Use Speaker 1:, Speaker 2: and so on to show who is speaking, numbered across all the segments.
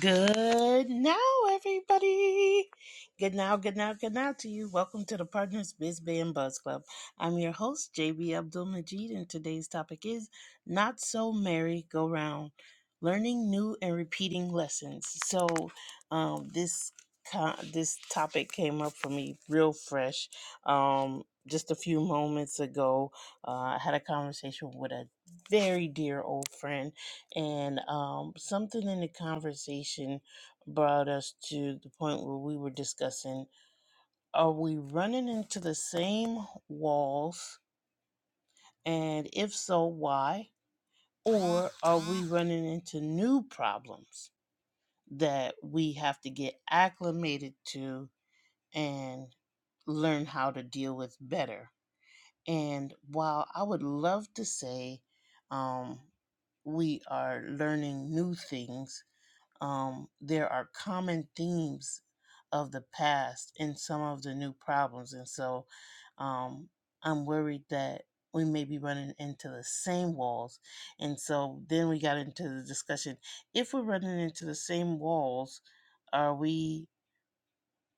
Speaker 1: Good now, everybody. Good now, good now, good now to you. Welcome to the Partners Biz Bay and Buzz Club. I'm your host, JB Abdul Majid, and today's topic is Not So Merry Go Round Learning New and Repeating Lessons. So, um, this co- this topic came up for me real fresh. Um, just a few moments ago, uh, I had a conversation with a very dear old friend and um, something in the conversation brought us to the point where we were discussing are we running into the same walls and if so why or are we running into new problems that we have to get acclimated to and learn how to deal with better and while i would love to say um, we are learning new things um, there are common themes of the past and some of the new problems. And so um, I'm worried that we may be running into the same walls. And so then we got into the discussion if we're running into the same walls, are we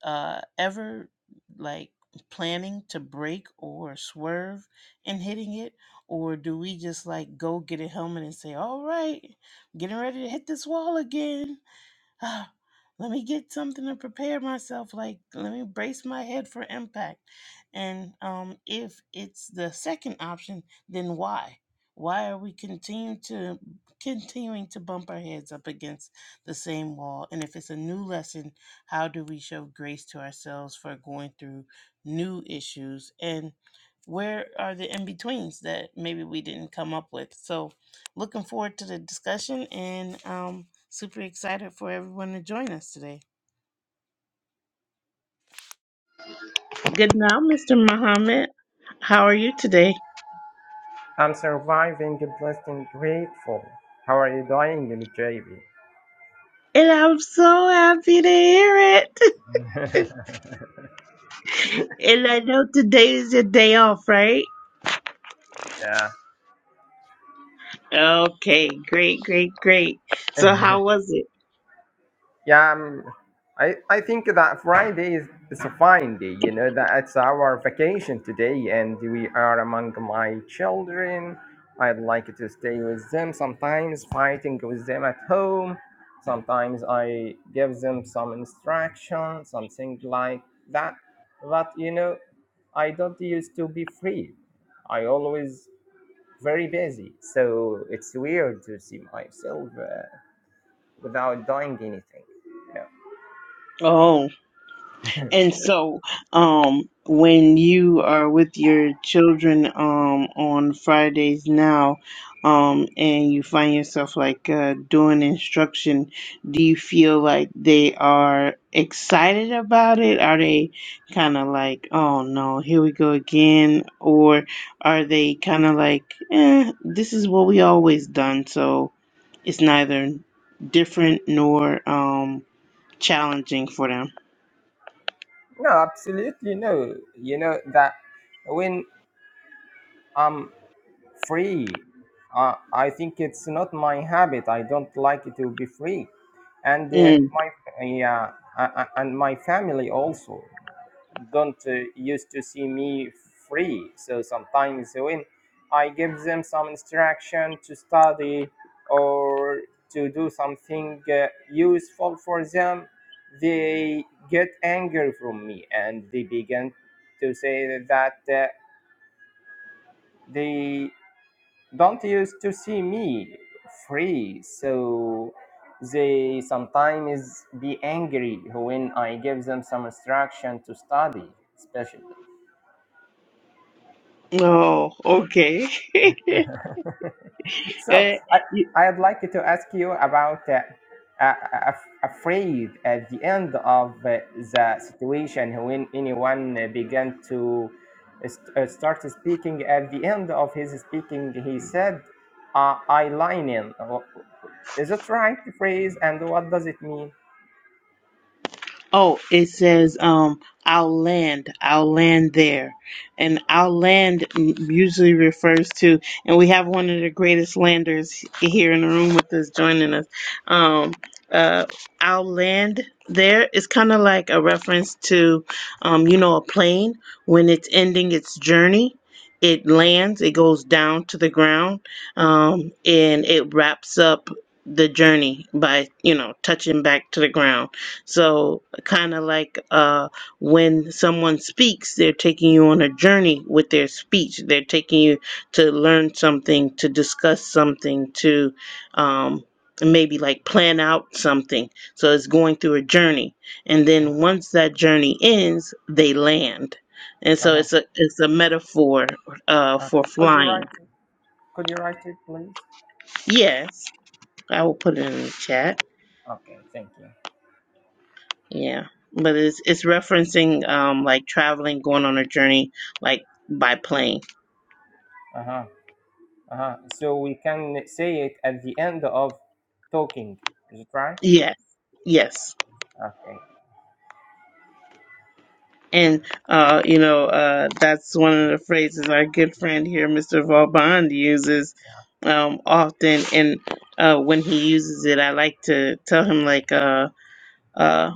Speaker 1: uh, ever like planning to break or swerve and hitting it? Or do we just like go get a helmet and say, all right, getting ready to hit this wall again? ah, let me get something to prepare myself. Like, let me brace my head for impact. And um, if it's the second option, then why? Why are we continuing to continuing to bump our heads up against the same wall? And if it's a new lesson, how do we show grace to ourselves for going through new issues? And where are the in betweens that maybe we didn't come up with? So looking forward to the discussion and um, super excited for everyone to join us today. Good now, Mr. Muhammad. How are you today?
Speaker 2: I'm surviving, blessed and grateful. How are you doing,
Speaker 1: And I'm so happy to hear it.
Speaker 2: JB?
Speaker 1: And I know today is your day off, right? Okay, great, great, great.
Speaker 2: yeah.
Speaker 1: So how was it?
Speaker 2: Yeah, um, I I think that Friday is, is a fine day. You know that it's our vacation today, and we are among my children. I'd like to stay with them. Sometimes fighting with them at home. Sometimes I give them some instruction, something like that. But you know, I don't used to be free. I always very busy. So it's weird to see myself uh, without doing anything.
Speaker 1: Oh. And so, um, when you are with your children um, on Fridays now, um, and you find yourself like uh, doing instruction, do you feel like they are excited about it? Are they kind of like, oh no, here we go again? Or are they kind of like, eh, this is what we always done, so it's neither different nor um, challenging for them?
Speaker 2: No, absolutely no. You know that when I'm free, uh, I think it's not my habit. I don't like to be free, and uh, my yeah, uh, and my family also don't uh, used to see me free. So sometimes when I give them some instruction to study or to do something uh, useful for them, they get angry from me and they begin to say that uh, they don't used to see me free. So they sometimes be angry when I give them some instruction to study, especially.
Speaker 1: Oh, okay.
Speaker 2: so
Speaker 1: Eh,
Speaker 2: I I'd like to ask you about uh, uh, af- afraid at the end of uh, the situation when anyone uh, began to uh, st- uh, start speaking. At the end of his speaking, he said, uh, "I line in." Is it right phrase, and what does it mean?
Speaker 1: Oh, it says, um, I'll land, I'll land there. And I'll land usually refers to, and we have one of the greatest landers here in the room with us joining us. Um, uh, I'll land there. there is kind of like a reference to, um, you know, a plane when it's ending its journey. It lands, it goes down to the ground, um, and it wraps up the journey by, you know, touching back to the ground so, kind of like uh, when someone speaks, they're taking you on a journey with their speech. They're taking you to learn something, to discuss something, to um, maybe like plan out something. So, it's going through a journey. And then
Speaker 2: Uh-huh.
Speaker 1: once that journey ends, they land. And so
Speaker 2: Uh-huh.
Speaker 1: it's a it's a metaphor uh,
Speaker 2: Uh,
Speaker 1: for
Speaker 2: could you
Speaker 1: flying.
Speaker 2: write? Could you write it, please?
Speaker 1: Yes, I will put it in the chat.
Speaker 2: Okay, thank you.
Speaker 1: Yeah, but it's it's referencing um like traveling, going on a journey like by plane.
Speaker 2: Uh huh. Uh-huh. So we can say it at the end of talking. Is it right?
Speaker 1: Yes, yes,
Speaker 2: Okay.
Speaker 1: and uh you know uh that's one of the phrases our good friend here, Mr. Vauban, uses um often, and uh when he uses it, I like to tell him like uh. uh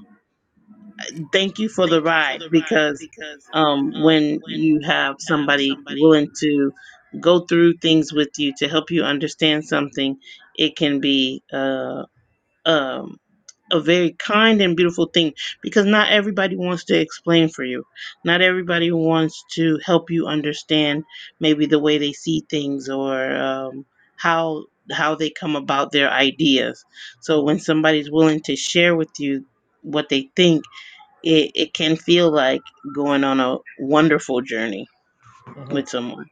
Speaker 1: thank you for the ride because um, when you have somebody willing to go through things with you to help you understand something, it can be uh, um, a very kind and beautiful thing because not everybody wants to explain for you. Not everybody wants to help you understand maybe the way they see things or um, how how they come about their ideas. So
Speaker 2: Mhm,
Speaker 1: when somebody's willing to share with you what they think it, it can feel like going on a wonderful journey
Speaker 2: mhm.
Speaker 1: with someone.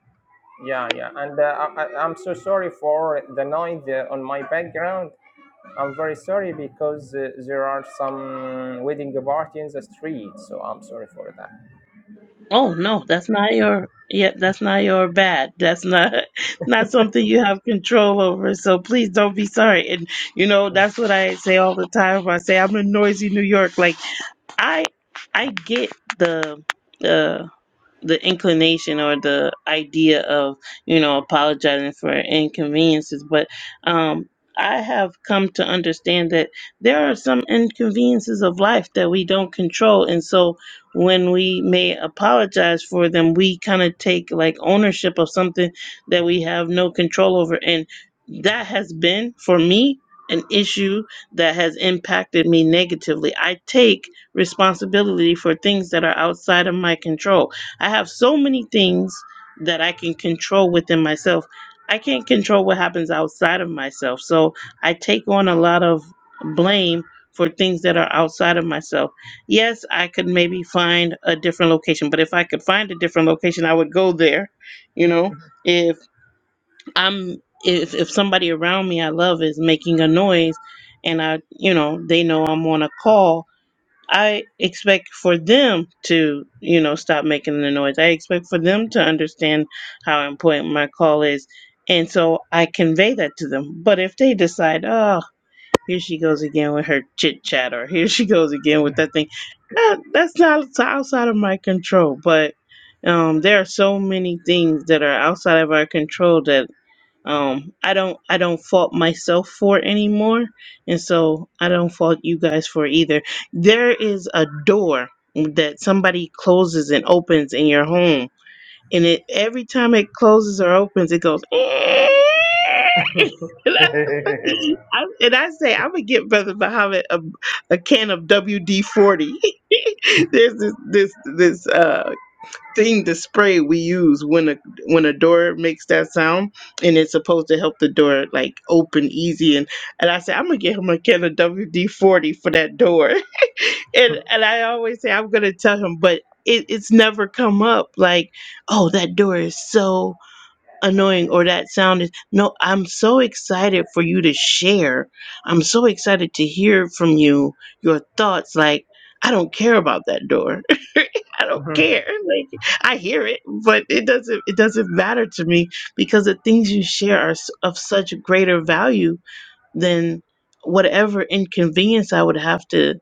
Speaker 2: Yeah, yeah. And uh, I, I- I'm so sorry for the noise uh, on my background. I'm very sorry because uh, there are some wedding party in the street. So I'm sorry for
Speaker 1: Oh no, that's not your yeah, that's not your bad. That's not not something you have control over. So please don't be sorry. And you know, that's what I say all the time. I say I'm in noisy New York. Like I I get the the the inclination or the idea of you know apologizing for inconveniences but um i have come to understand that there are some inconveniences of life that we don't control and so when we may apologize for them we kind of take like ownership of something that we have no control over and that has been for me an issue that has impacted me negatively i take responsibility for things that are outside of my control I have so many things that I can control within myself. I can't control what happens outside of myself. So I take on a lot of blame for things that are outside of myself. Yes, I could maybe find a different location, but if I could find a different location, I would go there. You know, if I'm if if somebody around me I love is making a noise and I, you know, they know I'm on a call, I expect for them to, you know, stop making the noise. I expect for them to understand how important my call is. And so I convey that to them. But if they decide, oh, here she goes again with her chit chat, or here she goes again with that thing, that, that's not it's outside of my control. But um, there are so many things that are outside of our control that um i don't i don't fault myself for it anymore and so i don't fault you guys for it either there is a door that somebody closes and opens in your home and it every time it closes or opens it goes and, I,
Speaker 2: that.
Speaker 1: I- and I say i'm gonna get brother muhammad a, a can of wd-40 there's this this this uh thing the spray we use when a when a door makes that sound and it's supposed to help the door like open easy and and I said I'm gonna get him a can of WD forty for that door and and I always say I'm gonna tell him but it, it's never come up like oh that door is so annoying or that sound is no i'm so excited for you to share i'm so excited to hear from you your thoughts like i don't care about that door i don't care like i hear it but it doesn't it doesn't matter to me because the things you share are s- of such greater value then whatever inconvenience I would have to,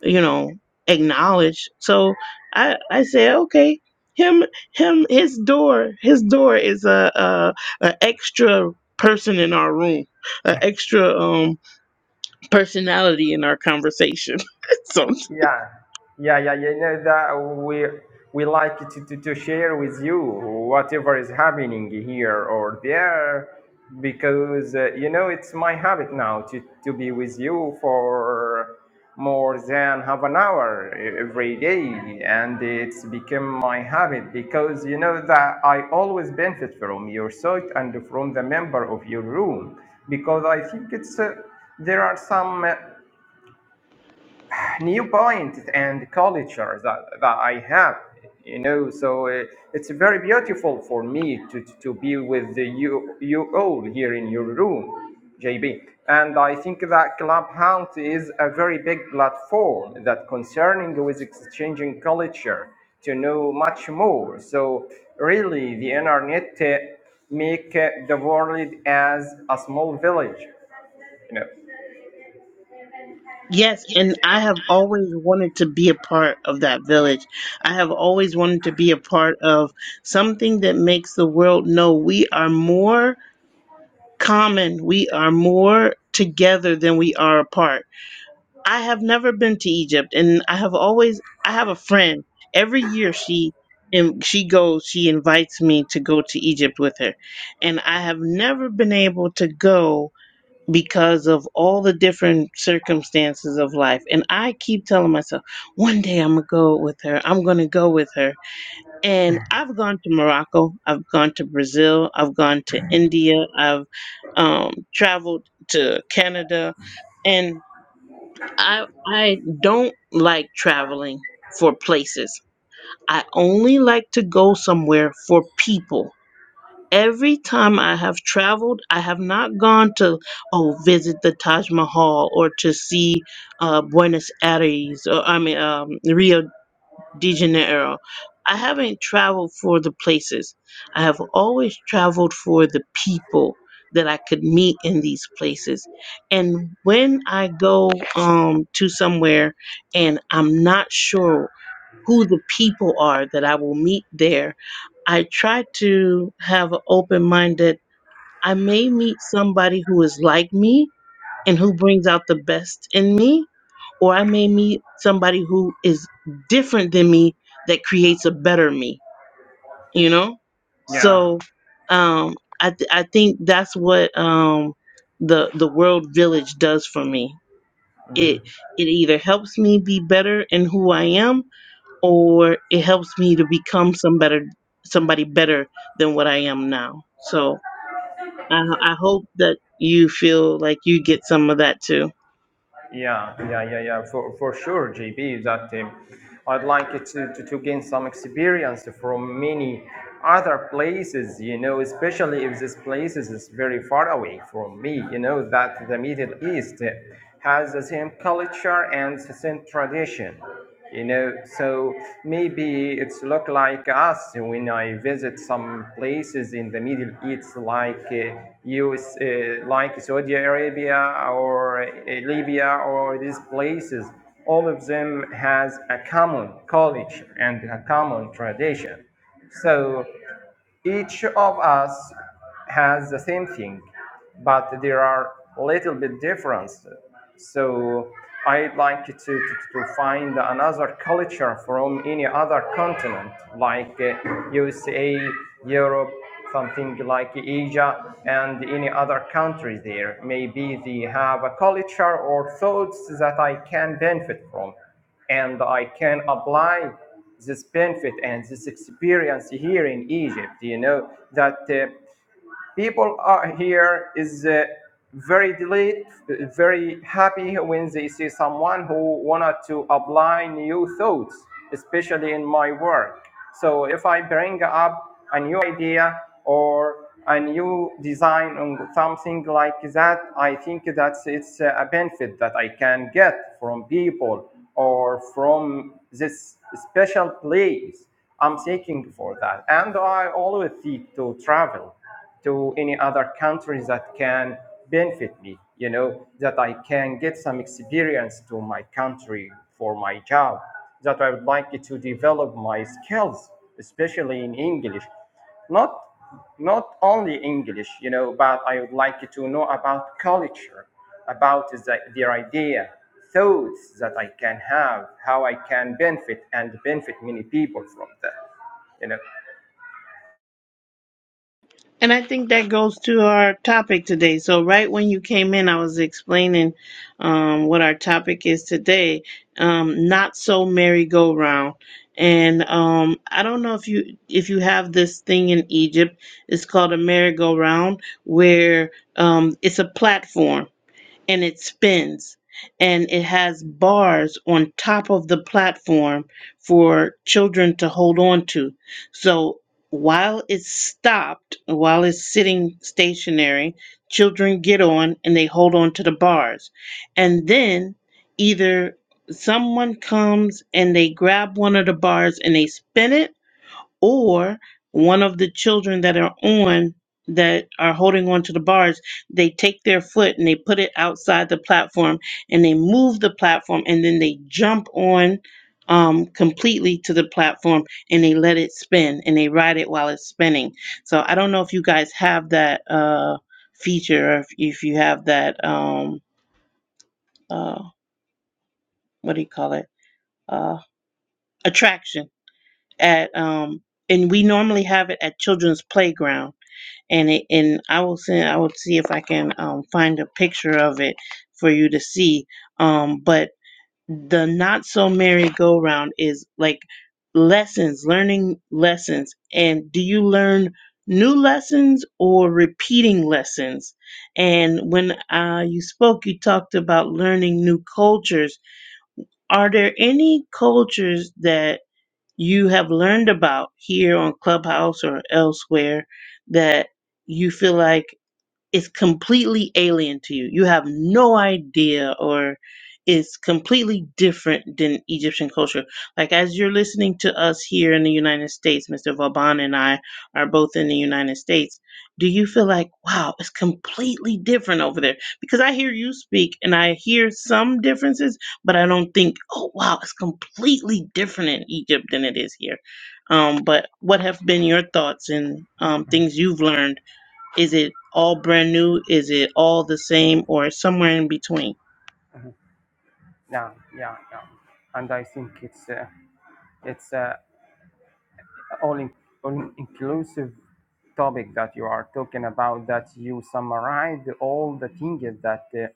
Speaker 1: you know, acknowledge. So I I said, okay, him him his door his door is a a, a extra person in our room, an extra um personality in our conversation. so
Speaker 2: Yeah, yeah, yeah, yeah. No, that we we like to, to, to share with you whatever is happening here or there, because uh, you know it's my habit now to, to be with you for more than half an hour e, every day, and it's become my habit because you know that I always benefit from your thought and from the member of your room because I think it's uh, there are some. Uh, new points and culture that, that I have, you know. So uh, it's very beautiful for me to, to be with the, you, you all here in your room, JB. And I think that Clubhouse is a very big platform that concerning with exchanging culture to know much more. So really, the internet uh, make uh, the world as a small village, you know.
Speaker 1: yes, and I have always wanted to be a part of that village. I have always wanted to be a part of something that makes the world know we are more common. We are more together than we are apart. I have never been to Egypt and I have always I have a friend. Every year she and she goes, she invites me to go to Egypt with her. And I have never been able to go because of all the different circumstances of life. And I keep telling myself, one day I'm going to go with her. I'm going to go with her and I've gone to Morocco, I've gone to Brazil, I've gone to India, I've um, traveled to Canada, and I I don't like traveling for places. I only like to go somewhere for people. Every time I have traveled, I have not gone to oh visit the Taj Mahal or to see uh, Buenos Aires or I mean um, Rio de Janeiro. I haven't traveled for the places. I have always traveled for the people that I could meet in these places. And when I go um, to somewhere and I'm not sure who the people are that I will meet there, I try to have an open mind that I may meet somebody who is like me and who brings out the best in me, or I may meet somebody who is different than me that creates a better me, you know?
Speaker 2: Yeah.
Speaker 1: So um I th- I think that's what um the the world village does for me. It it either helps me be better in who I am or it helps me to become some better somebody better than what I am now. So I I hope that you feel like you get some of that too.
Speaker 2: Yeah, yeah, yeah, yeah. For for sure, JB, that um, I'd like it to, to, to gain some experience from many other places, you know, especially if this places is is very far away from me, you know, that the Middle East has the same culture and the same tradition. you know so maybe it's look like us when i visit some places in the middle east like uh, us uh, like saudi arabia or uh, libya or these places all of them has a common culture and a common tradition so each of us has the same thing, but there are little bit difference. So I'd like to, to, to find another culture from any other continent, like uh, USA, Europe, something like Asia, and any other country there. Maybe they have a culture or thoughts that I can benefit from and I can apply this benefit and this experience here in Egypt. You know that uh, people are here is uh, very delight, very happy when they see someone who wanted to apply new thoughts, especially in my work. So if I bring up a new idea or a new design on something like that, I think that it's a benefit that I can get from people or from this special place I'm seeking for that. And I always seek to travel to any other countries that can benefit me you know that i can get some experience to my country for my job that i would like to develop my skills especially in english not not only english you know but i would like to know about culture about the, their idea thoughts that i can have how i can benefit and benefit many people from that you know
Speaker 1: And I think that goes to our topic today. So right when you came in, I was explaining um, what our topic is today. Um, not so merry-go-round. And um, I don't know if you if you have this thing in Egypt. It's called a merry-go-round, where um, it's a platform and it spins and it has bars on top of the platform for children to hold on to. So while it's stopped, while it's sitting stationary, children get on and they hold on to the bars. And then either someone comes and they grab one of the bars and they spin it or one of the children that are on that are holding on to the bars they take their foot and they put it outside the platform and they move the platform and then they jump on um, completely to the platform and they let it spin and they ride it while it's spinning so i don't know if you guys have that uh, feature or if, if you have that um, uh, what do you call it uh, attraction at um, and we normally have it at children's playground and it, and I will send I will see if I can um, find a picture of it for you to see. Um, but the not so merry go round is like lessons, learning lessons, and do you learn new lessons or repeating lessons? And when uh, you spoke, you talked about learning new cultures. Are there any cultures that you have learned about here on Clubhouse or elsewhere that you feel like is completely alien to you. You have no idea or is completely different than Egyptian culture. Like as you're listening to us here in the United States, Mr. Vauban and I are both in the United States. Do you feel like, wow, it's completely different over there? Because I hear you speak and I hear some differences, but I don't think, oh wow, it's completely different in Egypt than it is here. Um, but what have been your thoughts and um, things you've learned? Is it all brand new? Is it all the same or somewhere in between?
Speaker 2: Yeah, yeah, yeah. And I think it's uh, it's uh, all in, all inclusive topic that you are talking about. That you summarized all the things that uh,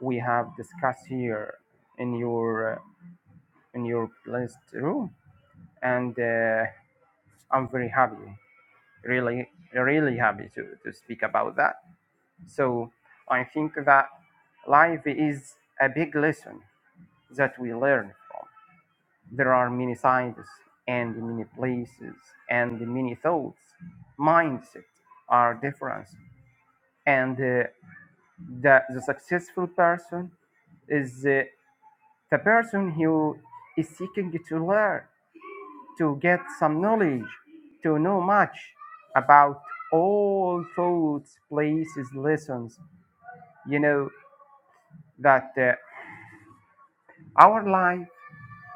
Speaker 2: we have discussed here in your uh, in your list room, and uh, I'm very happy, really, really happy to to speak about that. So I think that life is a big lesson that we learn from there are many scientists and many places and many thoughts mindset are different and uh, the, the successful person is uh, the person who is seeking to learn to get some knowledge to know much about all thoughts places lessons you know that uh, our life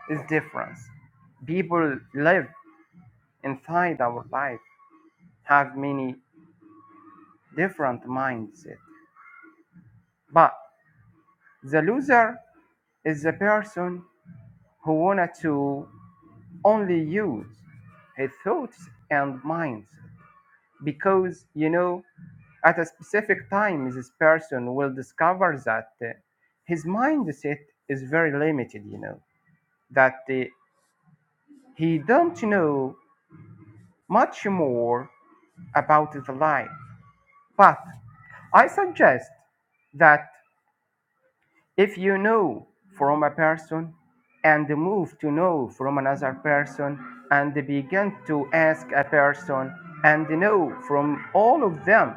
Speaker 2: is different people live inside our life have many different mindset. But the loser is the person who wanted to only use his thoughts and minds because you know at a specific time this person will discover that uh, his mindset is very limited you know that uh, he don't know much more about the life but i suggest that If you know from a person and move to know from another person and begin to ask a person and know from all of them,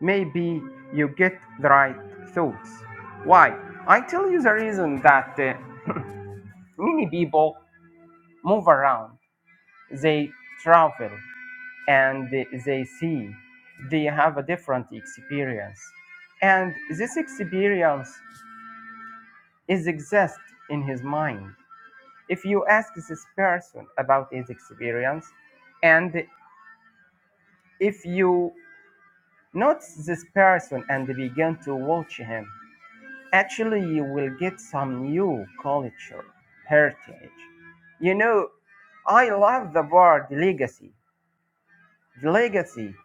Speaker 2: maybe you get the right thoughts. Why? I tell you the reason that uh, many people move around, they travel and they see, they have a different experience. And this experience is exist in his mind If you ask this person about his experience, and if you notice this person and begin to watch him, actually you will get some new culture, heritage. You know, I love the word legacy, the legacy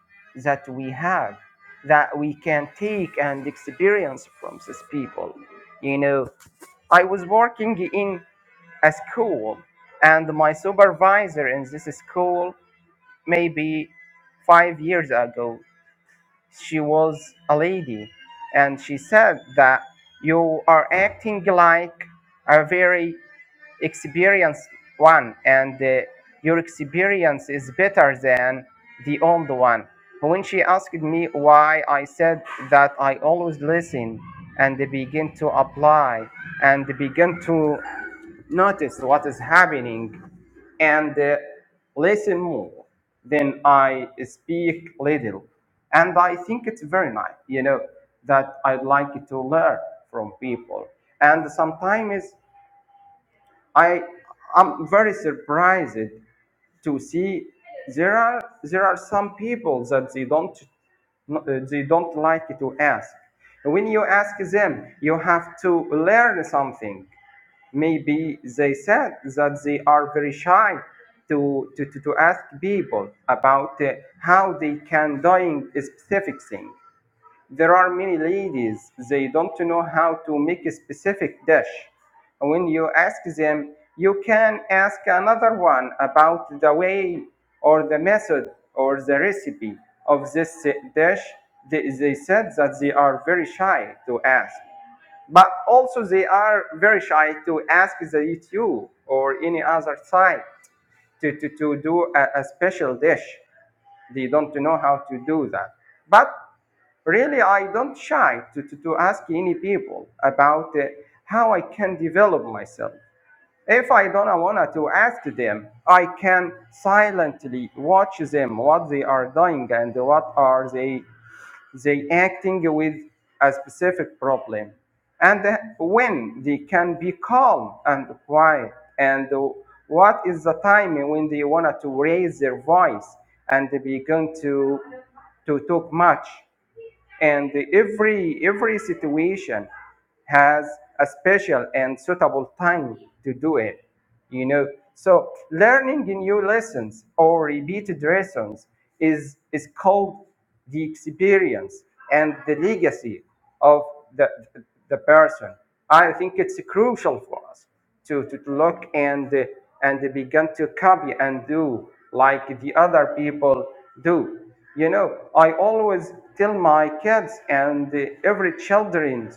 Speaker 2: that we have, that we can take and experience from these people. You know, I was working in a school, and my supervisor in this school maybe five years ago, she was a lady, and she said that you are acting like a very experienced one, and uh, your experience is better than the old one. When she asked me why, I said that I always listen and begin to apply and begin to notice what is happening and uh, listen more than I speak little. And I think it's very nice, you know, that I like to learn from people. And sometimes I am very surprised to see there are there are some people that they don't they don't like to ask. When you ask them, you have to learn something maybe they said that they are very shy to, to, to, to ask people about uh, how they can doing a specific thing. There are many ladies, they don't know how to make a specific dish. When you ask them, you can ask another one about the way or the method or the recipe of this uh, dish. They, they said that they are very shy to ask but also they are very shy to ask the YouTube or any other site to, to, to do a, a special dish. They don't know how to do that. But really, I don't shy to, to, to ask any people about uh, how I can develop myself. If I don't want to ask them, I can silently watch them what they are doing and what are they they acting with a specific problem and when they can be calm and quiet and what is the time when they wanted to raise their voice and they begin to to talk much and every, every situation has a special and suitable time to do it, you know. So learning new lessons or repeated lessons is, is called the experience and the legacy of the, the person. I think it's crucial for us to, to look and, and begin to copy and do like the other people do. You know, I always tell my kids and every children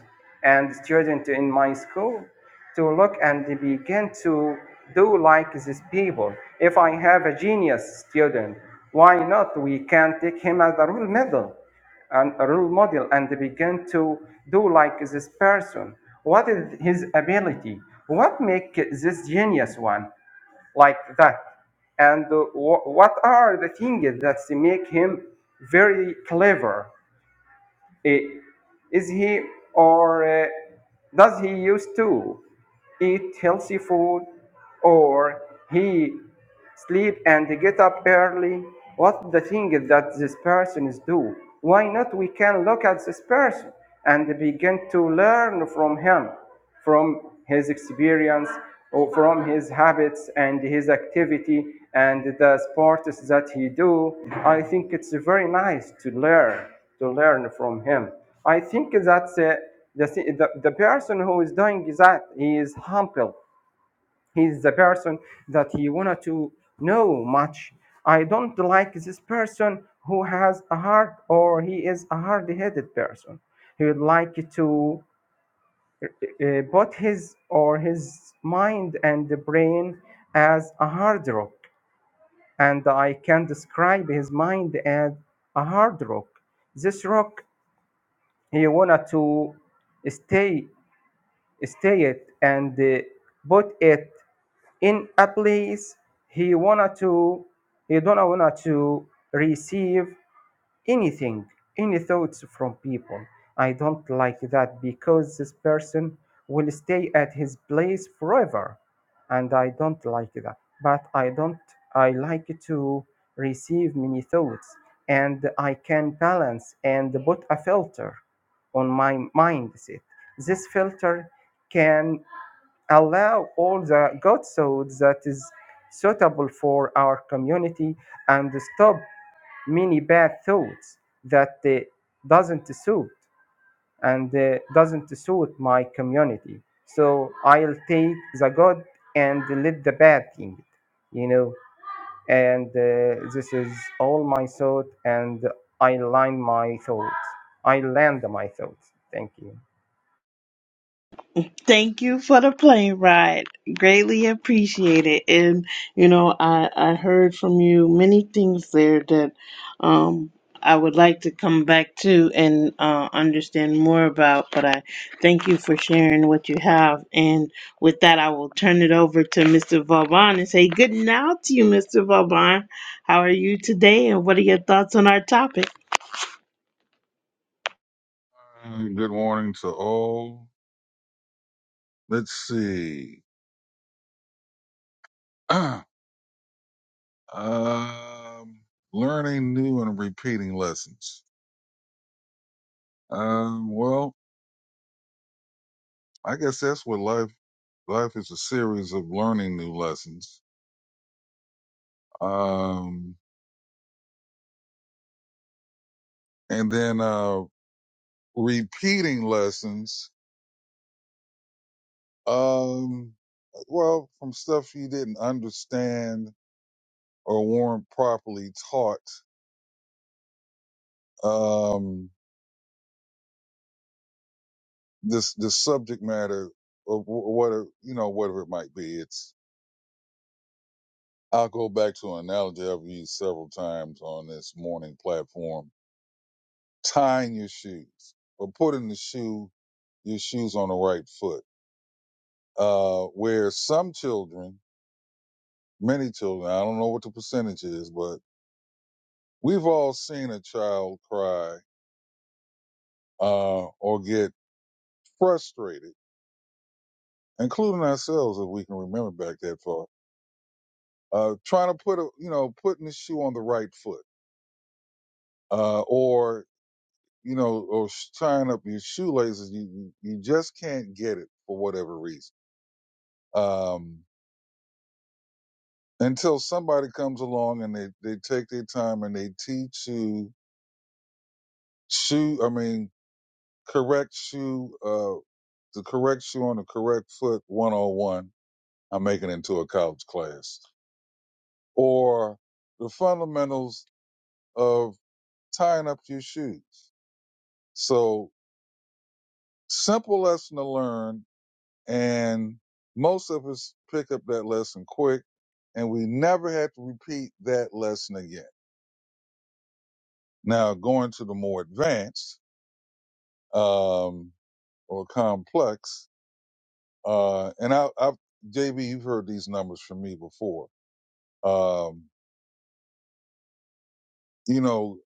Speaker 2: and student in my school to look and begin to do like these people. If I have a genius student, why not we can take him as a role model? and a role model and begin to do like this person. What is his ability? What make this genius one? like that. And uh, wh- what are the things that make him very clever? Eh, Is he or uh, does he used to eat healthy food or he sleep and get up early? What the thing that this person is do? Why not we can look at this person and begin to learn from him? from his experience or from his habits and his activity and the sports that he do i think it's very nice to learn to learn from him i think that uh, the, the, the person who is doing that he is humble he's the person that he wanted to know much i don't like this person who has a heart or he is a hard-headed person he would like to uh, both his or his mind and the brain as a hard rock and i can describe his mind as a hard rock this rock he wanted to stay stay it and uh, put it in a place he wanted to he don't want to receive anything, any thoughts from people. I don't like that because this person will stay at his place forever. And I don't like that. But I don't, I like to receive many thoughts and I can balance and put a filter on my mindset. This filter can allow all the good thoughts that is suitable for our community and stop many bad thoughts that uh, doesn't suit and uh, doesn't suit my community so i'll take the good and let the bad thing you know and uh, this is all my thought and i line my thoughts i land my thoughts thank you
Speaker 1: Thank you for the plane ride. Greatly appreciate it. And you know, I I heard from you many things there that um I would like to come back to and uh, understand more about. But I thank you for sharing what you have. And with that, I will turn it over to Mr. Vauban and say good night to you, Mr. Vauban. How are you today? And what are your thoughts on our topic?
Speaker 3: Uh, Good morning to all. Let's see. um, learning new and repeating lessons. Um, well, I guess that's what life life is a series of learning new lessons. Um, and then uh, repeating lessons. Um, well, from stuff you didn't understand or weren't properly taught. Um, this this subject matter of wh- what you know whatever it might be it's i'll go back to an analogy i've used several times on this morning platform tying your shoes or putting the shoe your shoes on the right foot uh where some children many children i don't know what the percentage is but we've all seen a child cry uh or get frustrated including ourselves if we can remember back that far uh trying to put a you know putting the shoe on the right foot uh, or you know, or sh- tying up your shoelaces. You you you just can't get it for whatever reason. Um, until somebody comes along and they they take their time and they teach you shoe. I mean, correct shoe. Uh, the correct shoe on the correct foot. One on one. I'm making it into a college class or the fundamentals of tying up your shoes. So simple lesson to learn and most of us pick up that lesson quick and we never had to repeat that lesson again now going to the more advanced um, or complex uh, and I, I've, jb you've heard these numbers from me before um, you know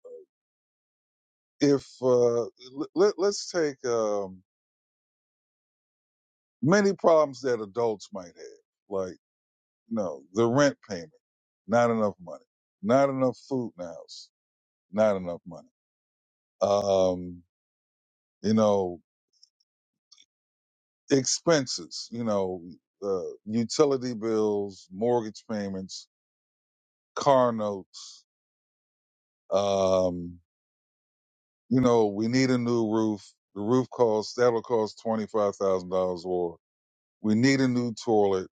Speaker 3: if uh, l- let, let's take um, many problems that adults might have like you know the rent payment not enough money not enough food in the house not enough money Um, you know, expenses, you know, uh, utility bills, mortgage payments, car notes. Um, you know, we need a new roof. The roof costs, that'll cost $25,000 or we need a new toilet,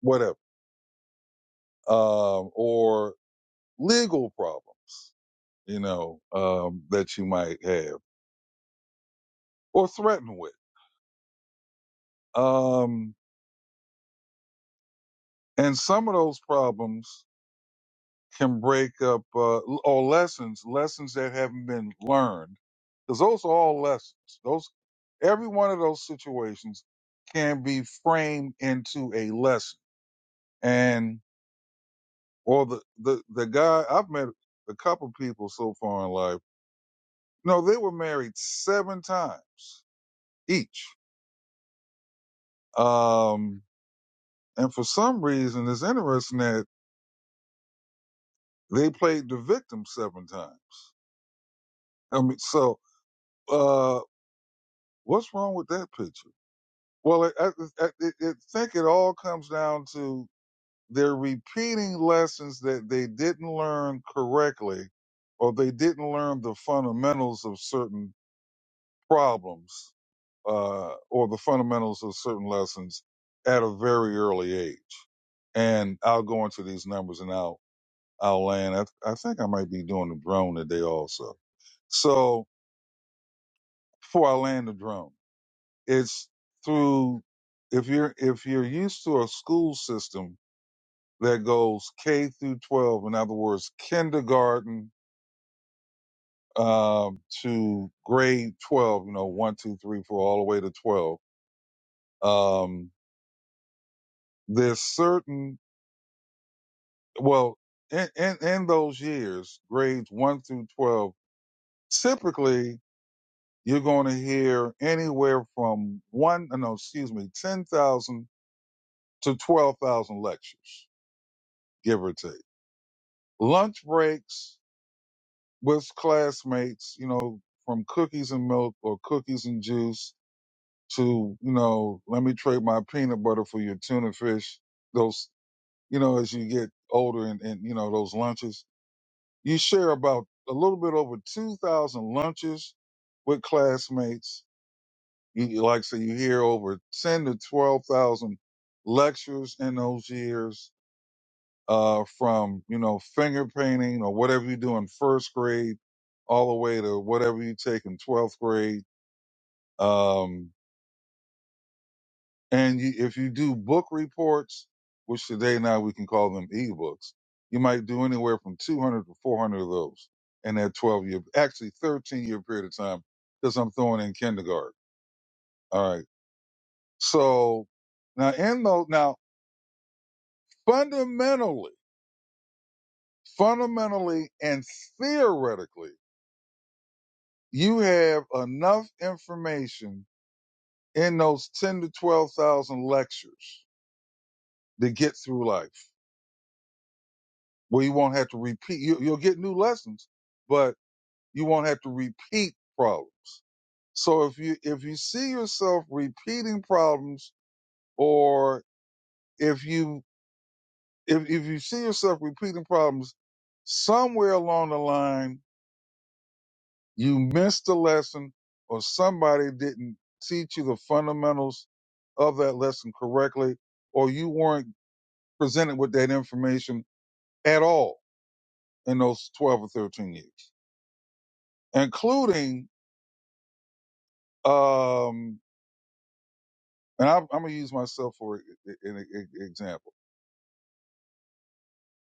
Speaker 3: whatever. Um, or legal problems, you know, um, that you might have or threaten with. Um, and some of those problems can break up uh, or lessons, lessons that haven't been learned, because those are all lessons. Those every one of those situations can be framed into a lesson. And or the the the guy I've met a couple people so far in life. No, they were married seven times each. Um, and for some reason, it's interesting that they played the victim seven times. I mean, so uh, what's wrong with that picture? Well, it, I, I it, think it all comes down to they're repeating lessons that they didn't learn correctly, or they didn't learn the fundamentals of certain problems, uh, or the fundamentals of certain lessons at a very early age. And I'll go into these numbers and I'll I'll land. I, I think I might be doing the drone today also. So before I land the drone, it's through if you're if you're used to a school system that goes K through 12. In other words, kindergarten um, to grade 12, you know, one, two, three, four, all the way to 12. Um, there's certain, well, in, in, in those years, grades one through 12, typically you're going to hear anywhere from one, uh, no, excuse me, 10,000 to 12,000 lectures, give or take. Lunch breaks with classmates, you know, from cookies and milk or cookies and juice to, you know, let me trade my peanut butter for your tuna fish. Those, you know, as you get older and, and you know, those lunches, you share about a little bit over 2,000 lunches with classmates. You, you- like I say, you hear over 10 to 12,000 lectures in those years uh, from you know finger painting or whatever you do in first grade, all the way to whatever you take in twelfth grade. Um, and you, if you do book reports, which today now we can call them ebooks, you might do anywhere from two hundred to four hundred of those in that twelve year, actually thirteen year period of time, because I'm throwing in kindergarten. All right, so now in those now fundamentally, fundamentally and theoretically You have enough information in those 10 to 12,000 lectures to get through life where you won't have to repeat. You, you'll get new lessons, but you won't have to repeat problems. So if you, if you see yourself repeating problems or if you, if, if you see yourself repeating problems somewhere along the line, You missed the lesson, or somebody didn't teach you the fundamentals of that lesson correctly, or you weren't presented with that information at all in those 12 or 13 years, including, um, and I'm, I'm going to use myself for e- e- e, an e- example.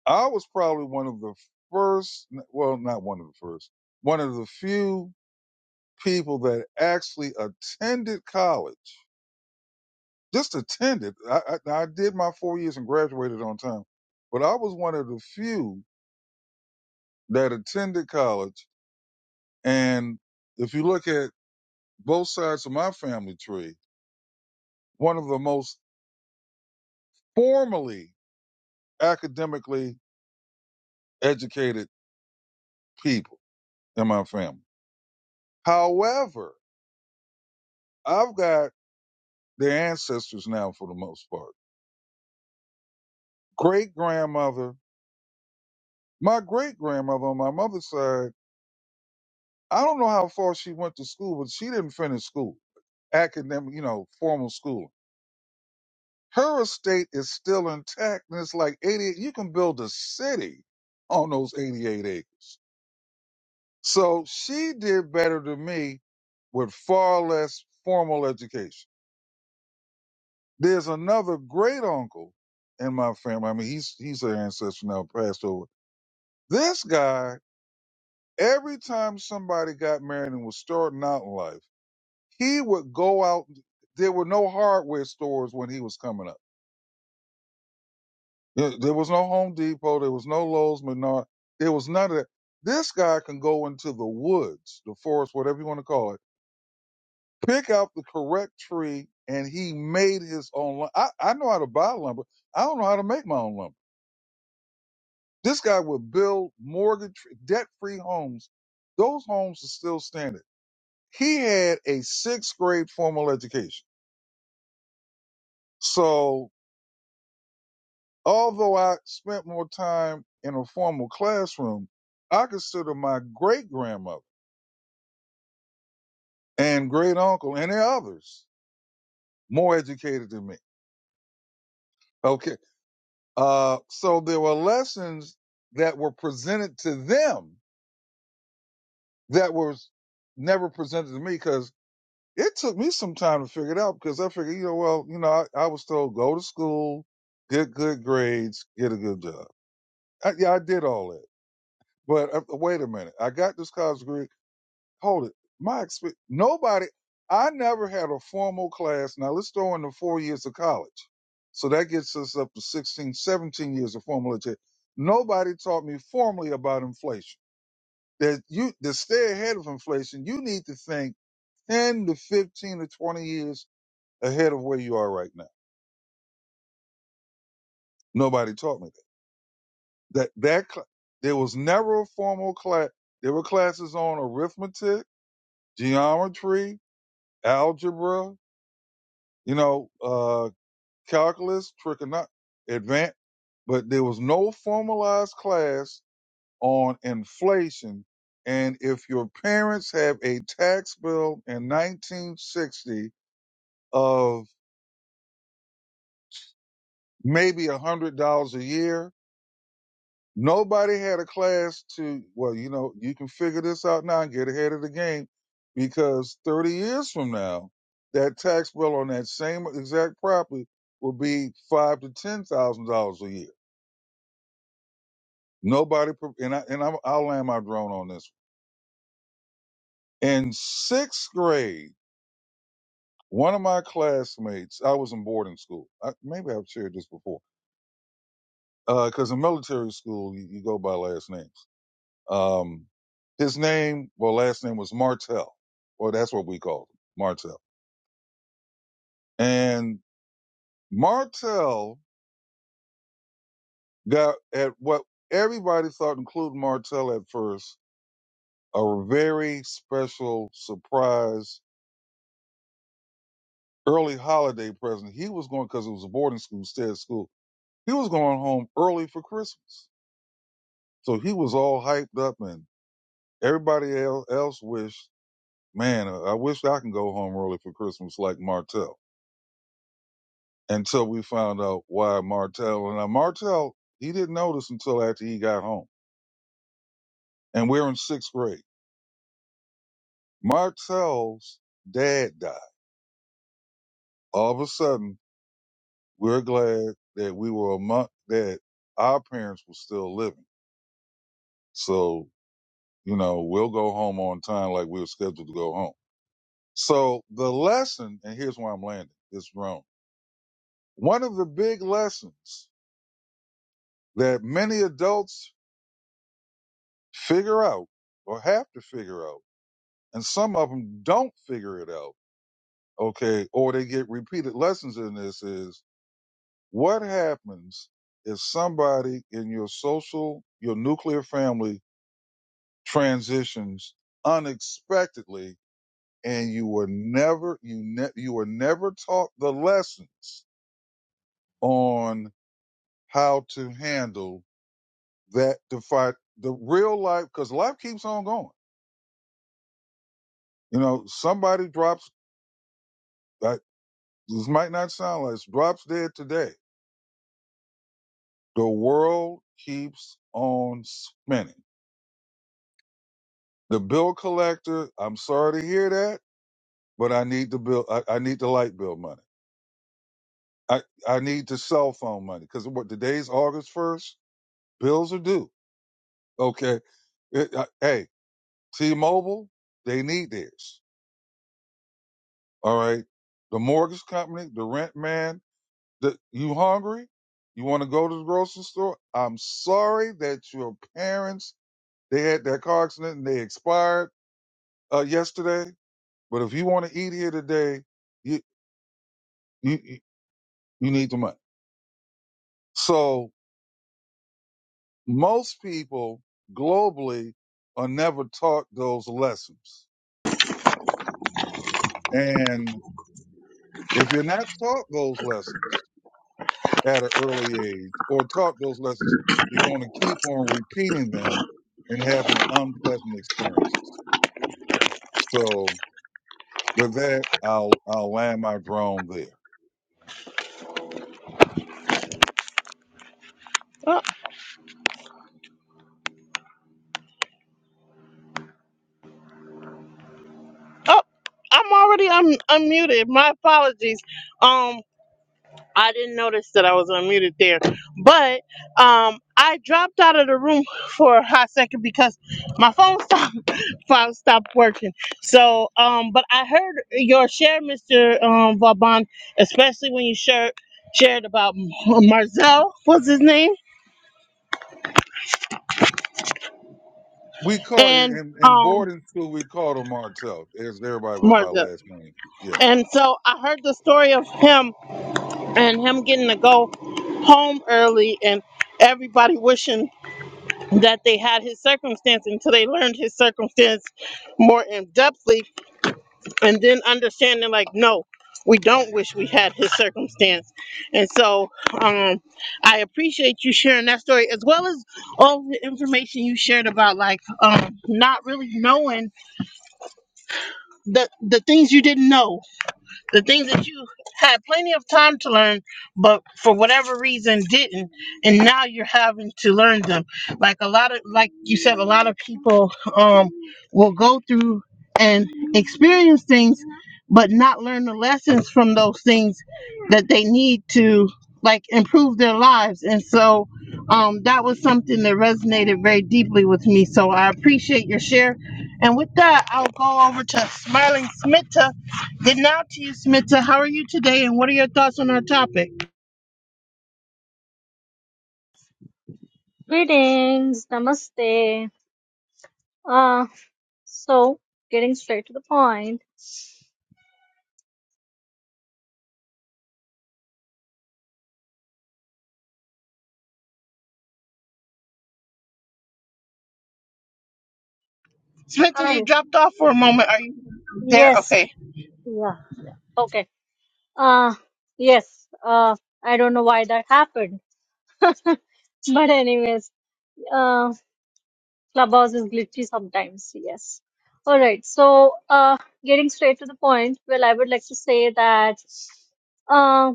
Speaker 3: I was probably one of the first, well, not one of the first, one of the few people that actually attended college just attended. I, I, I did my four years and graduated on time, but I was one of the few that attended college. And if you look at both sides of my family tree, one of the most formally academically educated people in my family. However, I've got their ancestors now for the most part. Great grandmother, my great grandmother on my mother's side, I don't know how far she went to school, but she didn't finish school academic, you know, formal schooling. Her estate is still intact, and it's like 88. You can build a city on those 88 acres. So she did better than me with far less formal education. There's another great uncle in my family. I mean, he's he's an ancestor now, passed over. This guy, every time somebody got married and was starting out in life, he would go out. There were no hardware stores when he was coming up There, there was no Home Depot. There was no Lowe's Menard. There was none of that. This guy can go into the woods, the forest, whatever you want to call it, pick out the correct tree, and he made his own. lu- I, I know how to buy lumber. I don't know how to make my own lumber. This guy would build mortgage, debt free homes. Those homes are still standing. He had a sixth grade formal education. So although I spent more time in a formal classroom, I consider my great grandmother and great uncle and there are others more educated than me. Okay. Uh, so there were lessons that were presented to them that were never presented to me because it took me some time to figure it out because I figured, you know, well, you know, I, I was told go to school, get good grades, get a good job. I, yeah, I did all that. But uh, wait a minute. I got this college degree hold it. My experience, nobody, I never had a formal class. Now let's throw in the four years of college. So that gets us up to 16, 17 years of formal education. Nobody taught me formally about inflation. That you, to stay ahead of inflation, you need to think 10 to 15 to 20 years ahead of where you are right now. Nobody taught me that. That, that, cl- there was never a formal class. There were classes on arithmetic, geometry, algebra, you know, uh, calculus, trigonometry, advanced, but there was no formalized class on inflation. And if your parents have a tax bill in 1960 of maybe a hundred dollars a year, nobody had a class to, well, you know, you can figure this out now and get ahead of the game because 30 years from now, that tax bill on that same exact property will be five to ten thousand dollars a year Nobody, pre- and I and I'm, I'll land my drone on this. one. In sixth grade, one of my classmates, I was in boarding school. I, maybe I've shared this before, because in military school you, you go by last names. Um, his name, well, last name was Martell, or that's what we called him, Martell. And Martell got at what everybody thought, including Martell at first, a very special surprise early holiday present. He was going because it was a boarding school, stay at school. He was going home early for Christmas, so he was all hyped up, and everybody el- else wished, man, I I wish I can go home early for Christmas like Martell. Until we found out why Martell and now Martell, he didn't notice until after he got home, and we're in sixth grade. Martell's dad died. All of a sudden, we're glad that we were a month that our parents were still living. So You know, we'll go home on time like we were scheduled to go home. So the lesson, and here's where I'm landing, is wrong. One of the big lessons that many adults figure out or have to figure out, and some of them don't figure it out, okay, or they get repeated lessons in this is what happens if somebody in your social, your nuclear family transitions unexpectedly and you were never you ne- you were never taught the lessons on how to handle that to fight the real life because life keeps on going. You know, somebody drops. Like, this might not sound like this, drops dead today. The world keeps on spinning. The bill collector. I'm sorry to hear that, but I need the bill. I, I need the light bill money. I I need the cell phone money because what today's August first. Bills are due. Okay It- uh, hey, T-Mobile, they need this. All right. The mortgage company, the rent man, the, you hungry? You want to go to the grocery store? I'm sorry that your parents, they had that car accident and they expired uh, yesterday. But if you want to eat here today, you, you, you you need the money. So most people globally are never taught those lessons. And if you're not taught those lessons, at an early age or taught those lessons, you're going to keep on repeating them and having unpleasant experiences. So with that, I'll, I'll land my drone there.
Speaker 1: Oh, I'm already un- unmuted. My apologies. Um, I didn't notice that I was unmuted there, but um, I dropped out of the room for a hot second because my phone stopped phone stopped working. So, um, but I heard your share, Mister um, Vauban, especially when you shared shared about M- Marzel was his name
Speaker 3: We call
Speaker 1: and
Speaker 3: in, in
Speaker 1: um
Speaker 3: boarding school, we called him Martell, as everybody went by
Speaker 1: Marzel,
Speaker 3: last name. Yeah.
Speaker 1: and so I heard the story of him and him getting to go home early and everybody wishing that they had his circumstance until they learned his circumstance more in depthly and then understanding like no we don't wish we had his circumstance and so um i appreciate you sharing that story as well as all the information you shared about like um not really knowing the the things you didn't know the things that you had plenty of time to learn, but for whatever reason didn't, and now you're having to learn them. Like a lot of, like you said, a lot of people um will go through and experience things, but not learn the lessons from those things that they need to like improve their lives. And so, um, that was something that resonated very deeply with me. So I appreciate your share. And with that, I'll go over to Smiling Smitta. Good now to you, Smita. How are you today, and what are your thoughts on our topic?
Speaker 4: Greetings, namaste. Uh, so getting straight to the point.
Speaker 1: Smita,
Speaker 4: Hi.
Speaker 1: you dropped off for a moment. Are you there?
Speaker 4: Yes.
Speaker 1: Okay.
Speaker 4: Yeah. Okay. Uh, yes. Uh, I don't know why that happened. but anyways, uh, Clubhouse is glitchy sometimes. Yes. All right. So, uh, getting straight to the point. Well, I would like to say that, uh,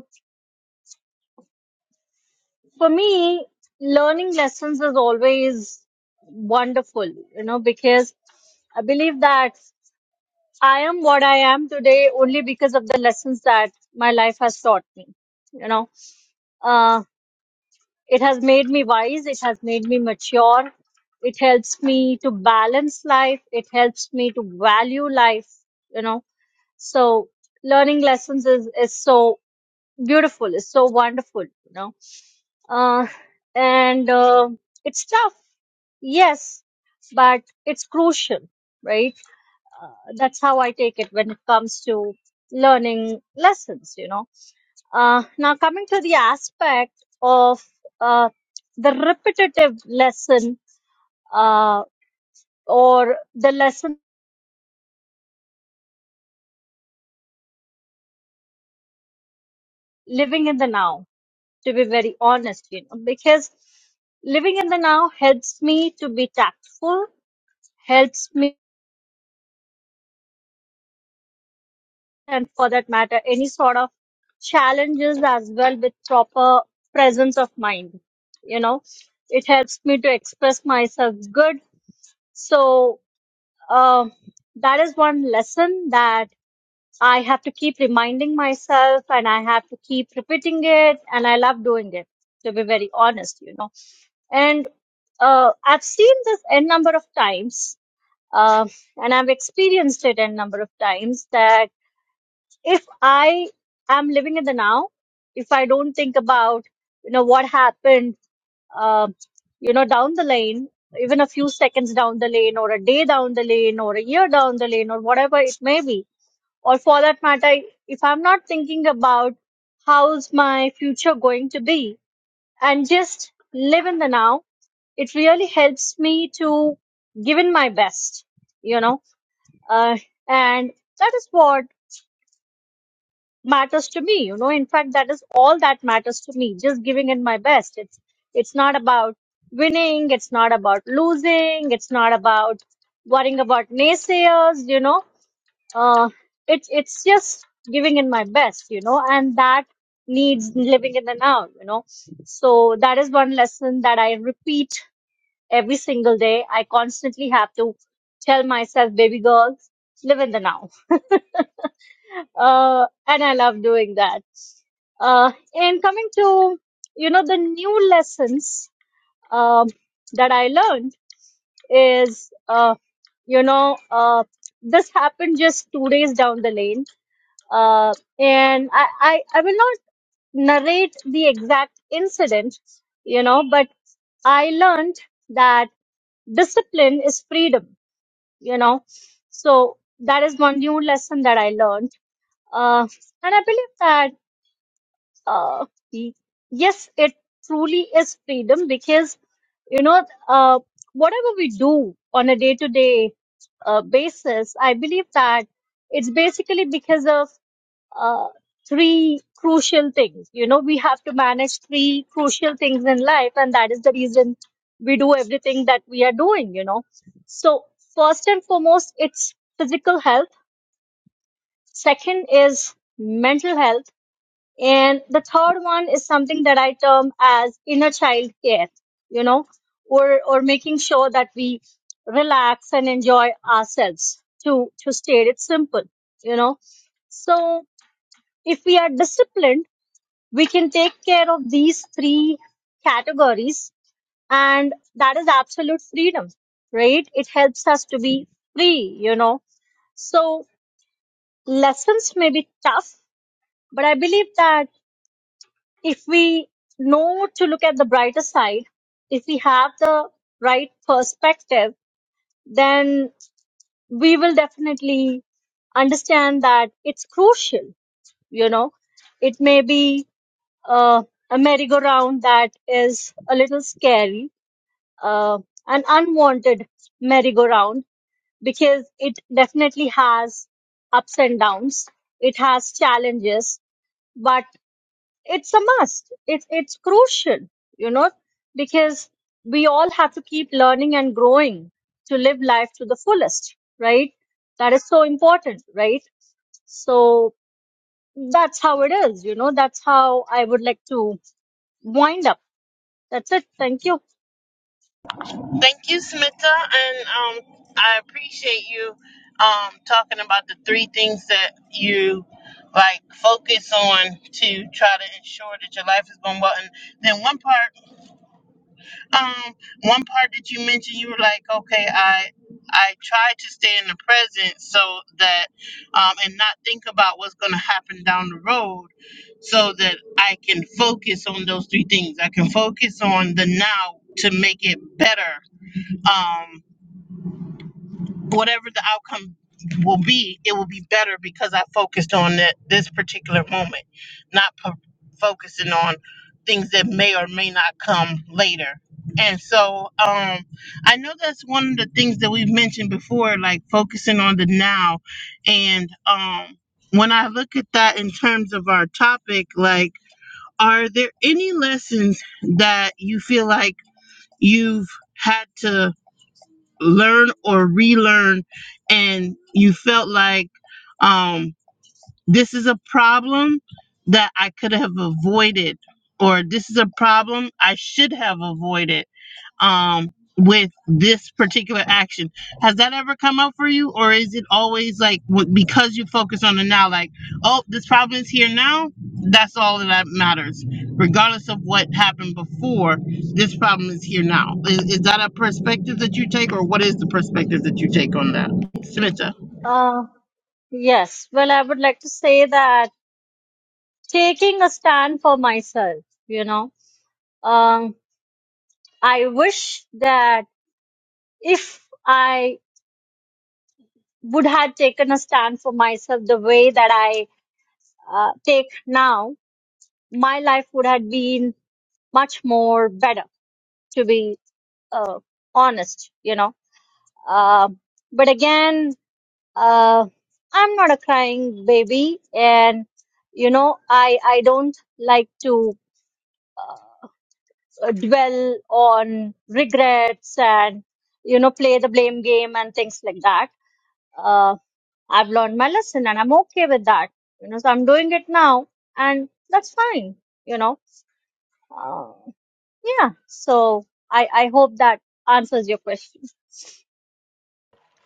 Speaker 4: for me, learning lessons is always wonderful, you know, because I believe that. I am what I am today only because of the lessons that my life has taught me. You know, uh, it has made me wise, it has made me mature, it helps me to balance life, it helps me to value life, you know. So, learning lessons is, is so beautiful, it's so wonderful, you know. Uh, and uh, it's tough, yes, but it's crucial, right? uh, that's how I take it when it comes to learning lessons, you know. Uh, now, coming to the aspect of uh, the repetitive lesson uh, or the lesson living in the now, to be very honest, you know, because living in the now helps me to be tactful, helps me. and for that matter any sort of challenges as well with proper presence of mind you know it helps me to express myself good so um that is one lesson that i have to keep reminding myself and i have to keep repeating it and i love doing it to be very honest you know and uh, i've seen this n number of times uh, and i've experienced it n number of times that if I am living in the now, if I don't think about, you know, what happened, uh, you know, down the lane, even a few seconds down the lane, or a day down the lane, or a year down the lane, or whatever it may be, or for that matter, if I'm not thinking about how's my future going to be, and just live in the now, it really helps me to give in my best, you know, uh, and that is what matters to me you know in fact that is all that matters to me just giving it my best it's it's not about winning it's not about losing it's not about worrying about naysayers you know uh, it's it's just giving in my best you know and that needs living in the now you know so that is one lesson that i repeat every single day i constantly have to tell myself baby girl live in the now uh, and i love doing that uh, and coming to you know the new lessons um, that I learned is uh, you know uh, this happened just two days down the lane, uh, and I, I I will not narrate the exact incident, you know, but I learned that discipline is freedom, you know, so that is one new lesson that I learned, uh, and I believe that. uh, y- yes, it truly is freedom because, you know, uh, whatever we do on a day to day basis, I believe that it's basically because of uh, three crucial things. You know, we have to manage three crucial things in life, and that is the reason we do everything that we are doing, you know. So, first and foremost, it's physical health, second is mental health and the third one is something that I term as inner child care, you know, or or making sure that we relax and enjoy ourselves. To to state it simple, you know. So if we are disciplined, we can take care of these three categories, and that is absolute freedom, right? It helps us to be free, you know. So lessons may be tough, but I believe that. if we know to look at the brighter side, if we have the right perspective, then we will definitely understand that it's crucial. You know, it may be uh, a merry-go-round that is a little scary, uh, an unwanted merry-go-round, because it definitely has ups and downs, it has challenges, but. it's a must. It's it's crucial, you know, because we all have to keep learning and growing to live life to the fullest, right? That is so important, right? So that's how it is, you know. That's how I would like to wind up. That's it. Thank you.
Speaker 1: Thank you, Smita, and um, I appreciate you um talking about the three things that you like focus on to try to ensure that your life is going well. And then one part. Um, one part that you mentioned, you were like, okay, I I try to stay in the present so that um, and not think about what's going to happen down the road, so that I can focus on those three things. I can focus on the now to make it better. Um, whatever the outcome will be, it will be better because I focused on that this particular moment, not po- focusing on things that may or may not come later. And so, um, I know that's one of the things that we've mentioned before, like focusing on the now. And um, when I look at that in terms of our topic, like, are there any lessons that you feel like you've had to? learn or relearn and you felt like um, this is a problem that I could have avoided or this is a problem I should have avoided um with this particular action has that ever come up for you or is it always like w- because you focus on the now like oh this problem is here now that's all that matters regardless of what happened before this problem is here now is, is that a perspective that you take or what is the perspective that you take on that Smita?
Speaker 4: Uh, yes. Well, I would like to say that taking a stand for myself, you know, um, I wish that if I would have taken a stand for myself the way that I uh, take now, my life would have been much more better, to be uh, honest, you know. Uh, but again, uh, I'm not a crying baby, and you know, I I don't like to uh, dwell on regrets and you know play the blame game and things like that Um, I've learned my lesson and I'm okay with that. You know, so I'm doing it now and that's fine. You know, uh, yeah. So I, I hope that answers your question.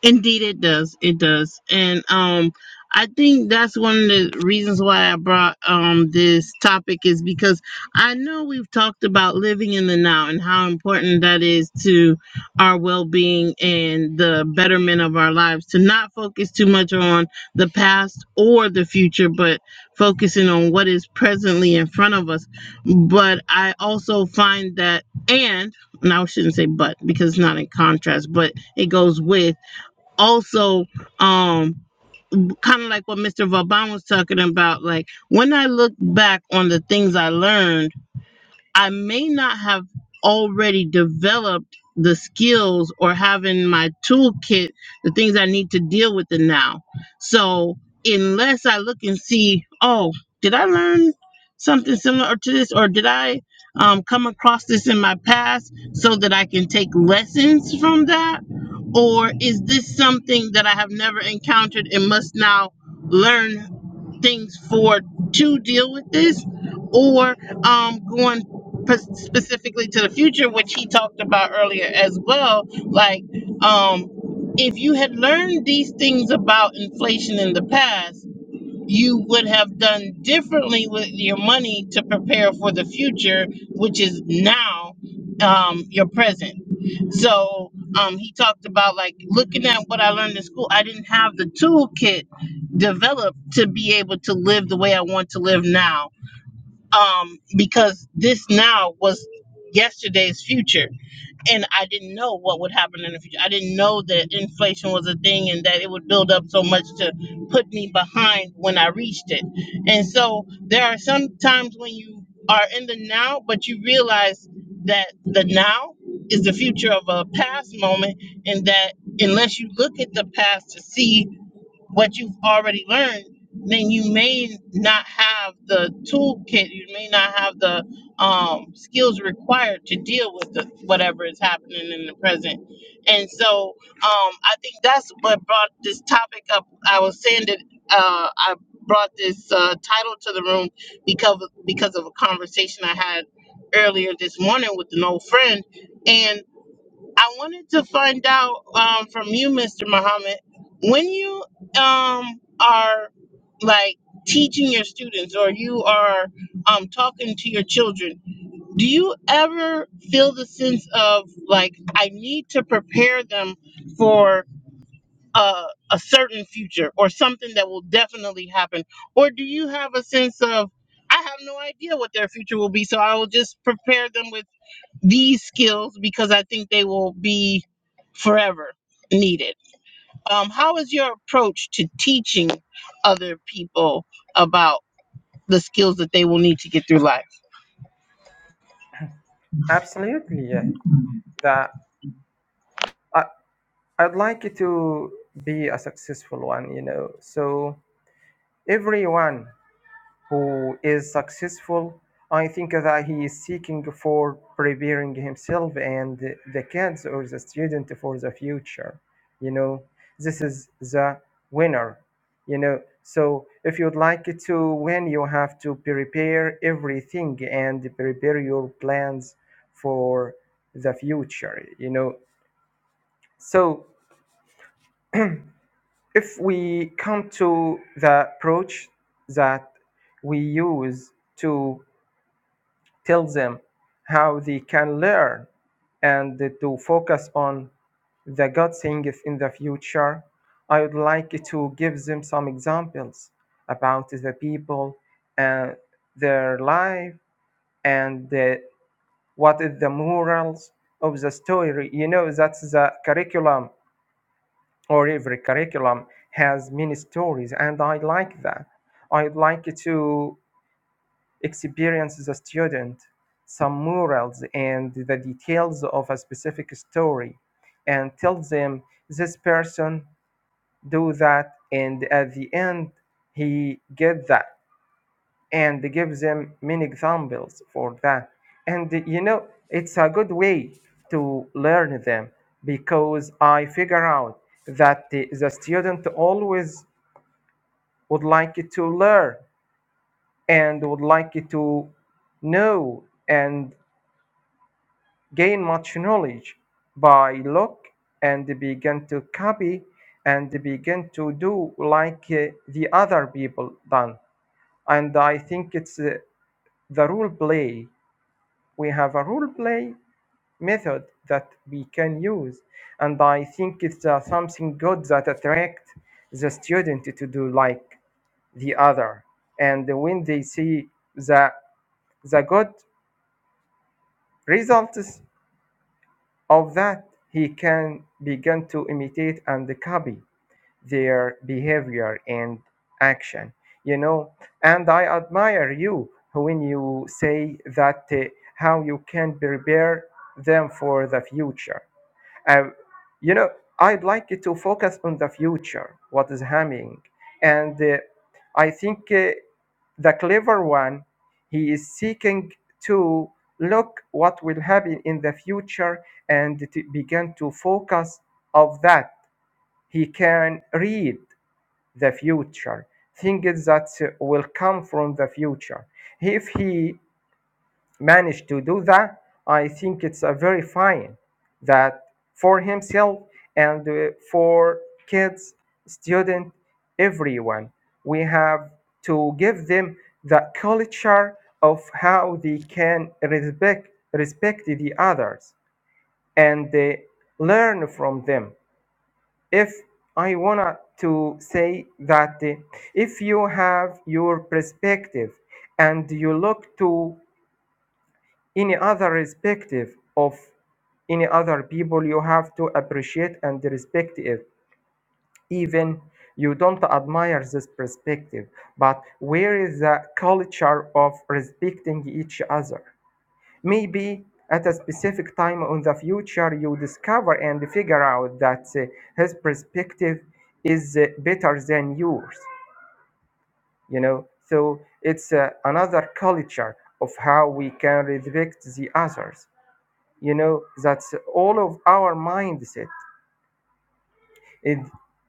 Speaker 1: Indeed, it does. It does. And um, I think that's one of the reasons why I brought um this topic is because I know we've talked about living in the now and how important that is to our well-being and the betterment of our lives. To not focus too much on the past or the future, but focusing on what is presently in front of us. But I also find that and now I shouldn't say but because it's not in contrast, but it goes with also um kind of like what Mr. Vauban was talking about like when I look back on the things I learned I may not have already developed the skills or having my toolkit, the things I need to deal with it now. So unless I look and see, oh, did I learn something similar to this, or did I um, come across this in my past so that I can take lessons from that? Or is this something that I have never encountered and must now learn things for to deal with this? Or um, going specifically to the future, which he talked about earlier as well. Like, um, if you had learned these things about inflation in the past, you would have done differently with your money to prepare for the future, which is now um, your present. So um, he talked about like looking at what I learned in school. I didn't have the toolkit developed to be able to live the way I want to live now um, because this now was yesterday's future, and I didn't know what would happen in the future. I didn't know that inflation was a thing and that it would build up so much to put me behind when I reached it. And so there are some times when you are in the now, but you realize that the now is the future of a past moment, and that unless you look at the past to see what you've already learned, then you may not have the toolkit, you may not have the um, skills required to deal with the, whatever is happening in the present. And so um, I think that's what brought this topic up. I was saying that uh, I brought this uh, title to the room because, because of a conversation I had earlier this morning with an old friend. and. I wanted to find out um, from you, Mr. Muhammad, when you um, are like teaching your students or you are um, talking to your children, do you ever feel the sense of like, I need to prepare them for a, a certain future or something that will definitely happen? Or do you have a sense of, I have no idea what their future will be, so I will just prepare them with? these skills because I think they will be forever needed. Um, how is your approach to teaching other people about the skills that they will need to get through life?
Speaker 2: absolutely yeah that I, i'd like it to be a successful one you know so everyone who is successful, I think that he is seeking for preparing himself and the kids or the student for the future. You know, this is the winner. You know, so if you'd like to win, you have to prepare everything and prepare your plans for the future. You know, so if we come to the approach that we use to tell them how they can learn and to focus on the God things in the future. I would like to give them some examples about the people and their life and the, what is the morals of the story. You know, that's the curriculum, or every curriculum has many stories, and I like that. I'd like to experience as a student, some morals and the details of a specific story, and tell them this person do that, and at the end he get that, and give them many examples for that. And you know, it's a good way to learn them because I figure out that the, the student always would like to learn and would like to know and gained much knowledge by look and began to copy and begin to do like uh, the other people done and i think it's uh, the role play we have a role play method that we can use and i think it's uh, something good that attract the student to do like the other and when they see the the good results of that he can begin to imitate and copy their behavior and action you know and i admire you when you say that uh, how you can prepare them for the future um, you know, I'd like it to focus on the future, what is happening. And uh, I think uh, the clever one, he is seeking to look what will happen in the future and to begin to focus of that. He can read the future, things that uh, will come from the future. If he managed to do that, I think it's a very fine that for himself and uh, for kids, students, everyone. We have to give them the culture of how they can respect respect the others and they learn from them. If I wanna to say that uh, if you have your perspective and you look to any other respective of any other people you have to appreciate and respect it even you don't admire this perspective but where is the culture of respecting each other maybe at a specific time in the future you discover and figure out that uh, his perspective is uh, better than yours you know so it's uh, another culture of how we can respect the others you know that's all of our mindset it,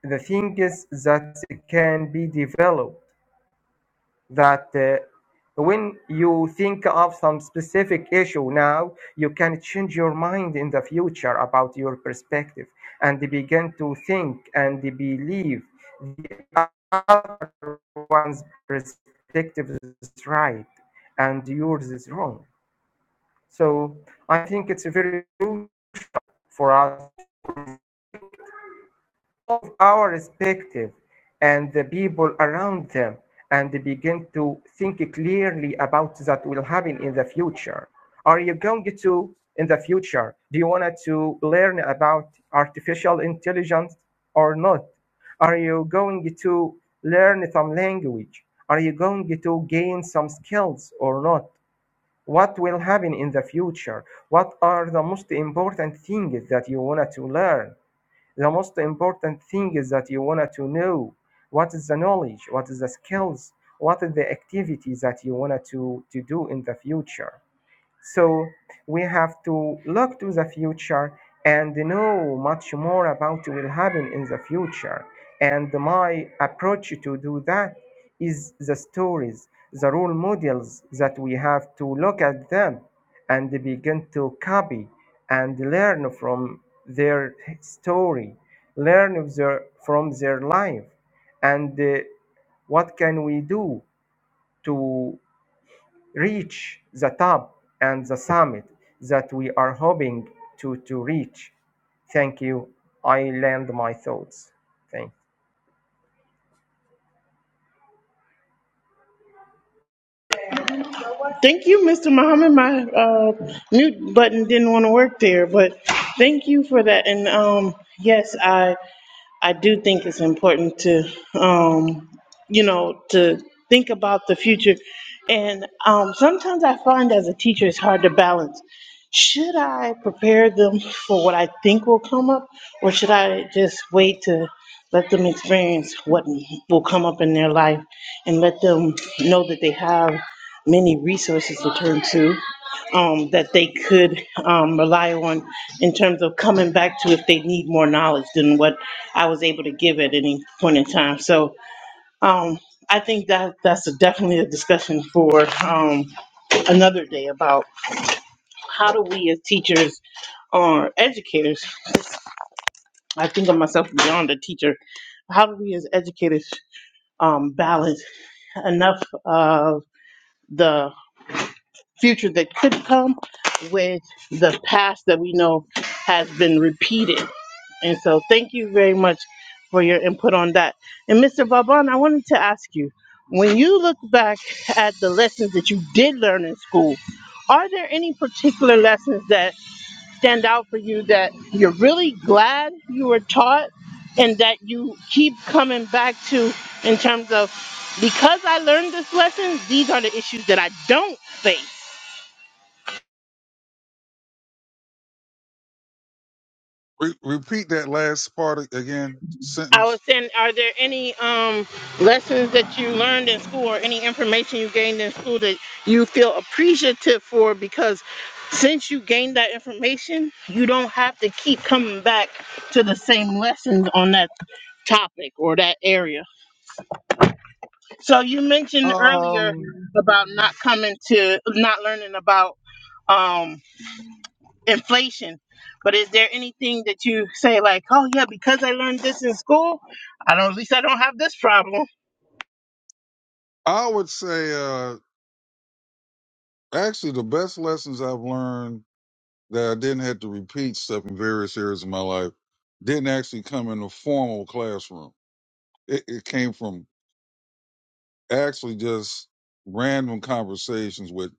Speaker 2: the thing is that it can be developed that uh, when you think of some specific issue now you can change your mind in the future about your perspective and begin to think and believe the other one's perspective is right and yours is wrong so i think it's very true for us of our perspective and the people around them and begin to think clearly about that will happen in the future are you going to in the future do you want to learn about artificial intelligence or not are you going to learn some language are you going to gain some skills or not what will happen in the future what are the most important things that you want to learn the most important thing is that you wanted to know what is the knowledge, what is the skills, what is the activity that you wanted to, to do in the future. So we have to look to the future and know much more about what will happen in the future. And my approach to do that is the stories, the role models that we have to look at them and begin to copy and learn from their story, learn of their, from their life, and uh, what can we do to reach the top and the summit that we are hoping to, to reach. Thank you. I land my thoughts. Thank.
Speaker 1: Thank you, Mr. Muhammad. My uh, mute button didn't want to work there, but thank you for that. And um, yes, I I do think it's important to, um, you know, to think about the future. And um, sometimes I find as a teacher, it's hard to balance. Should I prepare them for what I think will come up, or should I just wait to let them experience what will come up in their life and let them know that they have many resources to turn to? um, that they could um, rely on in terms of coming back to if they need more knowledge than what I was able to give at any point in time. So um, I think that that's a, definitely a discussion for um, another day about how do we as teachers or educators, I think of myself beyond a teacher, how do we as educators um, balance enough of the future that could come with the past that we know has been repeated. And so, thank you very much for your input on that. And Mr. Vaban, I wanted to ask you when you look back at the lessons that you did learn in school, are there any particular lessons that stand out for you that you're really glad you were taught and that you keep coming back to in terms of because I learned this lesson, these are the issues that I don't face?
Speaker 3: Re- repeat that last part again,
Speaker 1: I was
Speaker 3: sentence.
Speaker 1: saying, are there any um, lessons that you learned in school or any information you gained in school that you feel appreciative for? Because since you gained that information, you don't have to keep coming back to the same lessons on that topic or that area. So you mentioned earlier
Speaker 3: Um,
Speaker 1: about not coming to, not learning about um, inflation. But is there anything that you say like, oh yeah, because I learned this in school, I don't, at least I don't have this problem?
Speaker 3: I would say, uh, actually the best lessons I've learned that I didn't have to repeat stuff in various areas of my life didn't actually come in a formal classroom. It, it came from actually just random conversations with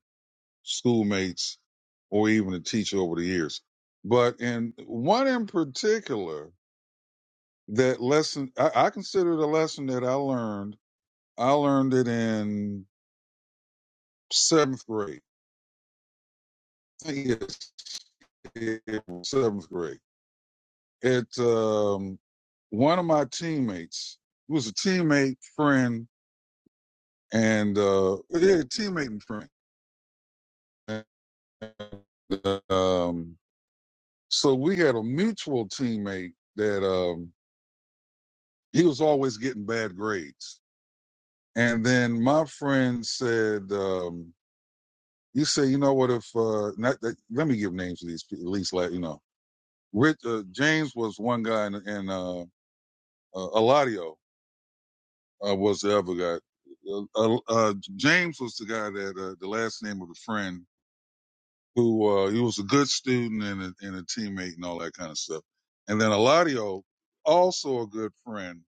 Speaker 3: schoolmates or even a teacher over the years. But in one in particular, that lesson, I, I consider it a lesson that I learned. I learned it in seventh grade. Yes, it- was seventh grade. At um, one of my teammates who was a teammate, friend, and uh, yeah, teammate and friend. And, um, so we had a mutual teammate that um, he was always getting bad grades, and then my friend said, um, "You say, you know what? If uh, not, that, let me give names to these people, at least, like you know, Rich uh, James was one guy, and, and uh, uh, Eladio uh, was the other guy. Uh, uh, uh, James was the guy that uh, the last name of the friend who uh, he was a good student and a, and a teammate and all that kind of stuff. And then Eladio, also a good friend,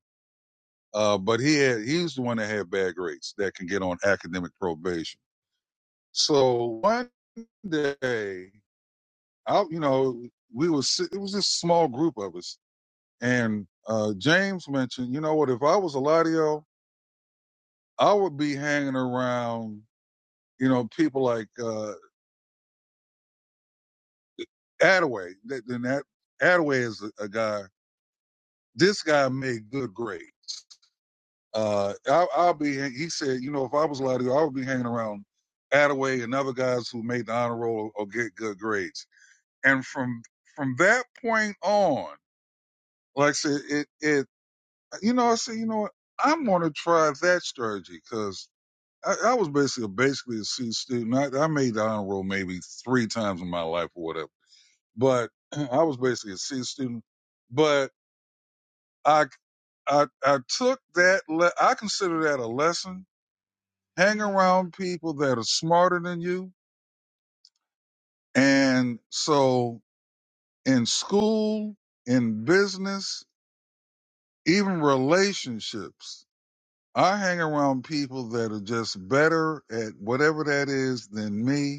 Speaker 3: uh, but he had he's the one that had bad grades that can get on academic probation. So one day, out you know, we was si, it was this small group of us, and uh, James mentioned, you know what? If I was Eladio, I would be hanging around You know, people like uh Attaway. Then that Attaway is a, a guy. This guy made good grades. Uh, I, I'll be. He said, you know, if I was allowed to, I would be hanging around Attaway and other guys who made the honor roll or or get good grades. And from from that point on, like I said, it it you know, I said, you know what, I'm going to try that strategy because. I, I was basically basically a C student. I, I made the honor roll maybe three times in my life or whatever but I was basically a C student. But I I I took that. Le- I consider that a lesson. Hang around people that are smarter than you, and so in school, in business, even relationships, I hang around people that are just better at whatever that is than me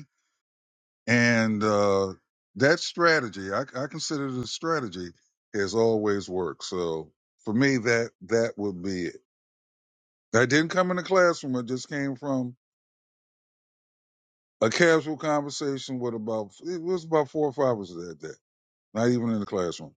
Speaker 3: And uh, that strategy, I, I consider the strategy, has always worked. So for me, that that would be it. I didn't come in the classroom. I just came from a casual conversation with about it was about four or five of us that day. Not even in the classroom.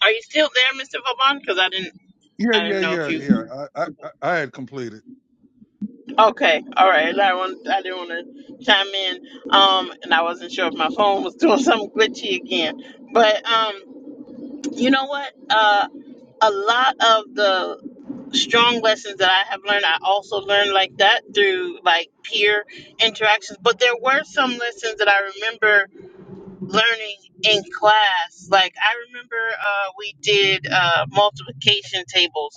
Speaker 1: Are you still there, Mr. Vaughn? Because I didn't,
Speaker 3: Yeah,
Speaker 1: I didn't
Speaker 3: yeah,
Speaker 1: know if
Speaker 3: yeah,
Speaker 1: you.
Speaker 3: yeah. I I, I I had completed.
Speaker 1: Okay, all right. I want, I didn't want to chime in, um, and I wasn't sure if my phone was doing something glitchy again. But um, you know what? Uh, a lot of the strong lessons that I have learned, I also learned like that through like peer interactions. But there were some lessons that I remember learning in class. Like I remember uh, we did uh, multiplication tables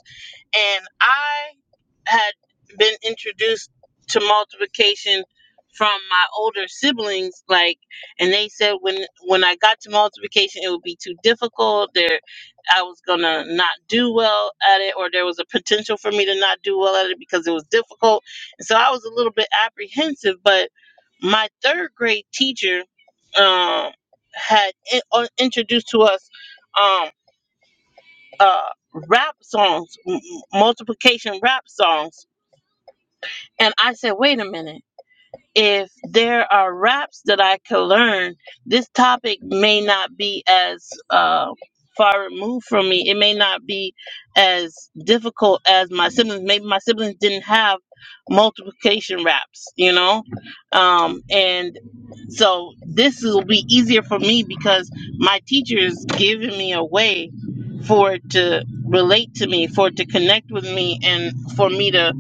Speaker 1: And I had been introduced to multiplication from my older siblings, like, and they said when when I got to multiplication, it would be too difficult. There, I was gonna not do well at it, or there was a potential for me to not do well at it because it was difficult. And so I was a little bit apprehensive. But my third grade teacher um, had in, uh, introduced to us. Um, uh, rap songs, m- m- multiplication rap songs. And I said, wait a minute. If there are raps that I could learn, this topic may not be as uh, far removed from me. It may not be as difficult as my siblings. Maybe my siblings didn't have multiplication raps, you know? Um, and. So this will be easier for me because my teacher is giving me a way for it to relate to me, for it to connect with me, and for me to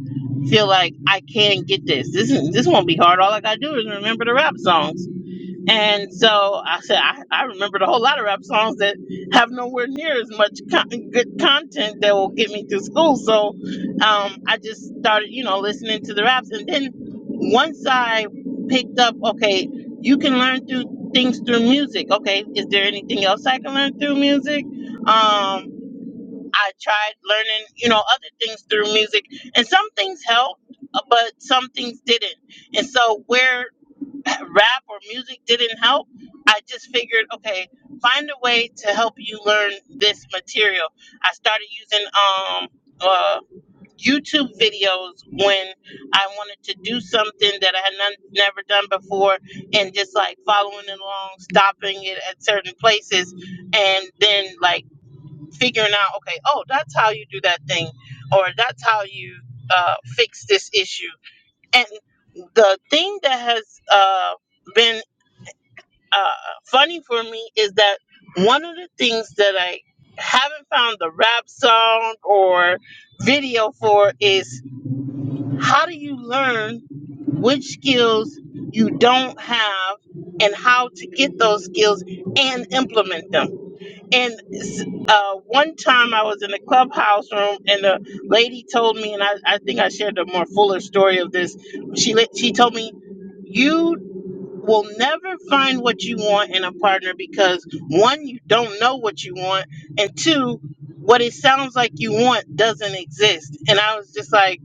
Speaker 1: feel like I can get this. This is, this won't be hard. All I gotta do is remember the rap songs and so I said, I, I remembered a whole lot of rap songs that have nowhere near as much con- good content that will get me through school. So um, I just started, you know, listening to the raps. And then once I picked up, okay, you can learn through things through music. Okay, is there anything else I can learn through music? Um, I tried learning, you know, other things through music. And some things helped, uh, but some things didn't. And so where rap or music didn't help, I just figured, okay, find a way to help you learn this material. I started using um uh YouTube videos when I wanted to do something that I had none, never done before and just like following it along, stopping it at certain places and then like figuring out, okay, oh, that's how you do that thing or that's how you uh fix this issue. And the thing that has uh been uh, funny for me is that one of the things that I haven't found the rap song or video for is how do you learn which skills you don't have and how to get those skills and implement them. And uh, one time I was in a clubhouse room and a lady told me, and I, I think I shared a more fuller story of this. She let- she told me you will never find what you want in a partner because one, you don't know what you want, and two, what it sounds like you want doesn't exist. And I was just like,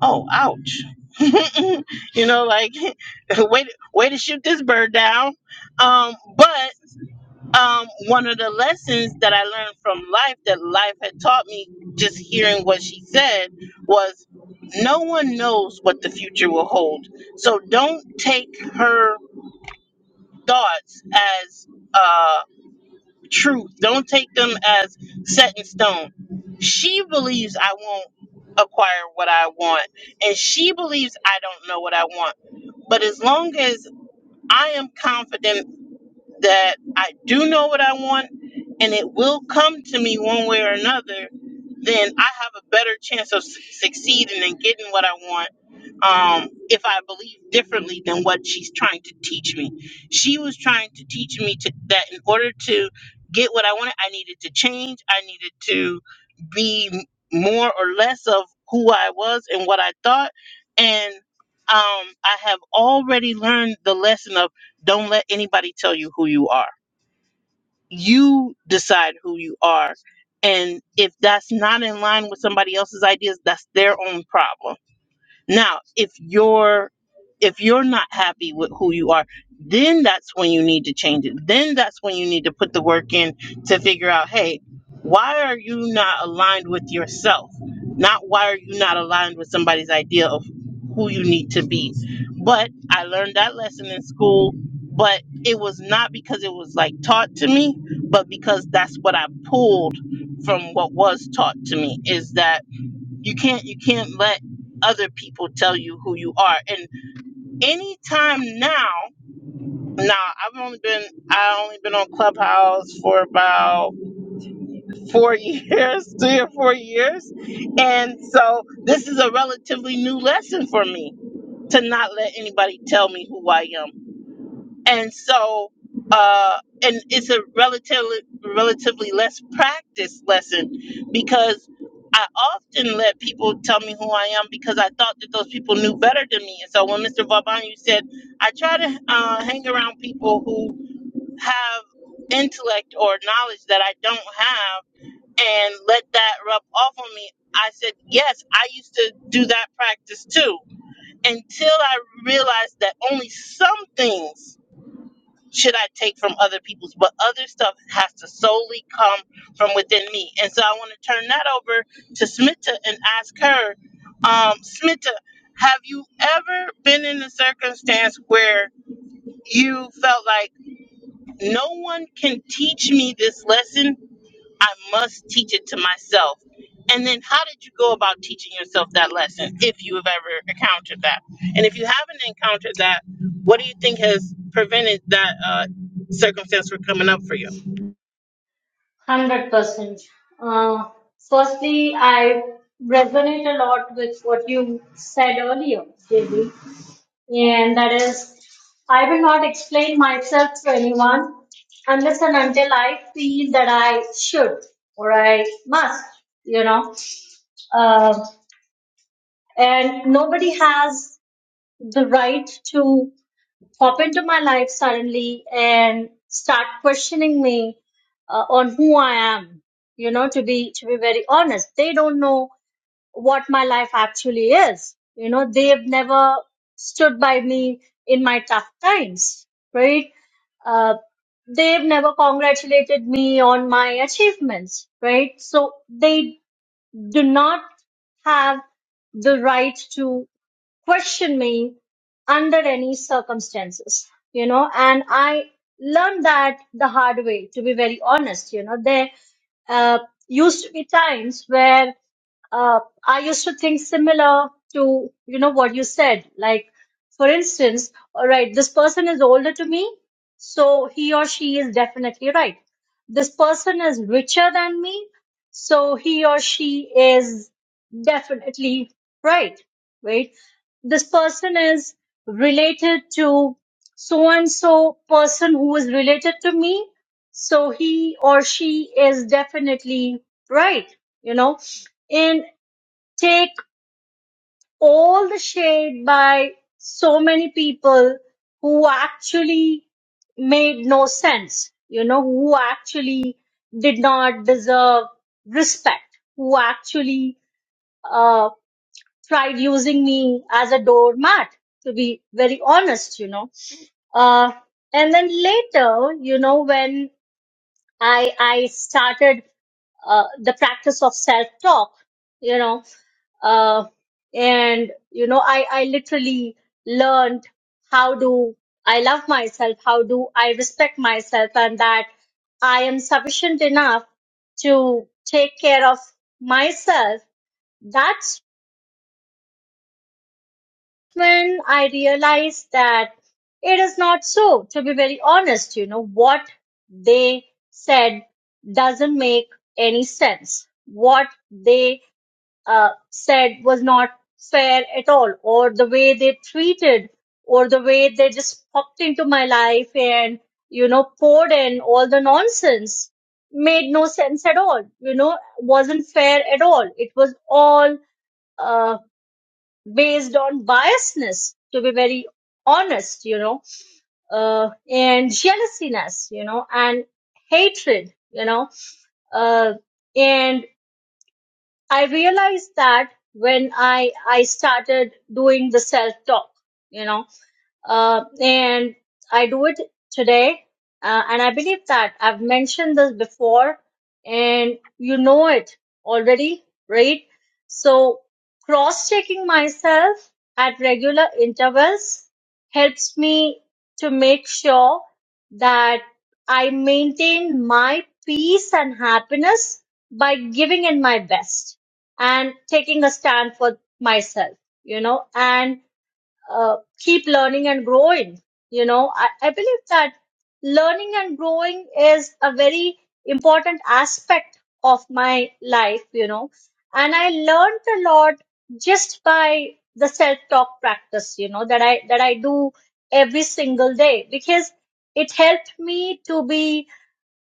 Speaker 1: oh, ouch. you know, like way to, way to shoot this bird down. Um, but um, one of the lessons that I learned from life that life had taught me, just hearing what she said, was no one knows what the future will hold. So don't take her thoughts as uh, truth. Don't take them as set in stone. She believes I won't acquire what I want, and she believes I don't know what I want. But as long as I am confident that I do know what I want and it will come to me one way or another, then I have a better chance of su- succeeding and getting what I want um, if I believe differently than what she's trying to teach me. She was trying to teach me to, that in order to get what I wanted, I needed to change, I needed to be m- more or less of who I was and what I thought. And um, I have already learned the lesson of don't let anybody tell you who you are. You decide who you are. And if that's not in line with somebody else's ideas, that's their own problem. Now, if you're if you're not happy with who you are, then that's when you need to change it. Then that's when you need to put the work in to figure out, hey, why are you not aligned with yourself? Not why are you not aligned with somebody's idea of who you need to be. But I learned that lesson in school, but it was not because it was like taught to me, but because that's what I pulled from what was taught to me is that you can't you can't let other people tell you who you are and anytime now now i've only been i only been on clubhouse for about four years three or four years and so this is a relatively new lesson for me to not let anybody tell me who i am and so uh, and it's a relatively relatively less practiced lesson because I often let people tell me who I am because I thought that those people knew better than me. And so when Mr. Vauban, you said I try to uh, hang around people who have intellect or knowledge that I don't have and let that rub off on me. I said, yes, I used to do that practice too until I realized that only some things should I take from other people's? But other stuff has to solely come from within me. And so I want to turn that over to Smita and ask her, um, Smita, have you ever been in a circumstance where you felt like no one can teach me this lesson I must teach it to myself. And then, how did you go about teaching yourself that lesson if you have ever encountered that? And if you haven't encountered that, what do you think has prevented that uh, circumstance from coming up for you?
Speaker 4: 100%. Uh, firstly, I resonate a lot with what you said earlier, JB. And that is, I will not explain myself to anyone unless and until I feel that I should or I must, you know. Uh, and nobody has the right to pop into my life suddenly and start questioning me uh, on who I am. You know, to be to be very honest, they don't know what my life actually is. You know, they've never stood by me in my tough times, right? Uh, they've never congratulated me on my achievements, right? So they do not have the right to question me under any circumstances, you know, and I learned that the hard way, to be very honest, you know, there uh, used to be times where uh, I used to think similar to, you know, what you said. Like, for instance, all right, this person is older to me, so he or she is definitely right. This person is richer than me, so he or she is definitely right. Right this person is related to so and so person who is related to me so he or she is definitely right you know and take all the shade by so many people who actually made no sense you know who actually did not deserve respect who actually uh, tried using me as a doormat, to be very honest, you know. Uh, and then later, you know, when I, I started uh, the practice of self talk, you know, uh, and, you know, I, I literally learned how do I love myself, how do I respect myself, and that I am sufficient enough to take care of myself That's. when I realized that it is not so, to be very honest, you know, what they said doesn't make any sense. What they uh, said was not fair at all, or the way they treated, or the way they just popped into my life and, you know, poured in all the nonsense made no sense at all, you know, wasn't fair at all. It was all uh, based on biasness to be very honest you know uh, and jealousiness you know and hatred you know uh, and i realized that when i i started doing the self talk you know uh, and I do it today. Uh, and I believe that I've mentioned this before, and you know it already, right? So, cross checking myself at regular intervals helps me to make sure that I maintain my peace and happiness by giving in my best and taking a stand for myself, you know, and uh, keep learning and growing. You know, I, I believe that learning and growing is a very important aspect of my life, you know, and I learned a lot just by the self-talk practice, you know, that I, that I do every single day because it helped me to be,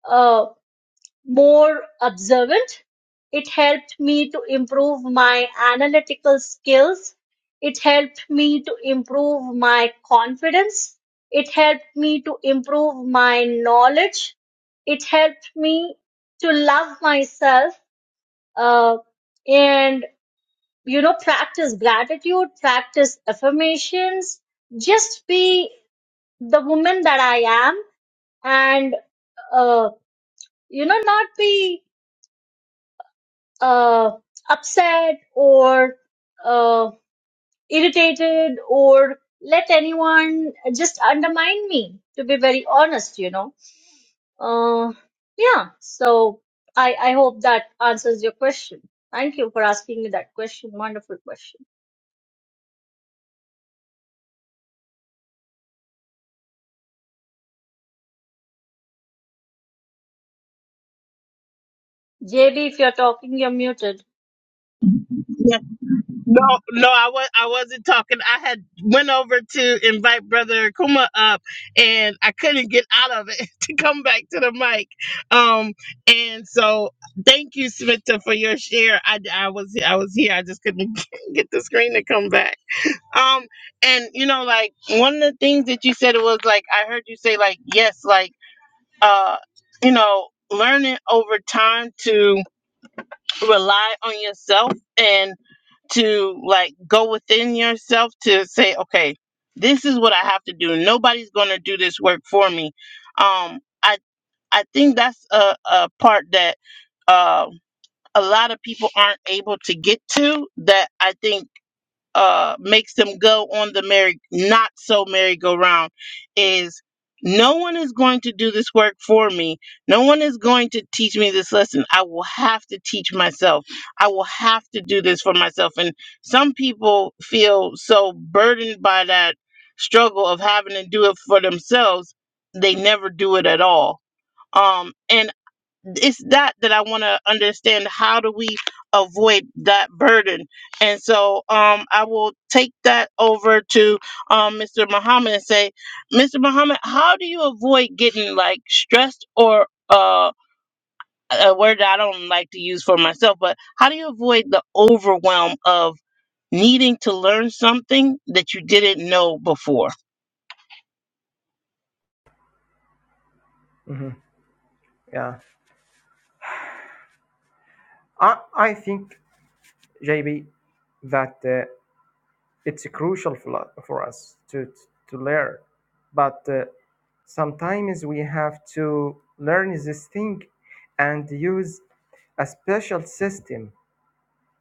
Speaker 4: uh, more observant. It helped me to improve my analytical skills. It helped me to improve my confidence. It helped me to improve my knowledge. It helped me to love myself uh, and, you know, practice gratitude, practice affirmations, just be the woman that I am and, uh, you know, not be uh, upset or uh, irritated or let anyone just undermine me to be very honest you know uh, yeah so I, I hope that answers your question thank you for asking me that question wonderful question jb if you're talking you're muted
Speaker 1: No, no, I was I wasn't talking. I had went over to invite Brother Kuma up, and I couldn't get out of it to come back to the mic. Um, and so thank you, Smita, for your share. I, I was I was here. I just couldn't get the screen to come back. Um, and you know, like one of the things that you said was like I heard you say like yes, like uh, you know, learning over time to rely on yourself and to like go within yourself to say okay this is what i have to do nobody's going to do this work for me um i i think that's a, a part that uh, a lot of people aren't able to get to that i think uh makes them go on the merry not so merry-go-round is no one is going to do this work for me no one is going to teach me this lesson i will have to teach myself i will have to do this for myself and some people feel so burdened by that struggle of having to do it for themselves they never do it at all um and it's that that I want to understand. How do we avoid that burden? And so um, I will take that over to um, Mr. Muhammad and say, Mr. Muhammad, how do you avoid getting like stressed or uh, a word that I don't like to use for myself, but how do you avoid the overwhelm of needing to learn something that you didn't know before?
Speaker 2: Mhm. Yeah. I, I think, JB, that uh, it's crucial for, for us to, to learn. But uh, sometimes we have to learn this thing and use a special system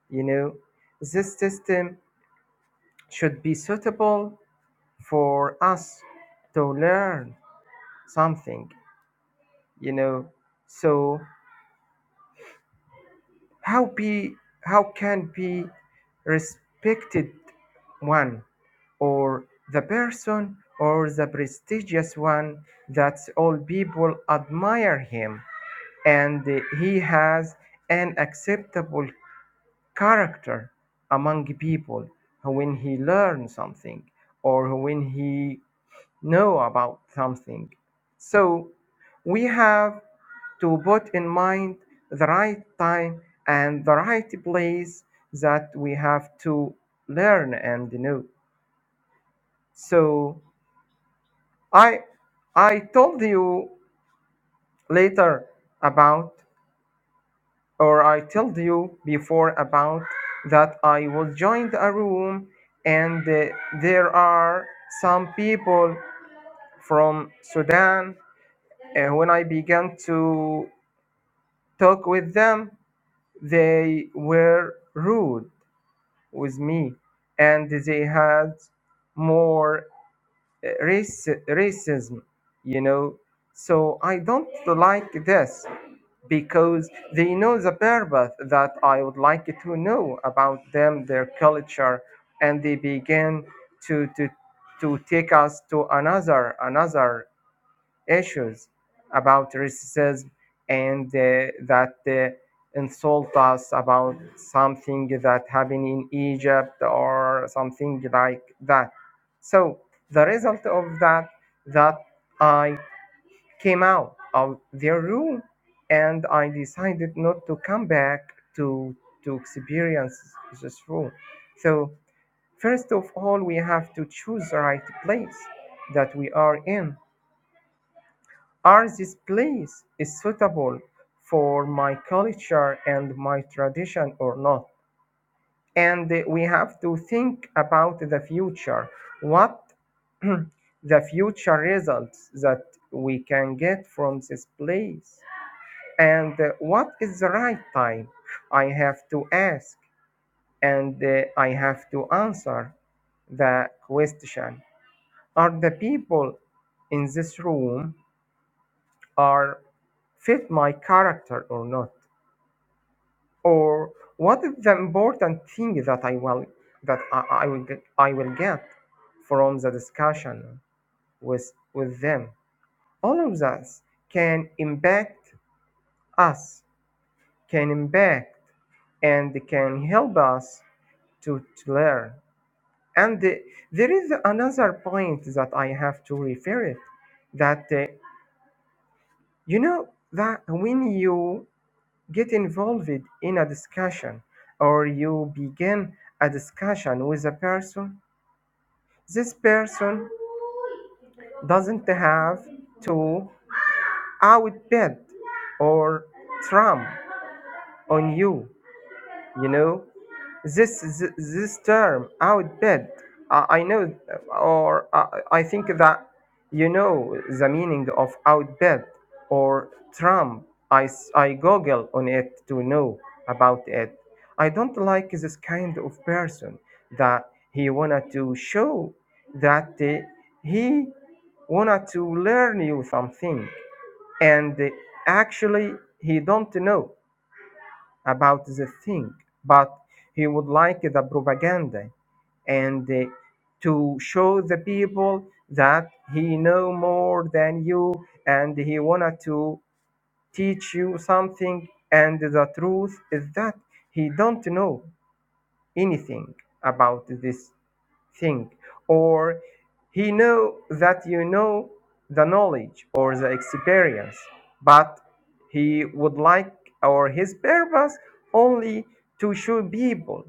Speaker 2: you know this system should be suitable for us to learn something you know so how be how can be respected one or the person or the prestigious one that all people admire him and he has an acceptable character among people when he learns something or when he know about something. So we have to put in mind the right time and the right place that we have to learn and know. So I I told you later about or I told you before about that I will join a room and uh, there are some people from Sudan uh, when I began to talk with them. They were rude with me and they had more uh, race, racism, you know. So I don't like this because they know the purpose that I would like to know about them, their culture, and they begin to, to, to take us to another another issues about racism and uh, that uh, insult us about something that happened in Egypt or something like that. So the result of that that I came out of their room and I decided not to come back to to experience this room. So first of all we have to choose the right place that we are in are this place is suitable for my culture and my tradition or not? And we have to think about the future. What the future results that we can get from this place? And uh, what is the right time? I have to ask and uh, I have to answer the question. Are the people in this room are fit my character or not or what is the important thing that i will that i, I will get, i will get from the discussion with with them all of this can impact us can impact and can help us to, to learn and uh, there is another point that i have to refer it that uh, you know that when you Get involved in a discussion or you begin a discussion with a person. This person doesn't have to outbid or trump on you, you know. this this, this term outbid I, I know or I, I think that you know the meaning of outbid or trump I, s- I google on it to know about it i don't like this kind of person that he wanted to show that uh, he wanted to learn you something and actually he don't know about the thing, but he would like the propaganda and uh, to show the people that he know more than you and he wanted to teach you something and the truth is that he don't know anything about this think or he know that you know the knowledge or the experience but he would like or his purpose only to show people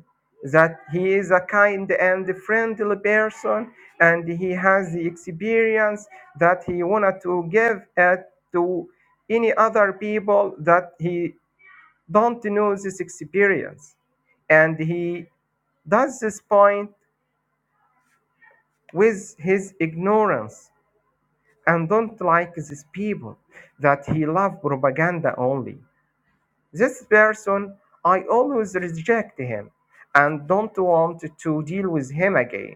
Speaker 2: that he is a kind and friendly person and he has the experience that he wanted to give it to any other people that he don't know this experience and he does this point with his ignorance and don't like these people that he love propaganda only. This person, I always reject him and don't want to deal with him again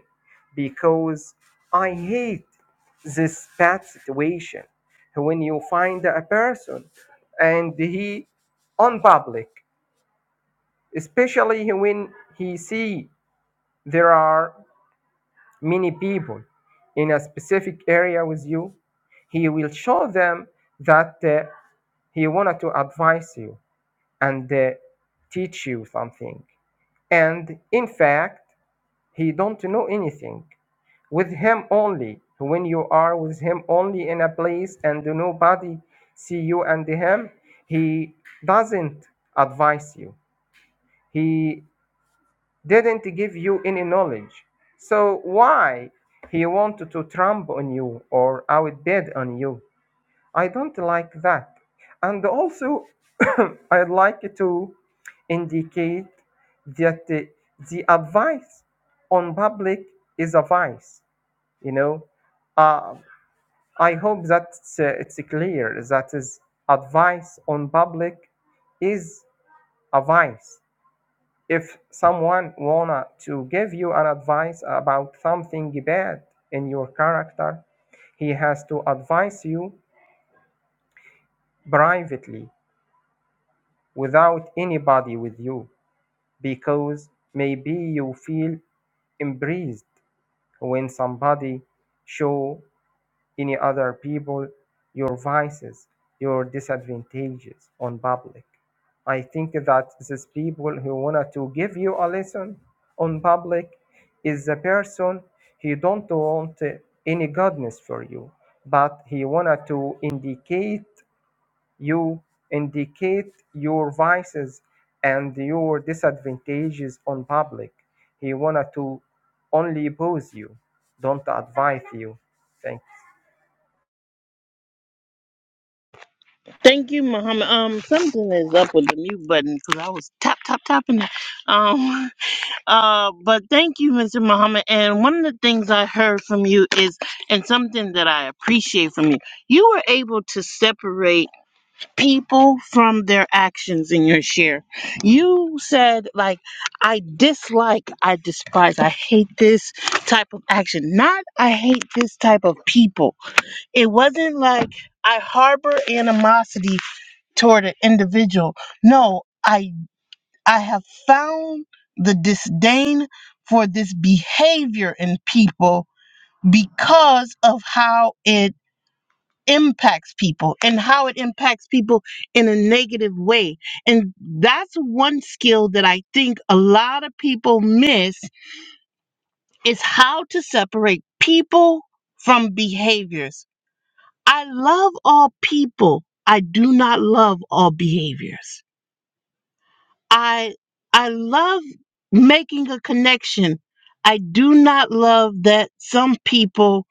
Speaker 2: because I hate this bad situation. When you find a person and he on public, especially when he see there are many people in a specific area with you, he will show them that uh, he wanted to advise you and uh, teach you something. And in fact, he don't know anything. With him only, when you are with him only in a place and nobody see you and him, he doesn't advise you. He didn't give you any knowledge. So why he wanted to tramp on you or outbid on you? I don't like that. And also, I'd like to indicate that the, the advice on public is a vice. You know, uh, I hope that it's, uh, it's clear that is advice on public is a vice if someone wanna to give you an advice about something bad in your character he has to advise you privately without anybody with you because maybe you feel embraced when somebody show any other people, your vices, your disadvantages on public. I think that these people who wanted to give you a lesson on public is the person he don't want any goodness for you, but he wanted to indicate you, indicate your vices and your disadvantages on public. He wanted to only oppose you, don't advise you. Thank you.
Speaker 1: Thank you, Muhammad. Um, something is up with the mute button because I was tap tap tapping. Um, Uh, but thank you, Mr. Muhammad. And one of the things I heard from you is, and something that I appreciate from you, you were able to separate people from their actions in your share. You said, like, I dislike, I despise, I hate this type of action, not I hate this type of people. It wasn't like I harbor animosity toward an individual. No. I. I have found the disdain for this behavior in people because of how it impacts people and how it impacts people in a negative way. And that's one skill that I think a lot of people miss is how to separate people from behaviors. I love all people. I do not love all behaviors. I I love making a connection. I do not love that some people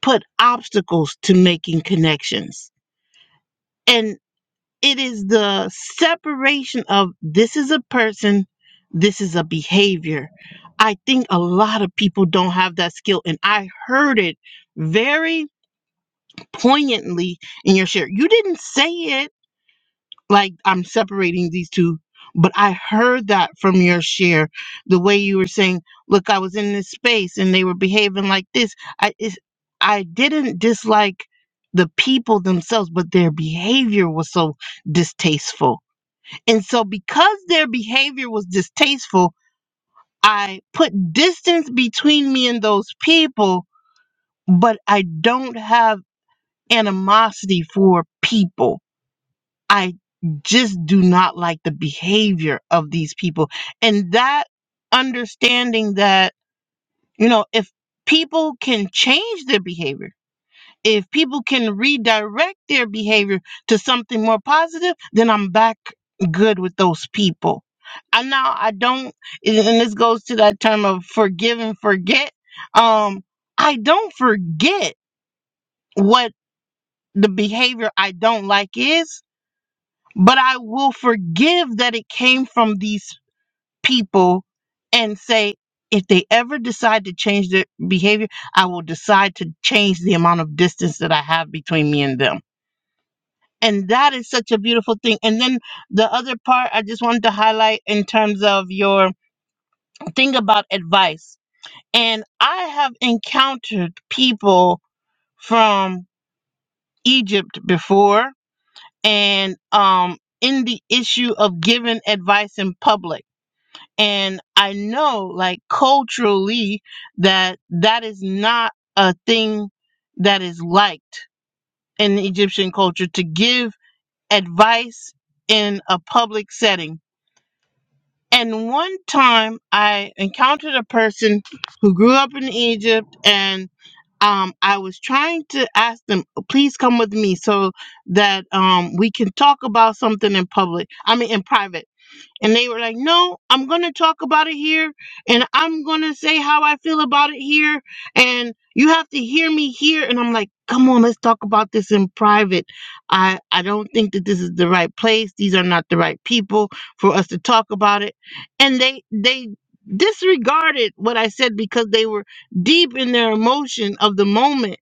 Speaker 1: put obstacles to making connections. And it is the separation of this is a person, this is a behavior. I think a lot of people don't have that skill and I heard it very poignantly in your share. You didn't say it like I'm separating these two. But I heard that from your share, the way you were saying, "Look, I was in this space and they were behaving like this." I it's, I didn't dislike the people themselves, but their behavior was so distasteful. And so, because their behavior was distasteful, I put distance between me and those people, but I don't have animosity for people I just do not like the behavior of these people. And that understanding that, you know, if people can change their behavior, if people can redirect their behavior to something more positive, then I'm back good with those people. And now I don't, and this goes to that term of forgive and forget. Um, I don't forget what the behavior I don't like is. but I will forgive that it came from these people and say, if they ever decide to change their behavior, I will decide to change the amount of distance that I have between me and them. And that is such a beautiful thing. And then the other part I just wanted to highlight in terms of your thing about advice. And I have encountered people from Egypt before and um in the issue of giving advice in public And I know, like, culturally, that that is not a thing that is liked in Egyptian culture to give advice in a public setting. And one time I encountered a person who grew up in Egypt and um, I was trying to ask them, please come with me so that um, we can talk about something in public. I mean, in private and they were like, no, I'm going to talk about it here and I'm going to say how I feel about it here. And you have to hear me here. And I'm like, come on, let's talk about this in private. I, I don't think that this is the right place. These are not the right people for us to talk about it. And they, they, disregarded what I said because they were deep in their emotion of the moment.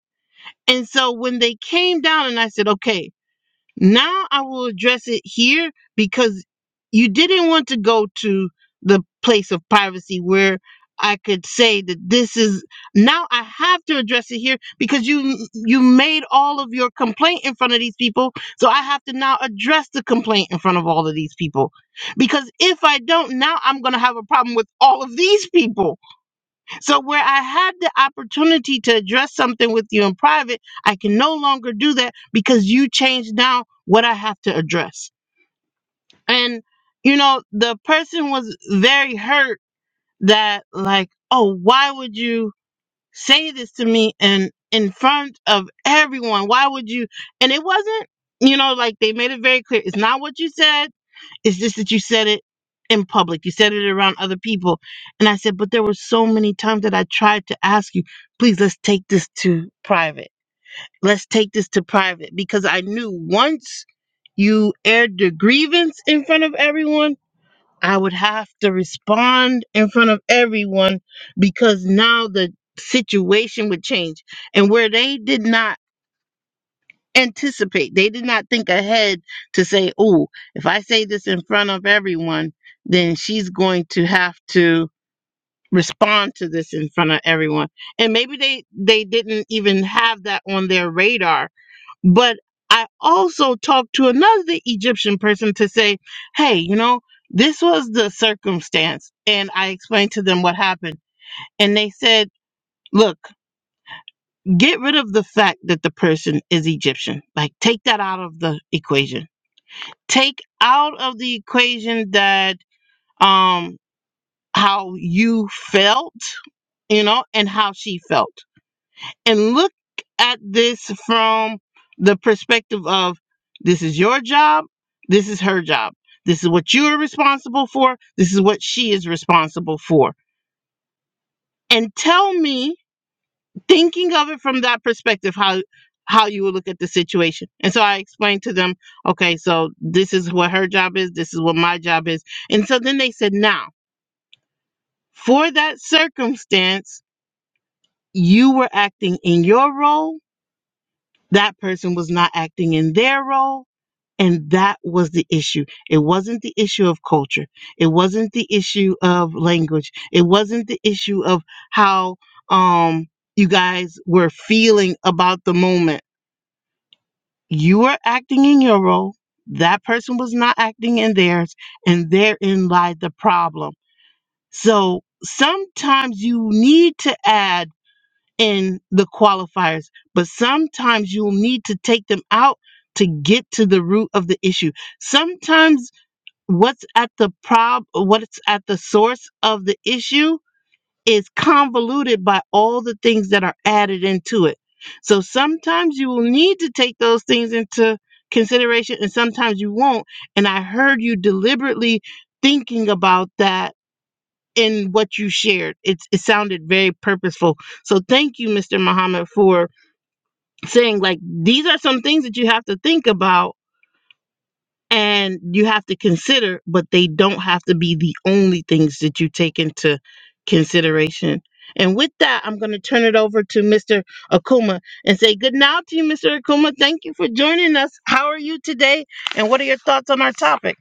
Speaker 1: And so when they came down and I said, okay, now I will address it here because you didn't want to go to the place of privacy where I could say that this is now I have to address it here because you you made all of your complaint in front of these people so I have to now address the complaint in front of all of these people because if I don't now I'm going to have a problem with all of these people so, where I had the opportunity to address something with you in private, I can no longer do that because you changed now what I have to address. And, you know, the person was very hurt that, like, oh, why would you say this to me and in front of everyone? Why would you? And it wasn't, you know, like they made it very clear it's not what you said it's just that you said it in public. You said it around other people. And I said, but there were so many times that I tried to ask you, please let's take this to private. Let's take this to private because I knew once you aired the grievance in front of everyone, I would have to respond in front of everyone because now the situation would change. And where they did not anticipate. They did not think ahead to say, oh, if I say this in front of everyone, then she's going to have to respond to this in front of everyone. And maybe they, they didn't even have that on their radar. But I also talked to another Egyptian person to say, hey, you know, this was the circumstance. And I explained to them what happened. And they said, look, get rid of the fact that the person is Egyptian. Like, take that out of the equation take out of the equation that um how you felt you know and how she felt and look at this from the perspective of this is your job this is her job this is what you are responsible for this is what she is responsible for and tell me thinking of it from that perspective how how you would look at the situation and so i explained to them okay so this is what her job is this is what my job is and so then they said now for that circumstance you were acting in your role that person was not acting in their role and that was the issue. It wasn't the issue of culture. It wasn't the issue of language. It wasn't the issue of how um, you guys were feeling about the moment You were acting in your role. That person was not acting in theirs. And therein lied the problem. So sometimes you need to add in the qualifiers, but sometimes you'll need to take them out to get to the root of the issue. Sometimes what's at the prob what's at the source of the issue is convoluted by all the things that are added into it. So sometimes you will need to take those things into consideration and sometimes you won't. And I heard you deliberately thinking about that in what you shared. It, it sounded very purposeful. So thank you, Mr. Muhammad, for saying like these are some things that you have to think about and you have to consider but they don't have to be the only things that you take into consideration and with that i'm going to turn it over to mr akuma and say good night to you mr akuma thank you for joining us how are you today and what are your thoughts on our topic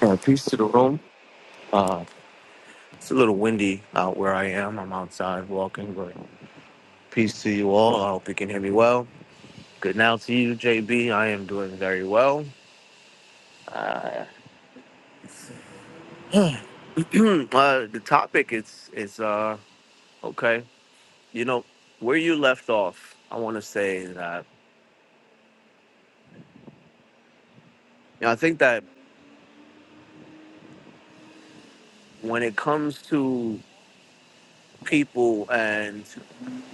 Speaker 5: Uh, peace to the room. Uh, it's a little windy out where I am. I'm outside walking, but peace to you all. I hope you can hear me well. Good now to you, JB. I am doing very well. Uh, uh, the topic is is uh, okay. You know where you left off. I want to say that you know, I think that when it comes to people and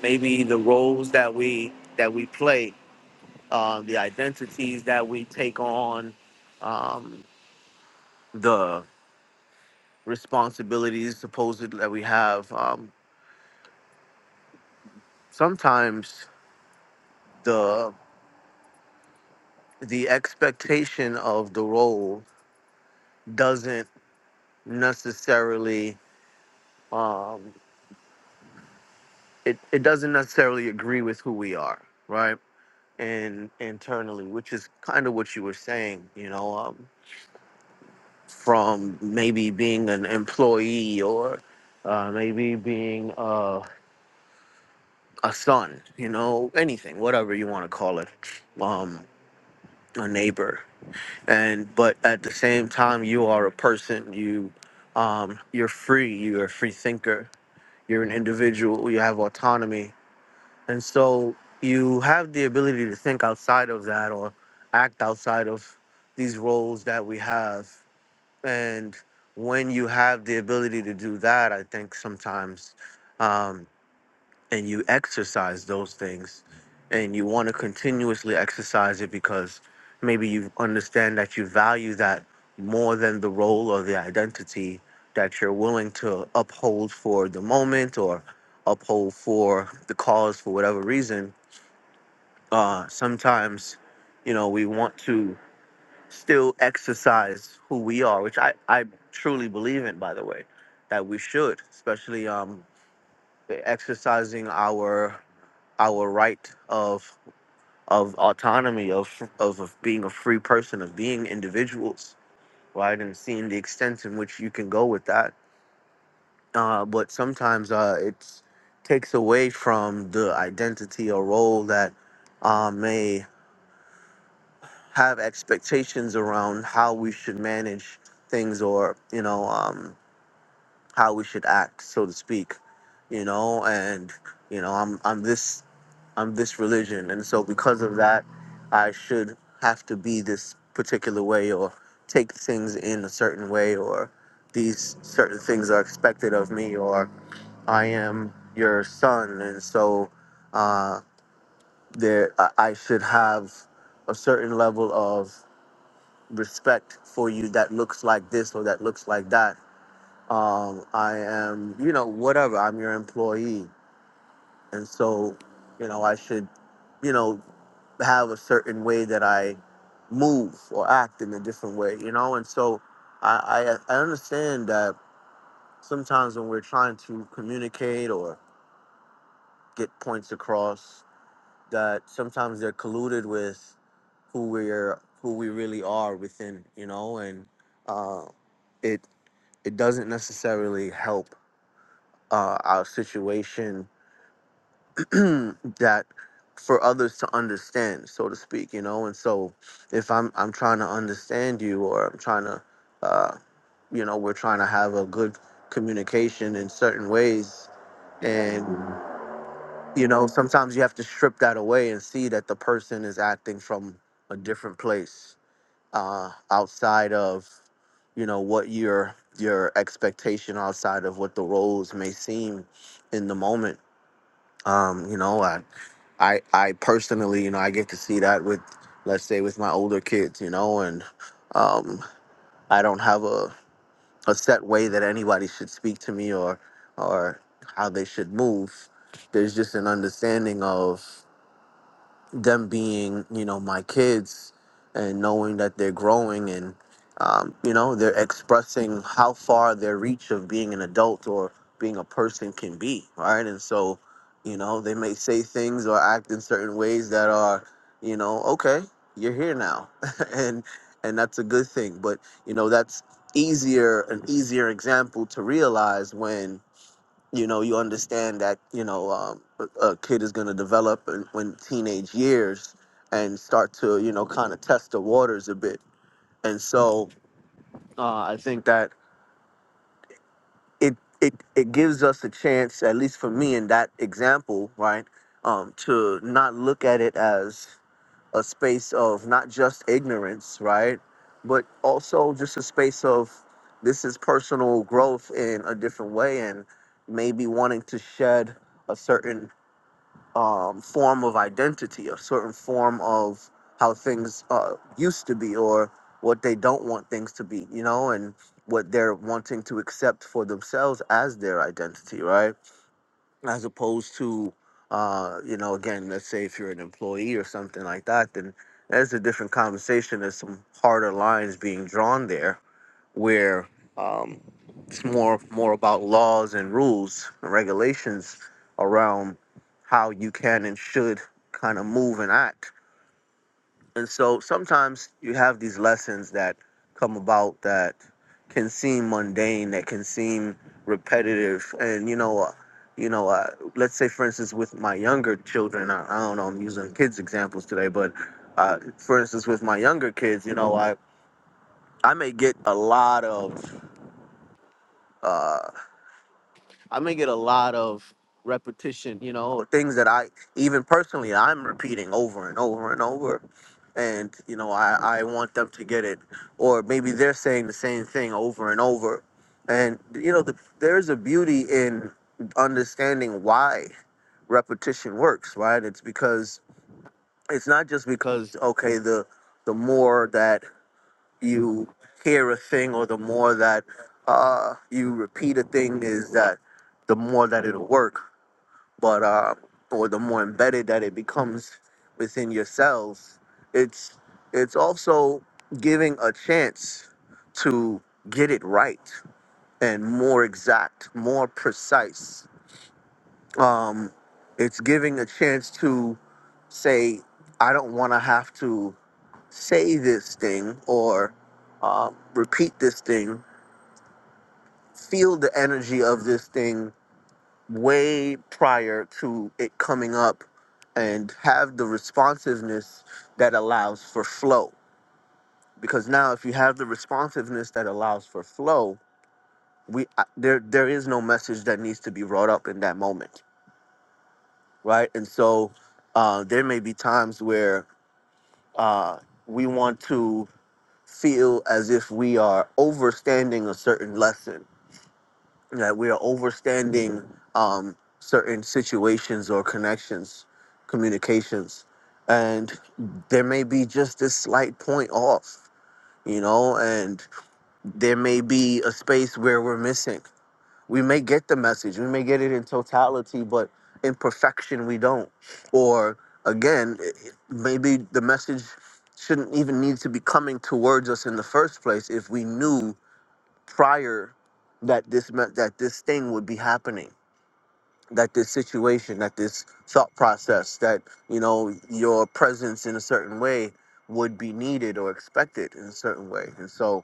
Speaker 5: maybe the roles that we that we play, uh, the identities that we take on. Um, the responsibilities supposed that we have um, sometimes the the expectation of the role doesn't necessarily um, it, it doesn't necessarily agree with who we are right and internally which is kind of what you were saying you know um, from maybe being an employee or uh, maybe being uh, a son you know anything whatever you want to call it Um, a neighbor and but at the same time you are a person you um you're free you're a free thinker you're an individual you have autonomy and so you have the ability to think outside of that or act outside of these roles that we have and when you have the ability to do that i think sometimes um and you exercise those things and you want to continuously exercise it because maybe you understand that you value that more than the role or the identity that you're willing to uphold for the moment or uphold for the cause for whatever reason uh sometimes you know we want to still exercise who we are which i i truly believe in by the way that we should especially um exercising our our right of of autonomy of, of of being a free person of being individuals right and seeing the extent in which you can go with that uh, but sometimes uh, it takes away from the identity or role that uh, may have expectations around how we should manage things or you know um, how we should act so to speak you know and you know i'm i'm this I'm this religion, and so because of that, I should have to be this particular way or take things in a certain way or these certain things are expected of me or I am your son, and so uh, there I I should have a certain level of respect for you that looks like this or that looks like that. Um, I am, you know, whatever. I'm your employee, and so you know I should you know have a certain way that I move or act in a different way, you know? And so I, I, I understand that sometimes when we're trying to communicate or get points across, that sometimes they're colluded with who we're who we really are within, you know, and uh, it it doesn't necessarily help uh, our situation that for others to understand, so to speak, you know. And so, if I'm I'm trying to understand you, or I'm trying to, uh, you know, we're trying to have a good communication in certain ways, and you know, sometimes you have to strip that away and see that the person is acting from a different place, uh, outside of, you know, what your your expectation outside of what the roles may seem in the moment um, you know, I, I, I personally, you know, I get to see that with, let's say, with my older kids, you know, and um, I don't have a, a set way that anybody should speak to me or, or how they should move. There's just an understanding of them being you know my kids and knowing that they're growing and um, you know they're expressing how far their reach of being an adult or being a person can be right and so you know they may say things or act in certain ways that are you know okay you're here now and and that's a good thing but you know that's easier an easier example to realize when you know you understand that you know um, a a kid is going to develop in, when teenage years and start to you know kind of test the waters a bit and so uh, i think that it, it it gives us a chance at least for me in that example right um, to not look at it as a space of not just ignorance right but also just a space of this is personal growth in a different way and maybe wanting to shed a certain um, form of identity, a certain form of how things uh, used to be, or what they don't want things to be, you know, and what they're wanting to accept for themselves as their identity, right? As opposed to, uh, you know, again, let's say if you're an employee or something like that, then there's a different conversation. There's some harder lines being drawn there where um, it's more more about laws and rules and regulations around how you can and should kind of move and act. And so sometimes you have these lessons that come about that can seem mundane, that can seem repetitive, and you know. Uh, you know, uh, let's say, for instance, with my younger children, I, I don't know, I'm using kids examples today, but uh, for instance, with my younger kids, you know, I, I may get a lot of uh, i may get a lot of repetition, you know, things that I even personally I'm repeating over and over and over. And you know, I, I want them to get it, or maybe they're saying the same thing over and over. And you know, the, there's a beauty in understanding why repetition works, right? It's because it's not just because okay, the the more that you hear a thing or the more that uh, you repeat a thing is that the more that it'll work but uh, or the more embedded that it becomes within yourselves it's it's also giving a chance to get it right and more exact more precise um, it's giving a chance to say i don't want to have to say this thing or uh, repeat this thing feel the energy of this thing way prior to it coming up and have the responsiveness that allows for flow because now if you have the responsiveness that allows for flow we I- there there is no message that needs to be brought up in that moment right and so uh, there may be times where uh, we want to feel as if we are overstanding a certain lesson that we are overstanding um, certain situations or connections, communications, and there may be just this slight point off, you know, and there may be a space where we're missing. We may get the message, we may get it in totality, but in perfection, we don't. Or again, it- it- maybe the message shouldn't even need to be coming towards us in the first place if we knew prior that this meant that this thing would be happening that this situation that this thought process that you know your presence in a certain way would be needed or expected in a certain way and so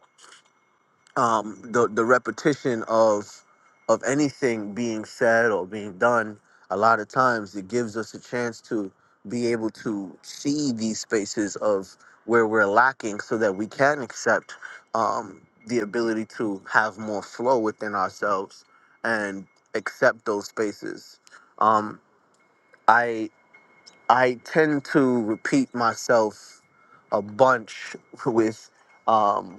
Speaker 5: um, the the repetition of of anything being said or being done, a lot of times it gives us a chance to be able to see these spaces of where we're lacking, so that we can accept um, the ability to have more flow within ourselves and accept those spaces. Um, I I tend to repeat myself a bunch with um,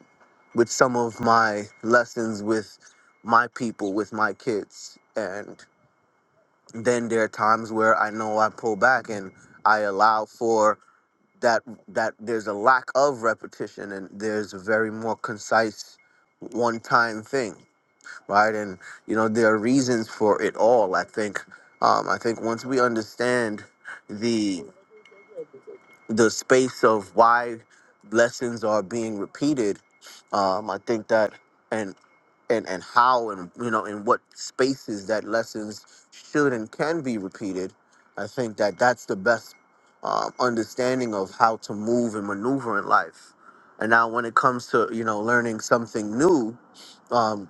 Speaker 5: with some of my lessons with my people, with my kids, and then there are times where I know I pull back and I allow for that that there's a lack of repetition and there's a very more concise one time thing, right? And you know there are reasons for it all. I think um, I think once we understand the the space of why lessons are being repeated um, i think that and and and how and you know in what spaces that lessons should and can be repeated i think that that's the best um, understanding of how to move and maneuver in life and now when it comes to you know learning something new um,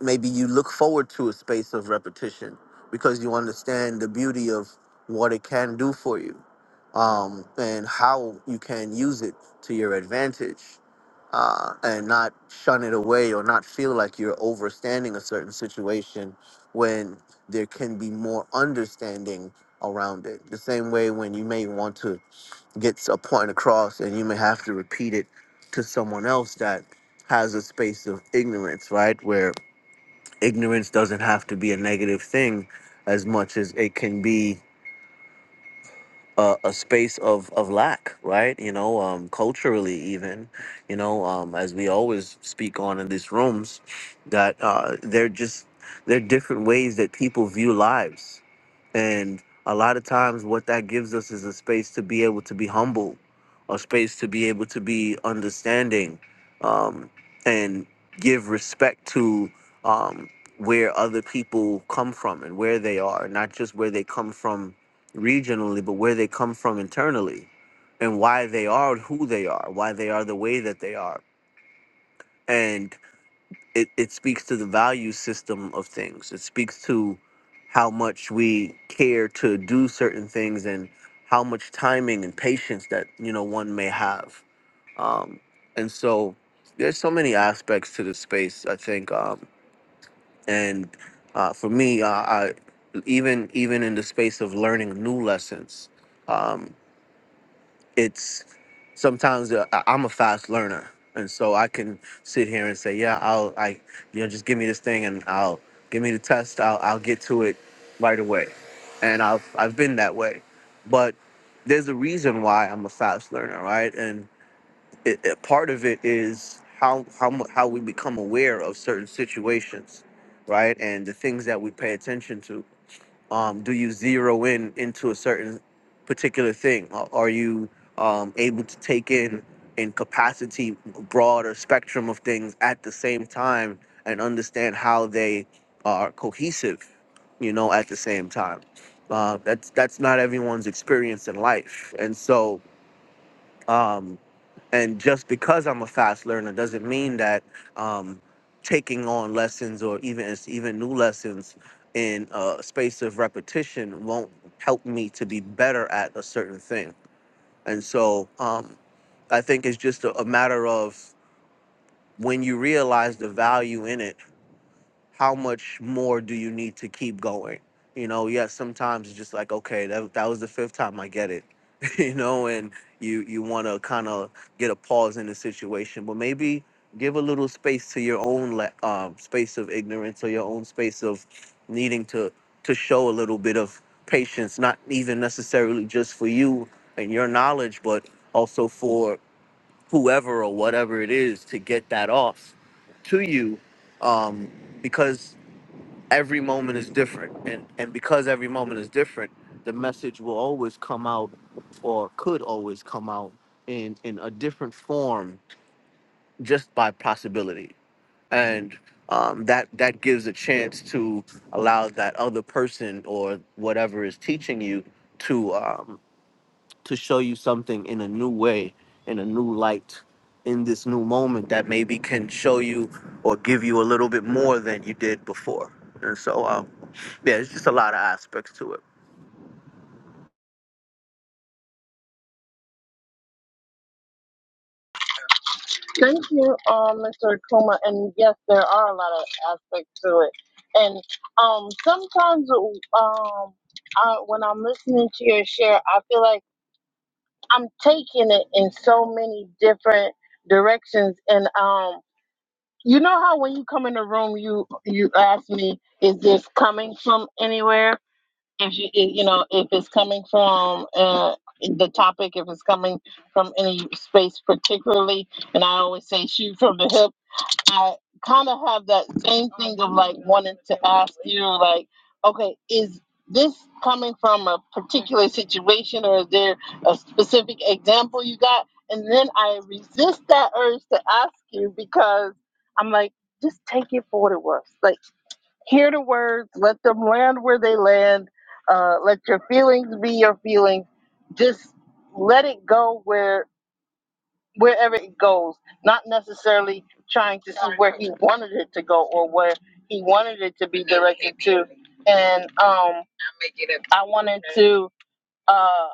Speaker 5: maybe you look forward to a space of repetition because you understand the beauty of what it can do for you um, and how you can use it to your advantage uh, and not shun it away or not feel like you're overstanding a certain situation when there can be more understanding around it. The same way when you may want to get a point across and you may have to repeat it to someone else that has a space of ignorance, right? Where ignorance doesn't have to be a negative thing as much as it can be a, a space of, of lack, right? You know, um, culturally, even, you know, um, as we always speak on in these rooms, that uh, they're just, they're different ways that people view lives. And a lot of times, what that gives us is a space to be able to be humble, a space to be able to be understanding, um, and give respect to um, where other people come from and where they are, not just where they come from regionally, but where they come from internally and why they are who they are, why they are the way that they are. And it, it speaks to the value system of things. It speaks to how much we care to do certain things and how much timing and patience that, you know, one may have. Um, and so there's so many aspects to the space, I think. Um, and uh, for me, uh, I, even even in the space of learning new lessons, um, it's sometimes uh, I- I'm a fast learner, and so I can sit here and say, yeah, I'll, I, you know, just give me this thing and I'll give me the test. I'll, I'll get to it right away, and I've, I've been that way, but there's a reason why I'm a fast learner, right? And it, it, part of it is how, how, mu- how we become aware of certain situations, right? And the things that we pay attention to um, do you zero in into a certain particular thing Are are you um, able to take in in capacity broader spectrum of things at the same time and understand how they are cohesive you know at the same time uh, that's that's not everyone's experience in life and so um, and just because I'm a fast learner doesn't mean that um, taking on lessons or even even new lessons in a space of repetition won't help me to be better at a certain thing. And so um, I think it's just a, a matter of when you realize the value in it how much more do you need to keep going? You know, yes, sometimes it's just like, okay, that, that was the fifth time I get it, you know, and you you want to kind of get a pause in the situation, but maybe give a little space to your own la- um, space of ignorance or your own space of needing to to show a little bit of patience, not even necessarily just for you and your knowledge, but also for whoever or whatever it is to get that off to you um, because every moment is different and and because every moment is different the message will always come out or could always come out in in a different form just by possibility and um, that that gives a chance to allow that other person or whatever is teaching you to um, to show you something in a new way, in a new light, in this new moment that maybe can show you or give you a little bit more than you did before. And so, um, yeah, it's just a lot of aspects to it.
Speaker 1: Thank you, um, Mr. Akuma. And yes, there are a lot of aspects to it. And um, sometimes, um, I, when I'm listening to your share, I feel like I'm taking it in so many different directions. And um, you know how when you come in the room, you you ask me, is this coming from anywhere? If you if, you know if it's coming from uh, the topic, if it's coming from any space particularly, and I always say shoot from the hip I kind of have that same thing of like wanting to ask you, like, okay, is this coming from a particular situation or is there a specific example you got? And then I resist that urge to ask you because I'm like, just take it for what it was. Like, hear the words, let them land where they land, uh, let your feelings be your feelings. Just let it go where wherever it goes, not necessarily trying to see where he wanted it to go or where he wanted it to be directed to. And um, I wanted to uh,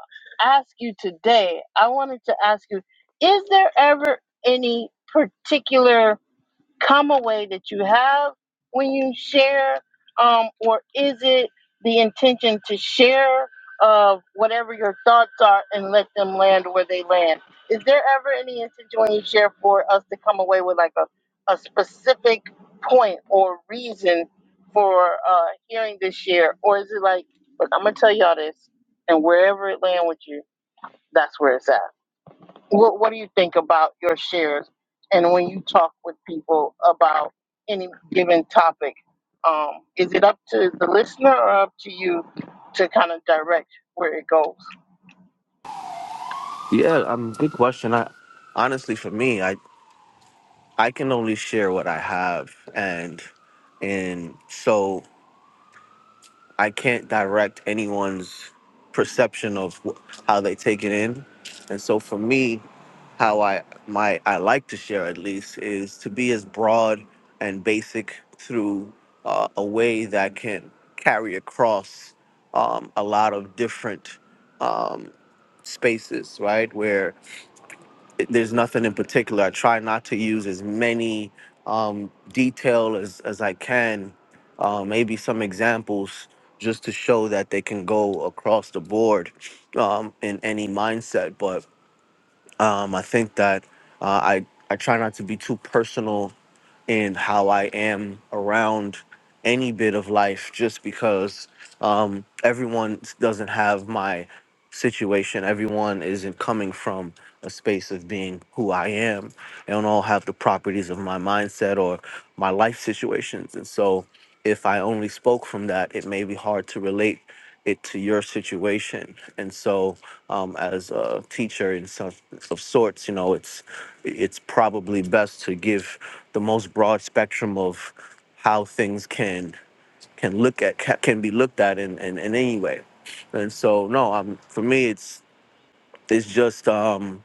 Speaker 1: ask you today, I wanted to ask you, is there ever any particular come away that you have when you share um, or is it the intention to share of whatever your thoughts are and let them land where they land is there ever any intention when you share for us to come away with like a, a specific point or reason for uh, hearing this share or is it like look i'm gonna tell y'all this and wherever it land with you that's where it's at what What do you think about your shares? And when you talk with people about any given topic, um, is it up to the listener or up to you to kind of direct where it goes?
Speaker 5: Yeah, um, good question. I honestly, for me, I I can only share what I have, and and so. I can't direct anyone's perception of wh- how they take it in. And so for me, how I my I like to share at least is to be as broad and basic through uh, a way that can carry across um, a lot of different um, spaces, right? there's nothing in particular. I try not to use as many um, detail as, as I can, uh, maybe some examples just to show that they can go across the board um, in any mindset. But um, I think that uh, I, I try not to be too personal in how I am around any bit of life just because um, everyone doesn't have my situation. Everyone isn't coming from a space of being who I am. They don't all have the properties of my mindset or my life situations. And so, if I only spoke from that, it may be hard to relate it to your situation. And so, um, as a teacher in some of sorts, you know, it's it's probably best to give the most broad spectrum of how things can can look at ca- can be looked at in, in, in any way and so no um for me it's it's just um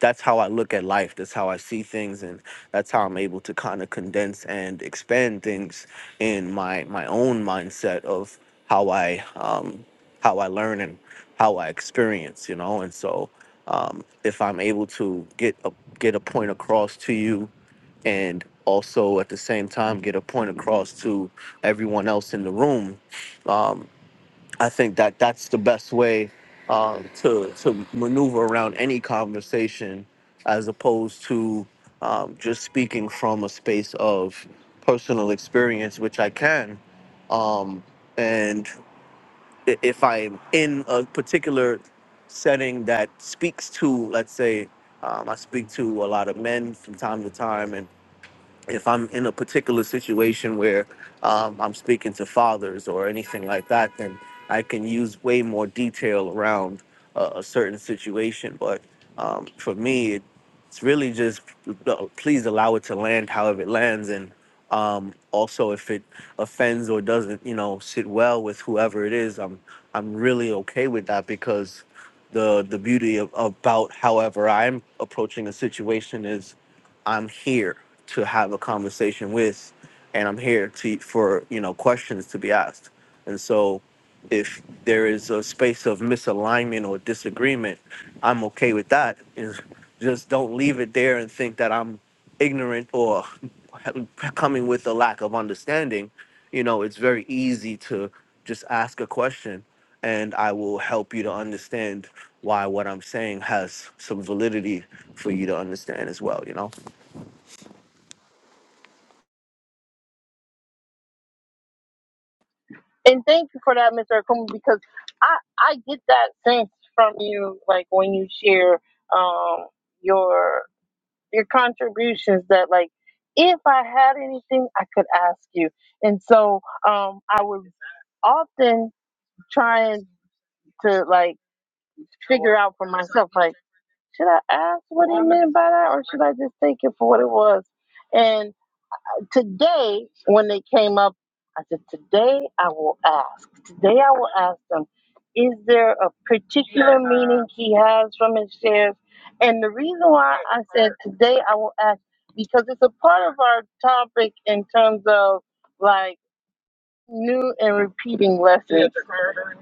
Speaker 5: that's how i look at life that's how i see things and that's how i'm able to kind of condense and expand things in my my own mindset of how i um how i learn and how i experience you know and so um if i'm able to get a get a point across to you and also at the same time get a point across to everyone else in the room. Um, I think that that's the best way um, to to maneuver around any conversation, as opposed to um, just speaking from a space of personal experience, which I can. Um, and i- if I'm in a particular setting that speaks to, let's say, um, I speak to a lot of men from time to time, and if I'm in a particular situation where um, I'm speaking to fathers or anything like that, then I can use way more detail around uh, a certain situation. But um, for me, it, it's really just uh, please allow it to land however it lands, and um, also if it offends or doesn't, you know, sit well with whoever it is, I'm I'm really okay with that because the the beauty of, about however I'm approaching a situation is I'm here to have a conversation with, and I'm here to for you know questions to be asked. And so, if there is a space of misalignment or disagreement, I'm okay with that. Is just don't leave it there and think that I'm ignorant or coming with a lack of understanding. You know, it's very easy to just ask a question, and I will help you to understand why what I'm saying has some validity for you to understand as well. You know.
Speaker 1: And thank you for that, Mr. Akuma, because I I get that sense from you, like when you share um, your your contributions that like if I had anything I could ask you, and so um, I would often trying to like figure out for myself, like, should I ask what he meant by that or should I just take it for what it was? And today, when they came up, I said, today I will ask. Today I will ask them, is there a particular meaning he has from his shares? And the reason why I said today I will ask, because it's a part of our topic in terms of like new and repeating lessons.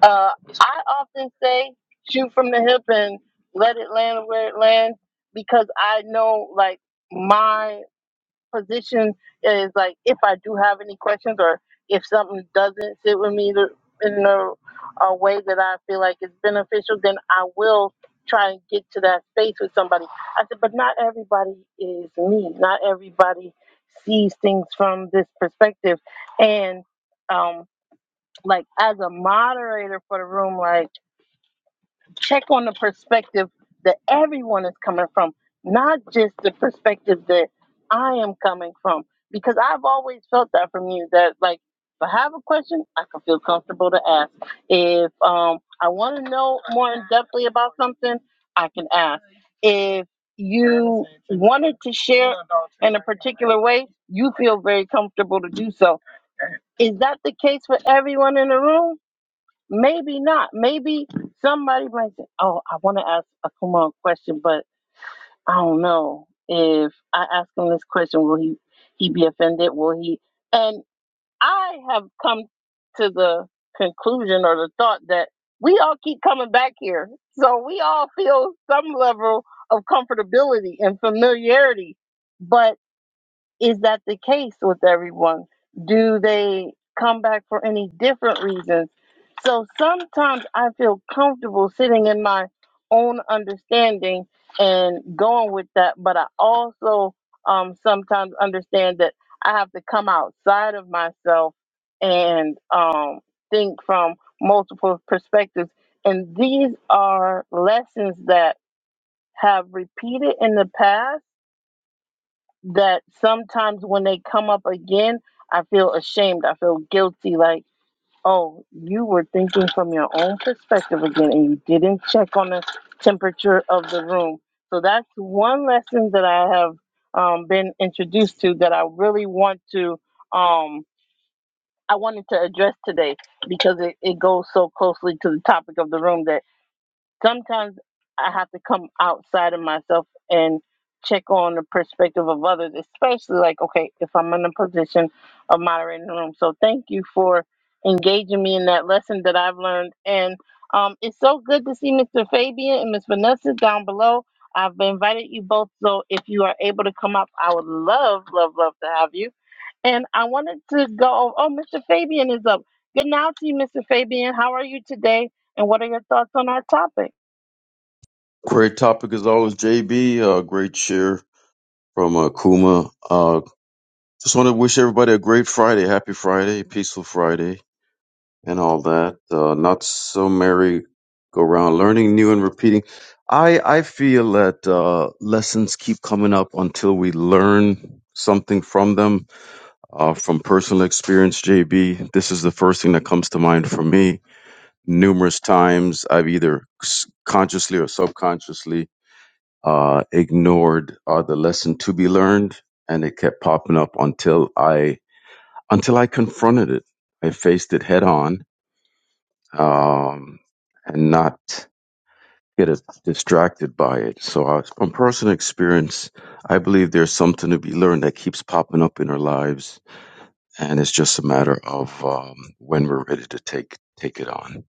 Speaker 1: Uh, I often say shoot from the hip and let it land where it lands because I know like my position is like if I do have any questions or if something doesn't sit with me the- in a, a way that I feel like it's beneficial, then I will try and get to that space with somebody. I said, but not everybody is me. Not everybody sees things from this perspective. And um, like as a moderator for the room, like check on the perspective that everyone is coming from, not just the perspective that I am coming from. Because I've always felt that from you that like if I have a question, I can feel comfortable to ask. If um I want to know more in depthly about something, I can ask. If you wanted to share in a particular way, you feel very comfortable to do so. Is that the case for everyone in the room? Maybe not. Maybe somebody might say, Oh, I want to ask a Kumon question, but I don't know. If I ask him this question, will he, he be offended? Will he? And I have come to the conclusion or the thought that we all keep coming back here. So we all feel some level of comfortability and familiarity. But is that the case with everyone? Do they come back for any different reasons? So sometimes I feel comfortable sitting in my own understanding and going with that, but I also um, sometimes understand that I have to come outside of myself and um, think from multiple perspectives. And these are lessons that have repeated in the past that sometimes when they come up again, I feel ashamed. I feel guilty. Like, oh, you were thinking from your own perspective again, and you didn't check on the temperature of the room. So that's one lesson that I have um, been introduced to that I really want to. Um, I wanted to address today because it, it goes so closely to the topic of the room that sometimes I have to come outside of myself and check on the perspective of others, especially like, okay, if I'm in a position of moderating the room. So thank you for engaging me in that lesson that I've learned. And um, it's so good to see Mr. Fabian and Miss Vanessa down below. I've invited you both, so if you are able to come up, I would love, love, love to have you. And I wanted to go. Oh, Mr. Fabian is up. Good now to you, Mr. Fabian. How are you today? And what are your thoughts on our topic?
Speaker 6: Great topic as always, JB. Uh, great share from uh, Kuma. Uh, just want to wish everybody a great Friday, happy Friday, peaceful Friday, and all that. Uh, not so merry go round, learning new and repeating. I I feel that uh, lessons keep coming up until we learn something from them. Uh, from personal experience, JB, this is the first thing that comes to mind for me. Numerous times, I've either s- consciously or subconsciously uh, ignored uh, the lesson to be learned, and it kept popping up until I until I confronted it. I faced it head on um, and not get as distracted by it. So, uh, from personal experience, I believe there's something to be learned that keeps popping up in our lives, and it's just a matter of um, when we're ready to take take it on.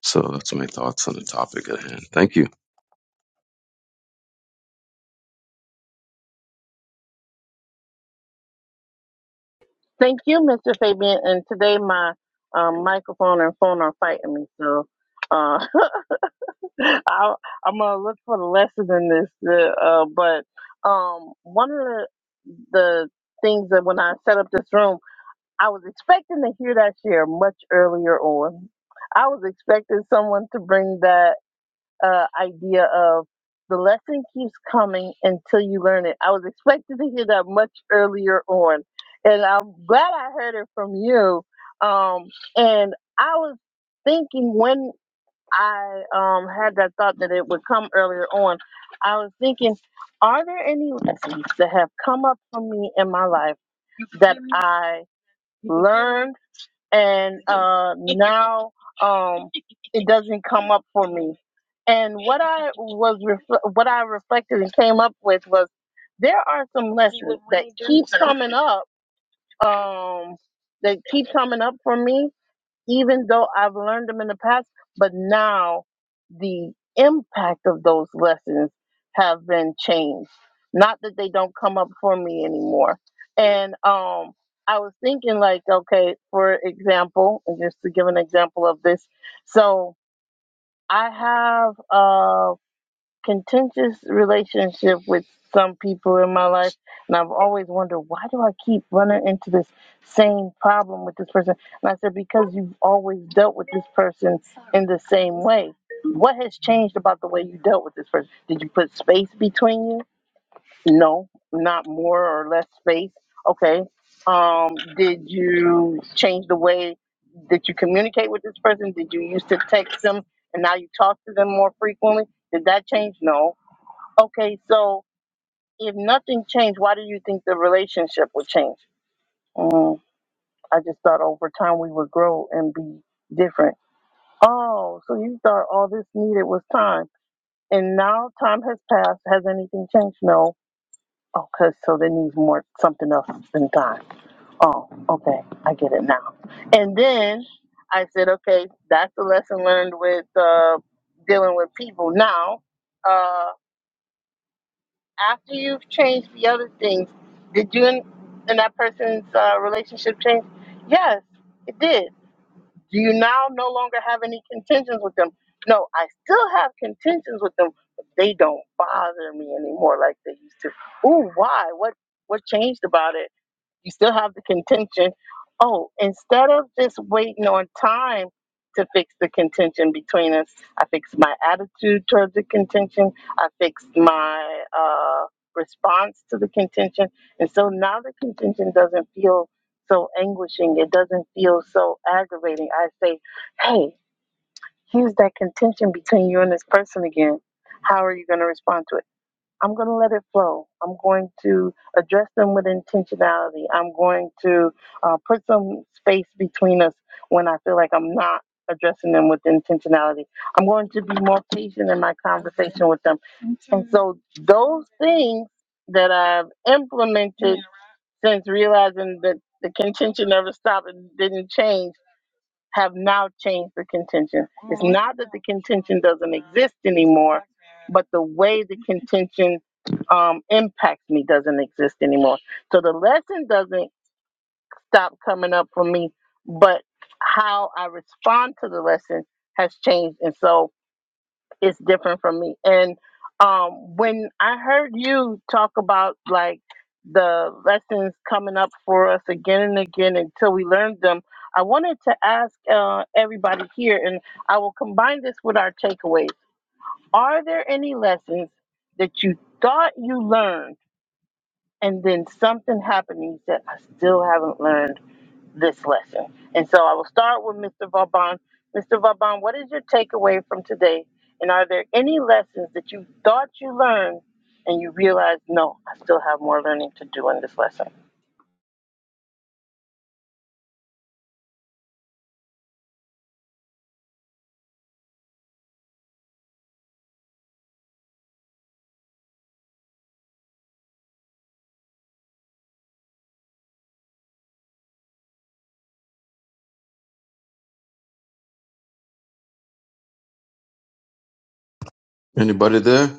Speaker 6: So that's my thoughts on the topic at hand. Thank you.
Speaker 1: Thank you, Mr. Fabian. And today my um, microphone and phone are fighting me, so uh, i I'm gonna look for the lesson in this. Uh, uh, but um, one of the the things that when I set up this room, I was expecting to hear that share much earlier on. I was expecting someone to bring that uh, idea of the lesson keeps coming until you learn it. I was expecting to hear that much earlier on, and I'm glad I heard it from you. Um, and I was thinking when I um, had that thought that it would come earlier on, I was thinking, are there any lessons that have come up for me in my life that I learned? and uh, now um, it doesn't come up for me. And what I was refle- what I reflected and came up with was there are some lessons that keep coming up um, that keep coming up for me even though I've learned them in the past, but now the impact of those lessons have been changed. Not that they don't come up for me anymore. And um, I was thinking, like, okay, for example, and just to give an example of this, so I have uh, contentious relationship with some people in my life and I've always wondered why do I keep running into this same problem with this person? And I said, Because you've always dealt with this person in the same way. What has changed about the way you dealt with this person? Did you put space between you? No, not more or less space. Okay. Um, did you change the way that you communicate with this person? Did you used to text them and now you talk to them more frequently? Did that change? No Okay, so if nothing changed, why do you think the relationship would change? Mm, I just thought over time we would grow and be different. Oh, so you thought all this needed was time, and now time has passed. Has anything changed? No. Okay, so there needs more something else than time. Oh, okay, I get it now. And then I said, okay, that's the lesson learned with uh, dealing with people now. uh, after you've changed the other things, did you and, and that person's uh, relationship change? Yes, it did. Do you now no longer have any contentions with them? No, I still have contentions with them, but they don't bother me anymore like they used to. Ooh, why? What what changed about it? You still have the contention. Oh, instead of just waiting on time to fix the contention between us, I fixed my attitude towards the contention. I fixed my uh, response to the contention. And so now the contention doesn't feel so anguishing. It doesn't feel so aggravating. I say, hey, here's that contention between you and this person again. How are you going to respond to it? I'm going to let it flow. I'm going to address them with intentionality. I'm going to uh, put some space between us when I feel like I'm not addressing them with intentionality. I'm going to be more patient in my conversation with them. And so, those things that I've implemented since realizing that the contention never stopped and didn't change have now changed the contention. It's not that the contention doesn't exist anymore, but the way the contention um, impacts me doesn't exist anymore. So the lesson doesn't stop coming up for me, but how I respond to the lesson has changed. And so it's different from me. And um, when I heard you talk about like the lessons coming up for us again and again until we learned them, I wanted to ask uh, everybody here, and I will combine this with our takeaways. Are there any lessons that you thought you learned and then something happened and you said, I still haven't learned? this lesson. And so I will start with Mr. Vauban. Mr. Vauban, what is your takeaway from today? And are there any lessons that you thought you learned and you realized, no, I still have more learning to do in this lesson?
Speaker 6: Anybody there?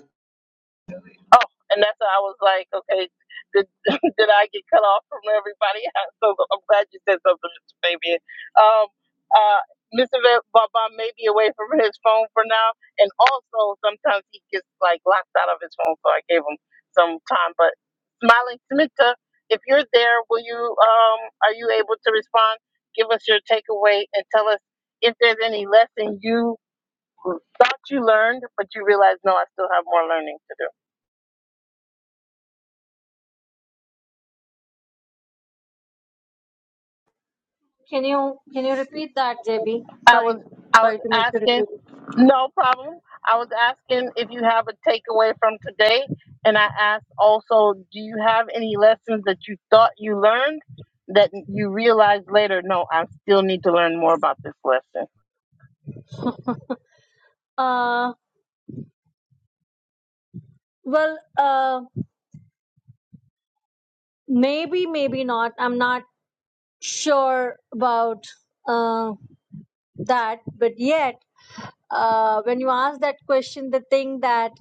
Speaker 1: Oh, and that's why I was like, okay, did, did I get cut off from everybody? else? So I'm glad you said something, Mr. Fabian. Um, uh, Mr. Va- Baba may be away from his phone for now, and also sometimes he gets like locked out of his phone, so I gave him some time. But Smiling Smita, if you're there, will you? Um, are you able to respond? Give us your takeaway and tell us if there's any lesson you thought you learned, but you realize no, I still have more learning to do.
Speaker 4: Oh, Maybe.
Speaker 1: I
Speaker 4: sorry
Speaker 1: was I was
Speaker 4: sorry.
Speaker 1: asking, no problem. I was asking if you have a takeaway from today, and I asked also, do you have any lessons that you thought you learned that you realized later? No, I still need to learn more about this lesson.
Speaker 4: Uh, well, uh, maybe, maybe not. I'm not sure about. uh, that but yet uh, when you ask that question the thing that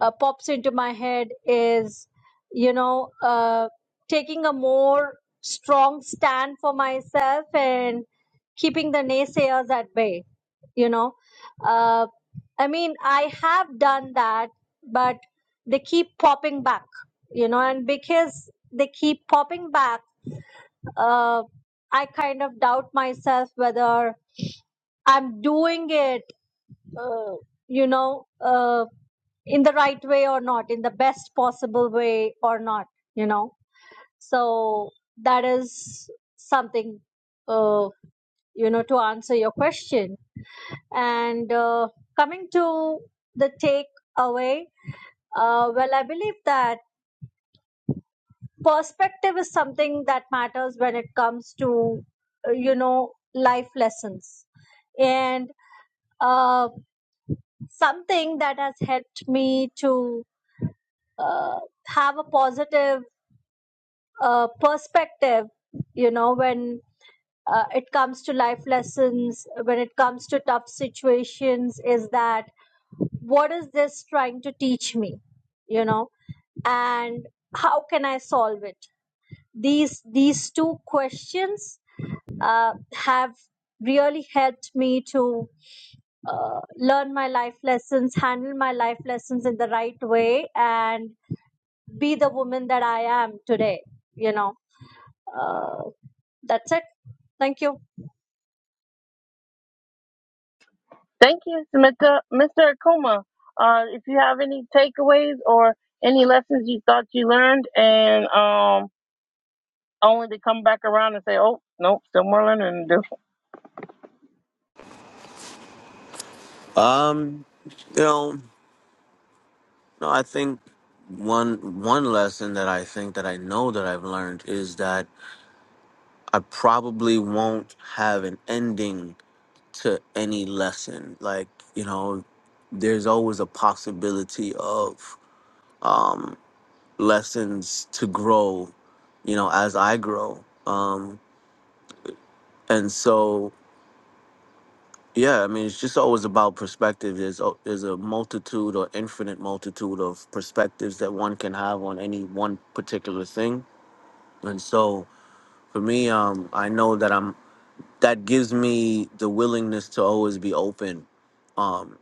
Speaker 4: uh, pops into my head is you know uh, taking a more strong stand for myself and keeping the naysayers at bay you know uh, i mean i have done that but they keep popping back you know and because they keep popping back uh, i kind of doubt myself whether I'm doing it, uh, you know, uh, in the right way or not, in the best possible way or not, you know. So that is something, uh, you know, to answer your question. And uh, coming to the takeaway, uh, well, I believe that perspective is something that matters when it comes to, uh, you know, life lessons. And uh, something that has helped me to uh, have a positive uh, perspective you know when uh, it comes to life lessons when it comes to tough situations is that what is this trying to teach me you know and how can i solve it these these two questions uh, have really helped me to uh, learn my life lessons handle my life lessons in the right way and be the woman that I am today. You know, uh, that's it. Thank you.
Speaker 1: Thank you, Samantha Mr. Akuma. Uh, if you have any takeaways or any lessons you thought you learned, and um, only to come back around and say, oh, nope, still more learning to do.
Speaker 5: Um, you know, no, I think one one lesson that I think that I know that I've learned is that I probably won't have an ending to any lesson. Like, you know, there's always a possibility of um lessons to grow, you know, as I grow. Um and so Yeah, I mean, it's just always about perspective. There's a, there's a multitude or infinite multitude of perspectives that one can have on any one particular thing, and so for me, um, I know that I'm that gives me the willingness to always be open um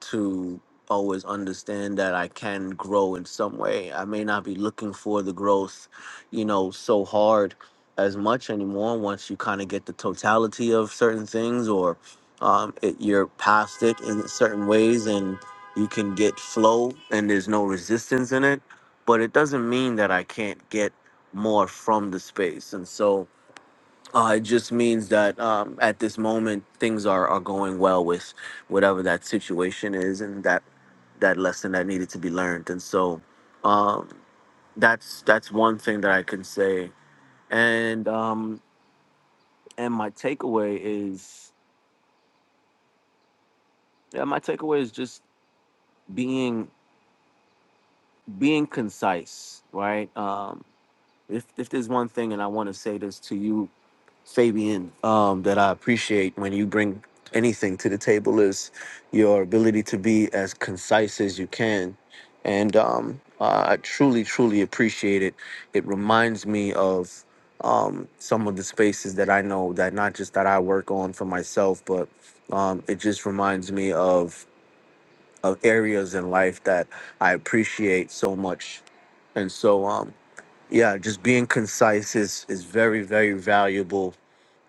Speaker 5: to always understand that I can grow in some way. I may not be looking for the growth, you know, so hard as much anymore once you kind of get the totality of certain things or um it, you're past it in certain ways and you can get flow and there's no resistance in it, but it doesn't mean that I can't get more from the space. And so uh, it just means that um, at this moment things are, are going well with whatever that situation is and that that lesson that needed to be learned. And so um, that's that's one thing that I can say. And um, and my takeaway is yeah, my takeaway is just being being concise, right? Um, if if there's one thing, and I want to say this to you Fabian, um, that I appreciate when you bring anything to the table is your ability to be as concise as you can. And um, I truly, truly appreciate it. It reminds me of um, some of the spaces that I know that not just that I work on for myself, but um, it just reminds me of, of areas in life that I appreciate so much. And so, um, yeah, just being concise is, is very, very valuable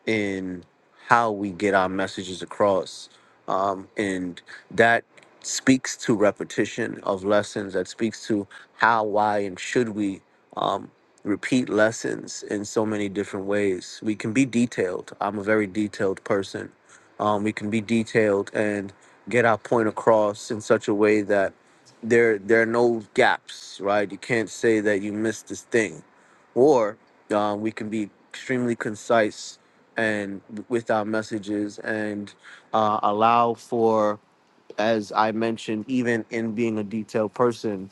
Speaker 5: in how we get our messages across. Um, and that speaks to repetition of lessons, that speaks to how, why, and should we um, repeat lessons in so many different ways. We can be detailed. I'm a very detailed person. Um, we can be detailed and get our point across in such a way that there there are no gaps, right? You can't say that you missed this thing, or um, we can be extremely concise and with our messages and uh, allow for as i mentioned even in being a detailed person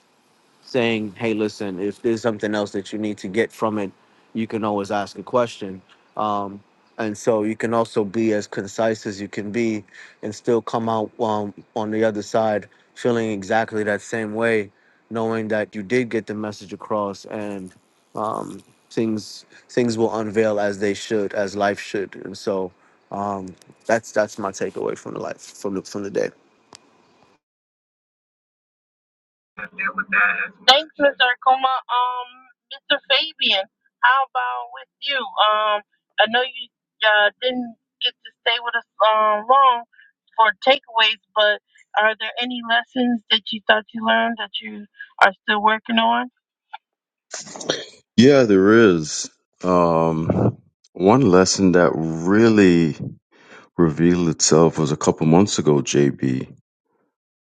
Speaker 5: saying, hey, listen, if there's something else that you need to get from it, you can always ask a question. Um, and so you can also be as concise as you can be and still come out um, on the other side feeling exactly that same way, knowing that you did get the message across and um, things things will unveil as they should, as life should. And so um, that's that's my takeaway from the life from the from the day.
Speaker 1: Thanks, Mr. Akuma. Um, Mr. Fabian, how about with you? Um, I know you uh, didn't get to stay with us um, long for takeaways, but are there any lessons that you thought you learned that you are still working on?
Speaker 6: Yeah, there is. Um, one lesson that really revealed itself was a couple months ago, JB,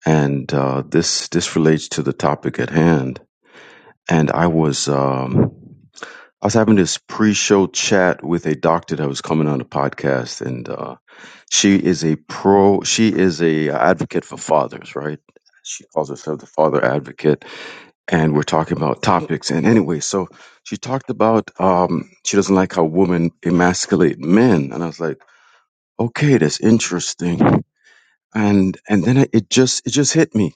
Speaker 6: and uh, this this relates to the topic at hand. And I was um, I was having this pre-show chat with a doctor that was coming on the podcast, and uh, she is a pro. She is a advocate for fathers, right? She calls herself the father advocate and we're talking about topics. And anyway, so she talked about um, she doesn't like how women emasculate men, and I was like, okay, that's interesting. And and then it it just it just hit me.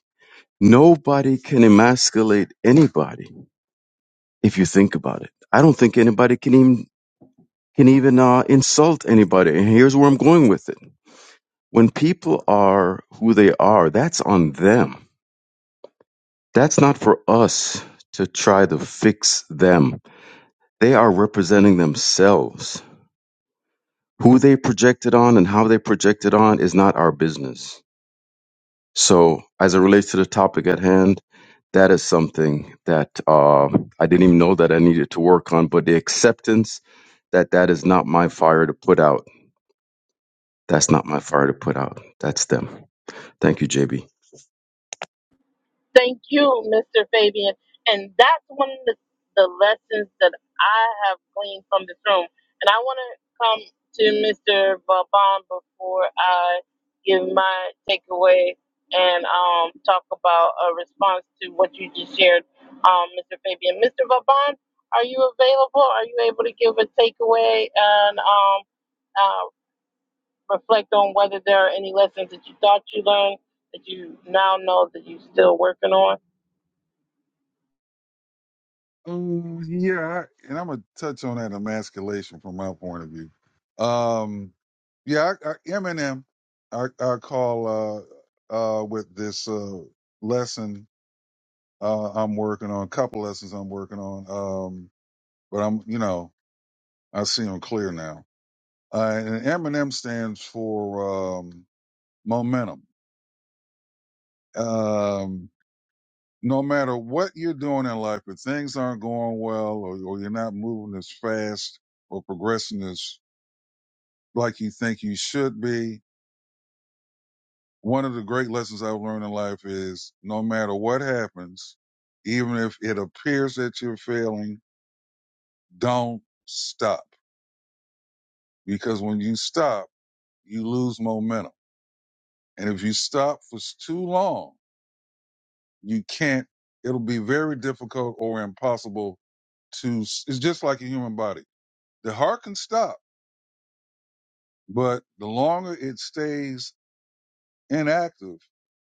Speaker 6: Nobody can emasculate anybody if you think about it. I don't think anybody can even can even uh, insult anybody. And here's where I'm going with it. When people are who they are, that's on them. That's not for us to try to fix them They are representing themselves. Who they projected on and how they projected on is not our business. So, as it relates to the topic at hand, that is something that uh, I didn't even know that I needed to work on. But the acceptance that that is not my fire to put out. That's not my fire to put out. That's them. Thank you, JB.
Speaker 1: Thank you, Mr. Fabian. And that's one of the, the lessons that I have gleaned from this room. And I want to come to Mr. Vaban before I give my takeaway and um, talk about a response to what you just shared, um, Mr. Fabian. Mr. Vaban, are you available? Are you able to give a takeaway and um, uh, reflect on whether there are any lessons that you thought you learned that you now know that you're still working on?
Speaker 3: Um, yeah, and I'm gonna touch on that emasculation from my point of view. Um, yeah, I, I, Eminem, I, I call uh, uh, with this uh, lesson uh, I'm working on, a couple lessons I'm working on. Um, but I'm, you know, I see them clear now. Uh, and Eminem stands for um, momentum. Um, no matter what you're doing in life, if things aren't going well or, or you're not moving as fast or progressing as like you think you should be. One of the great lessons I've learned in life is no matter what happens, even if it appears that you're failing, don't stop. Because when you stop, you lose momentum. And if you stop for too long, you can't, it'll be very difficult or impossible to, it's just like a human body. The heart can stop, but the longer it stays inactive,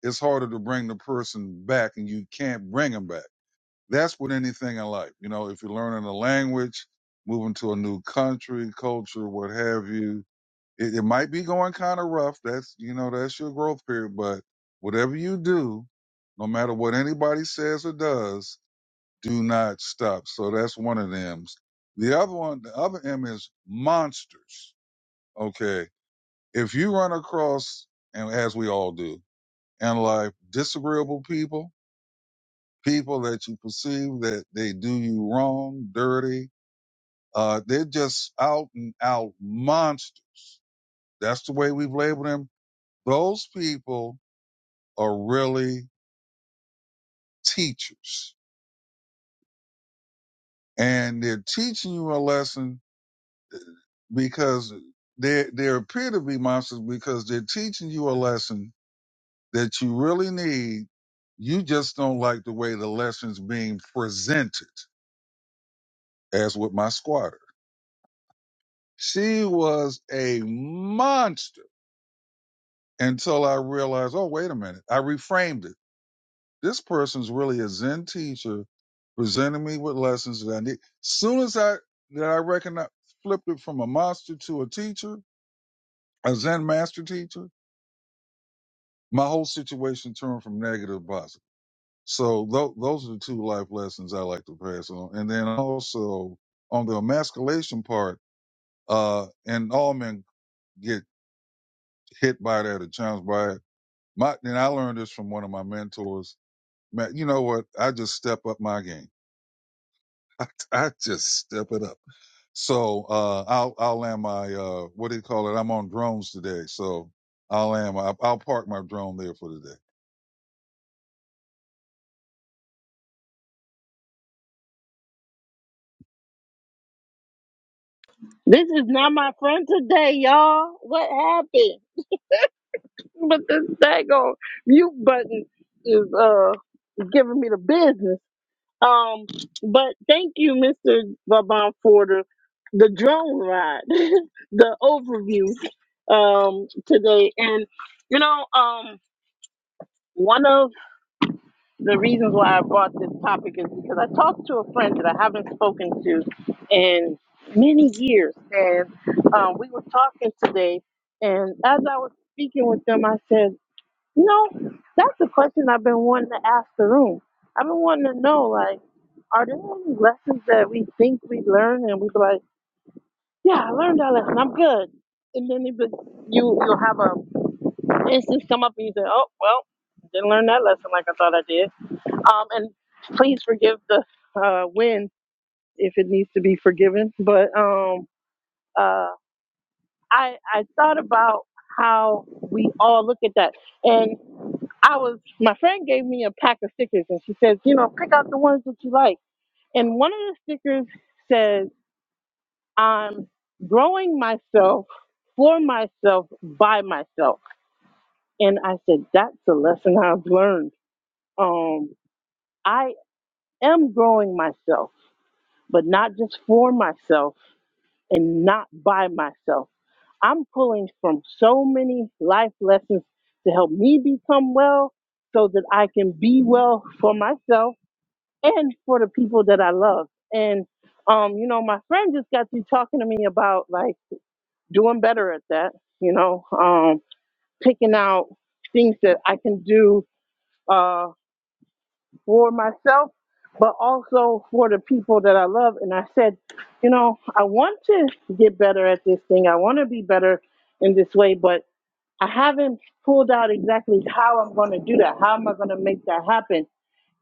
Speaker 3: it's harder to bring the person back and you can't bring them back That's with anything in life. You know, if you're learning a language, moving to a new country, culture, what have you, it, it might be going kind of rough. That's, you know, that's your growth period. But whatever you do, no matter what anybody says or does, do not stop. So that's one of them. The other one, the other M is monsters. Okay. If you run across, and as we all do in life, disagreeable people, people that you perceive that they do you wrong, dirty. Uh, they're just out and out monsters. That's the way we've labeled them. Those people are really teachers and they're teaching you a lesson because they, they appear to be monsters because they're teaching you a lesson that you really need. You just don't like the way the lesson's being presented as with my squatter. She was a monster until I realized, oh, wait a minute. I reframed it. This person's really a Zen teacher presenting me with lessons that I need. Soon as I that I recognize flipped it from a monster to a teacher, a Zen master teacher, my whole situation turned from negative to positive. So tho- those are the two life lessons I like to pass on. And then also on the emasculation part, uh, and all men get hit by that or challenged by it. My, and I learned this from one of my mentors man, you know what? I just step up my game. I, I just step it up. So uh, I'll I'll land my uh, what do you call it? I'm on drones today, so I'll land my I'll park my drone there for today.
Speaker 1: This is not my friend today, y'all. What happened? But this daggone mute button is uh giving me the business. Um, but thank you, Mr. Vaban, for the the drone ride, the overview um today. And you know, um one of the reasons why I brought this topic is because I talked to a friend that I haven't spoken to in many years, and um, we were talking today. And as I was speaking with them, I said, "You know, that's a question I've been wanting to ask the room. I've been wanting to know, like, are there any lessons that we think we learn and we be like, yeah, I learned that lesson. I'm good." And then it be- you you'll have a instance come up and you say, "Oh, well, didn't learn that lesson like I thought I did." Um, and please forgive the uh, wind if it needs to be forgiven. But um, uh, I I thought about how we all look at that, and I was my friend gave me a pack of stickers, and she says, you know, pick out the ones that you like. And one of the stickers says, "I'm growing myself for myself by myself." And I said, that's a lesson I've learned. Um, I am growing myself. but not just for myself and not by myself. I'm pulling from so many life lessons to help me become well so that I can be well for myself and for the people that I love. And um, you know, my friend just got you talking to me about like doing better at that, you know, um, picking out things that I can do Uh for myself, but also for the people that I love. And I said, you know, I want to get better at this thing. I want to be better in this way, but I haven't pulled out exactly how I'm going to do that. How am I going to make that happen?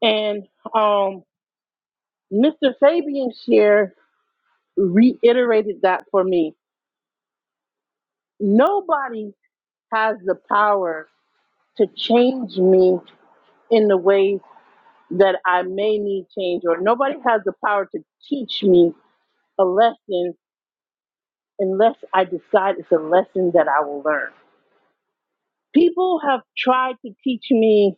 Speaker 1: And um, Mr. Fabian share reiterated that for me. Nobody has the power to change me in the ways that I may need change, or nobody has the power to teach me a lesson unless I decide it's a lesson that I will learn. People have tried to teach me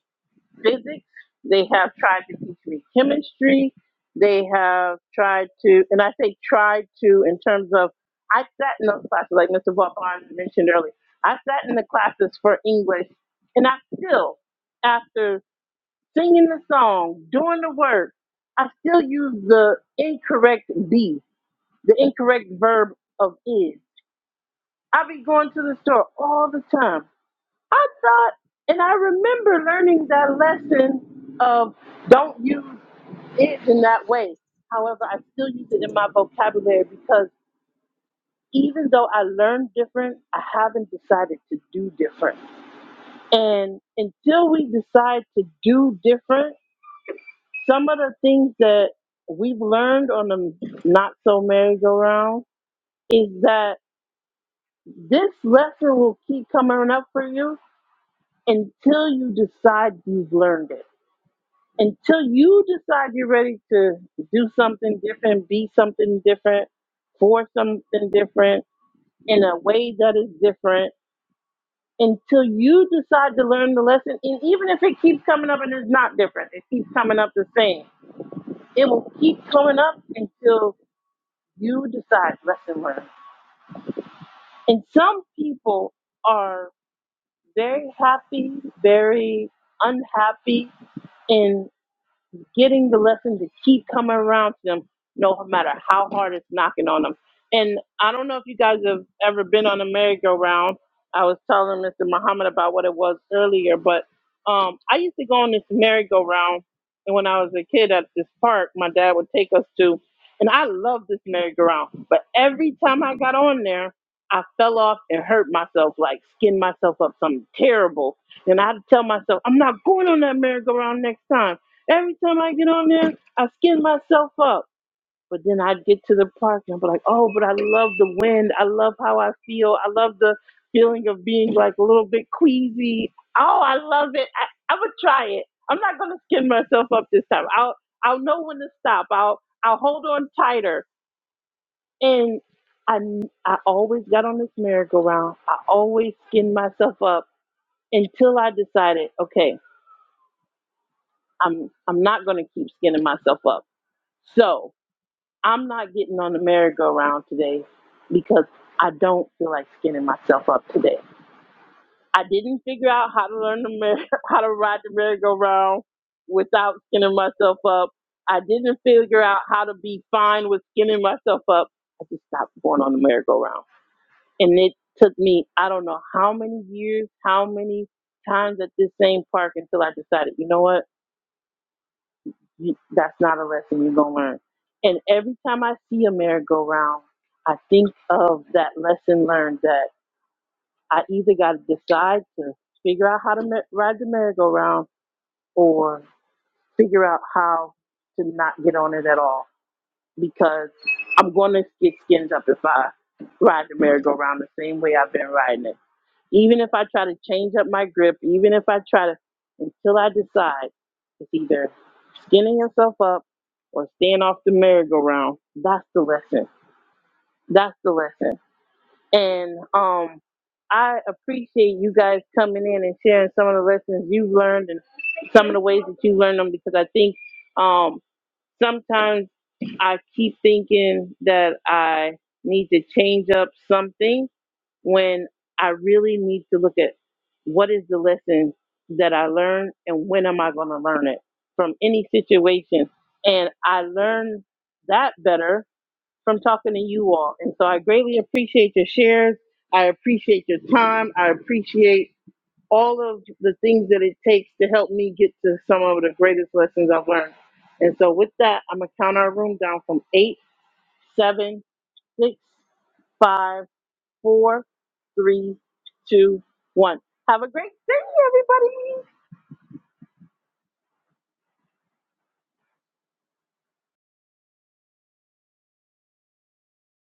Speaker 1: physics, they have tried to teach me chemistry, they have tried to, and I say tried to in terms of, I sat in those classes, like Mr. Vaughn mentioned earlier, I sat in the classes for English, and I still, after singing the song, doing the work, I still use the incorrect be, the incorrect verb of is I be going to the store all the time. I thought, and I remember learning that lesson of don't use it in that way. However, I still use it in my vocabulary because even though I learned different, I haven't decided to do different. And until we decide to do different, some of the things that we've learned on the not so merry-go-round is that this lesson will keep coming up for you until you decide you've learned it. Until you decide you're ready to do something different, be something different, for something different, in a way that is different, until you decide to learn the lesson, and even if it keeps coming up and it's not different, it keeps coming up the same, it will keep coming up until you decide lesson learned. And some people are very happy, very unhappy, and getting the lesson to keep coming around to them no matter how hard it's knocking on them. And I don't know if you guys have ever been on a merry-go-round. I was telling Mr. Muhammad about what it was earlier, but um, I used to go on this merry-go-round. And when I was a kid at this park, my dad would take us to, and I loved this merry-go-round. But every time I got on there, I fell off and hurt myself, like skinned myself up something terrible. And I had to tell myself, I'm not going on that merry-go-round next time Every time I get on there, I skin myself up. But then I'd get to the park and I'd be like, oh, but I love the wind. I love how I feel. I love the feeling of being like a little bit queasy. Oh, I love it. I, I would try it. I'm not gonna skin myself up this time. I'll I'll know when to stop. I'll I'll hold on tighter. And I I always got on this merry-go-round. I always skinned myself up until I decided, okay, I'm I'm not gonna keep skinning myself up. So I'm not getting on the merry-go-round today because I don't feel like skinning myself up today. I didn't figure out how to learn the merry, how to ride the merry-go-round without skinning myself up. I didn't figure out how to be fine with skinning myself up. I just stopped going on the merry-go-round, and it took me I don't know how many years, how many times at this same park until I decided, you know what? You, that's not a lesson you're gonna learn. And every time I see a merry-go-round, I think of that lesson learned that I either got to decide to figure out how to mer- ride the merry-go-round or figure out how to not get on it at all because I'm going to get skinned up if I ride the merry-go-round the same way I've been riding it. Even if I try to change up my grip, even if I try to, until I decide, it's either skinning yourself up or staying off the merry-go-round. That's the lesson. That's the lesson. And um, I appreciate you guys coming in and sharing some of the lessons you've learned and some of the ways that you learned them because I think um, sometimes I keep thinking that I need to change up something when I really need to look at what is the lesson that I learned and when am I going to learn it from any situation. And I learn that better from talking to you all. And so I greatly appreciate your shares. I appreciate your time. I appreciate all of the things that it takes to help me get to some of the greatest lessons I've learned. And so with that, I'm going to count our room down from eight, seven, six, five four, three, two, one. Have a great day, everybody.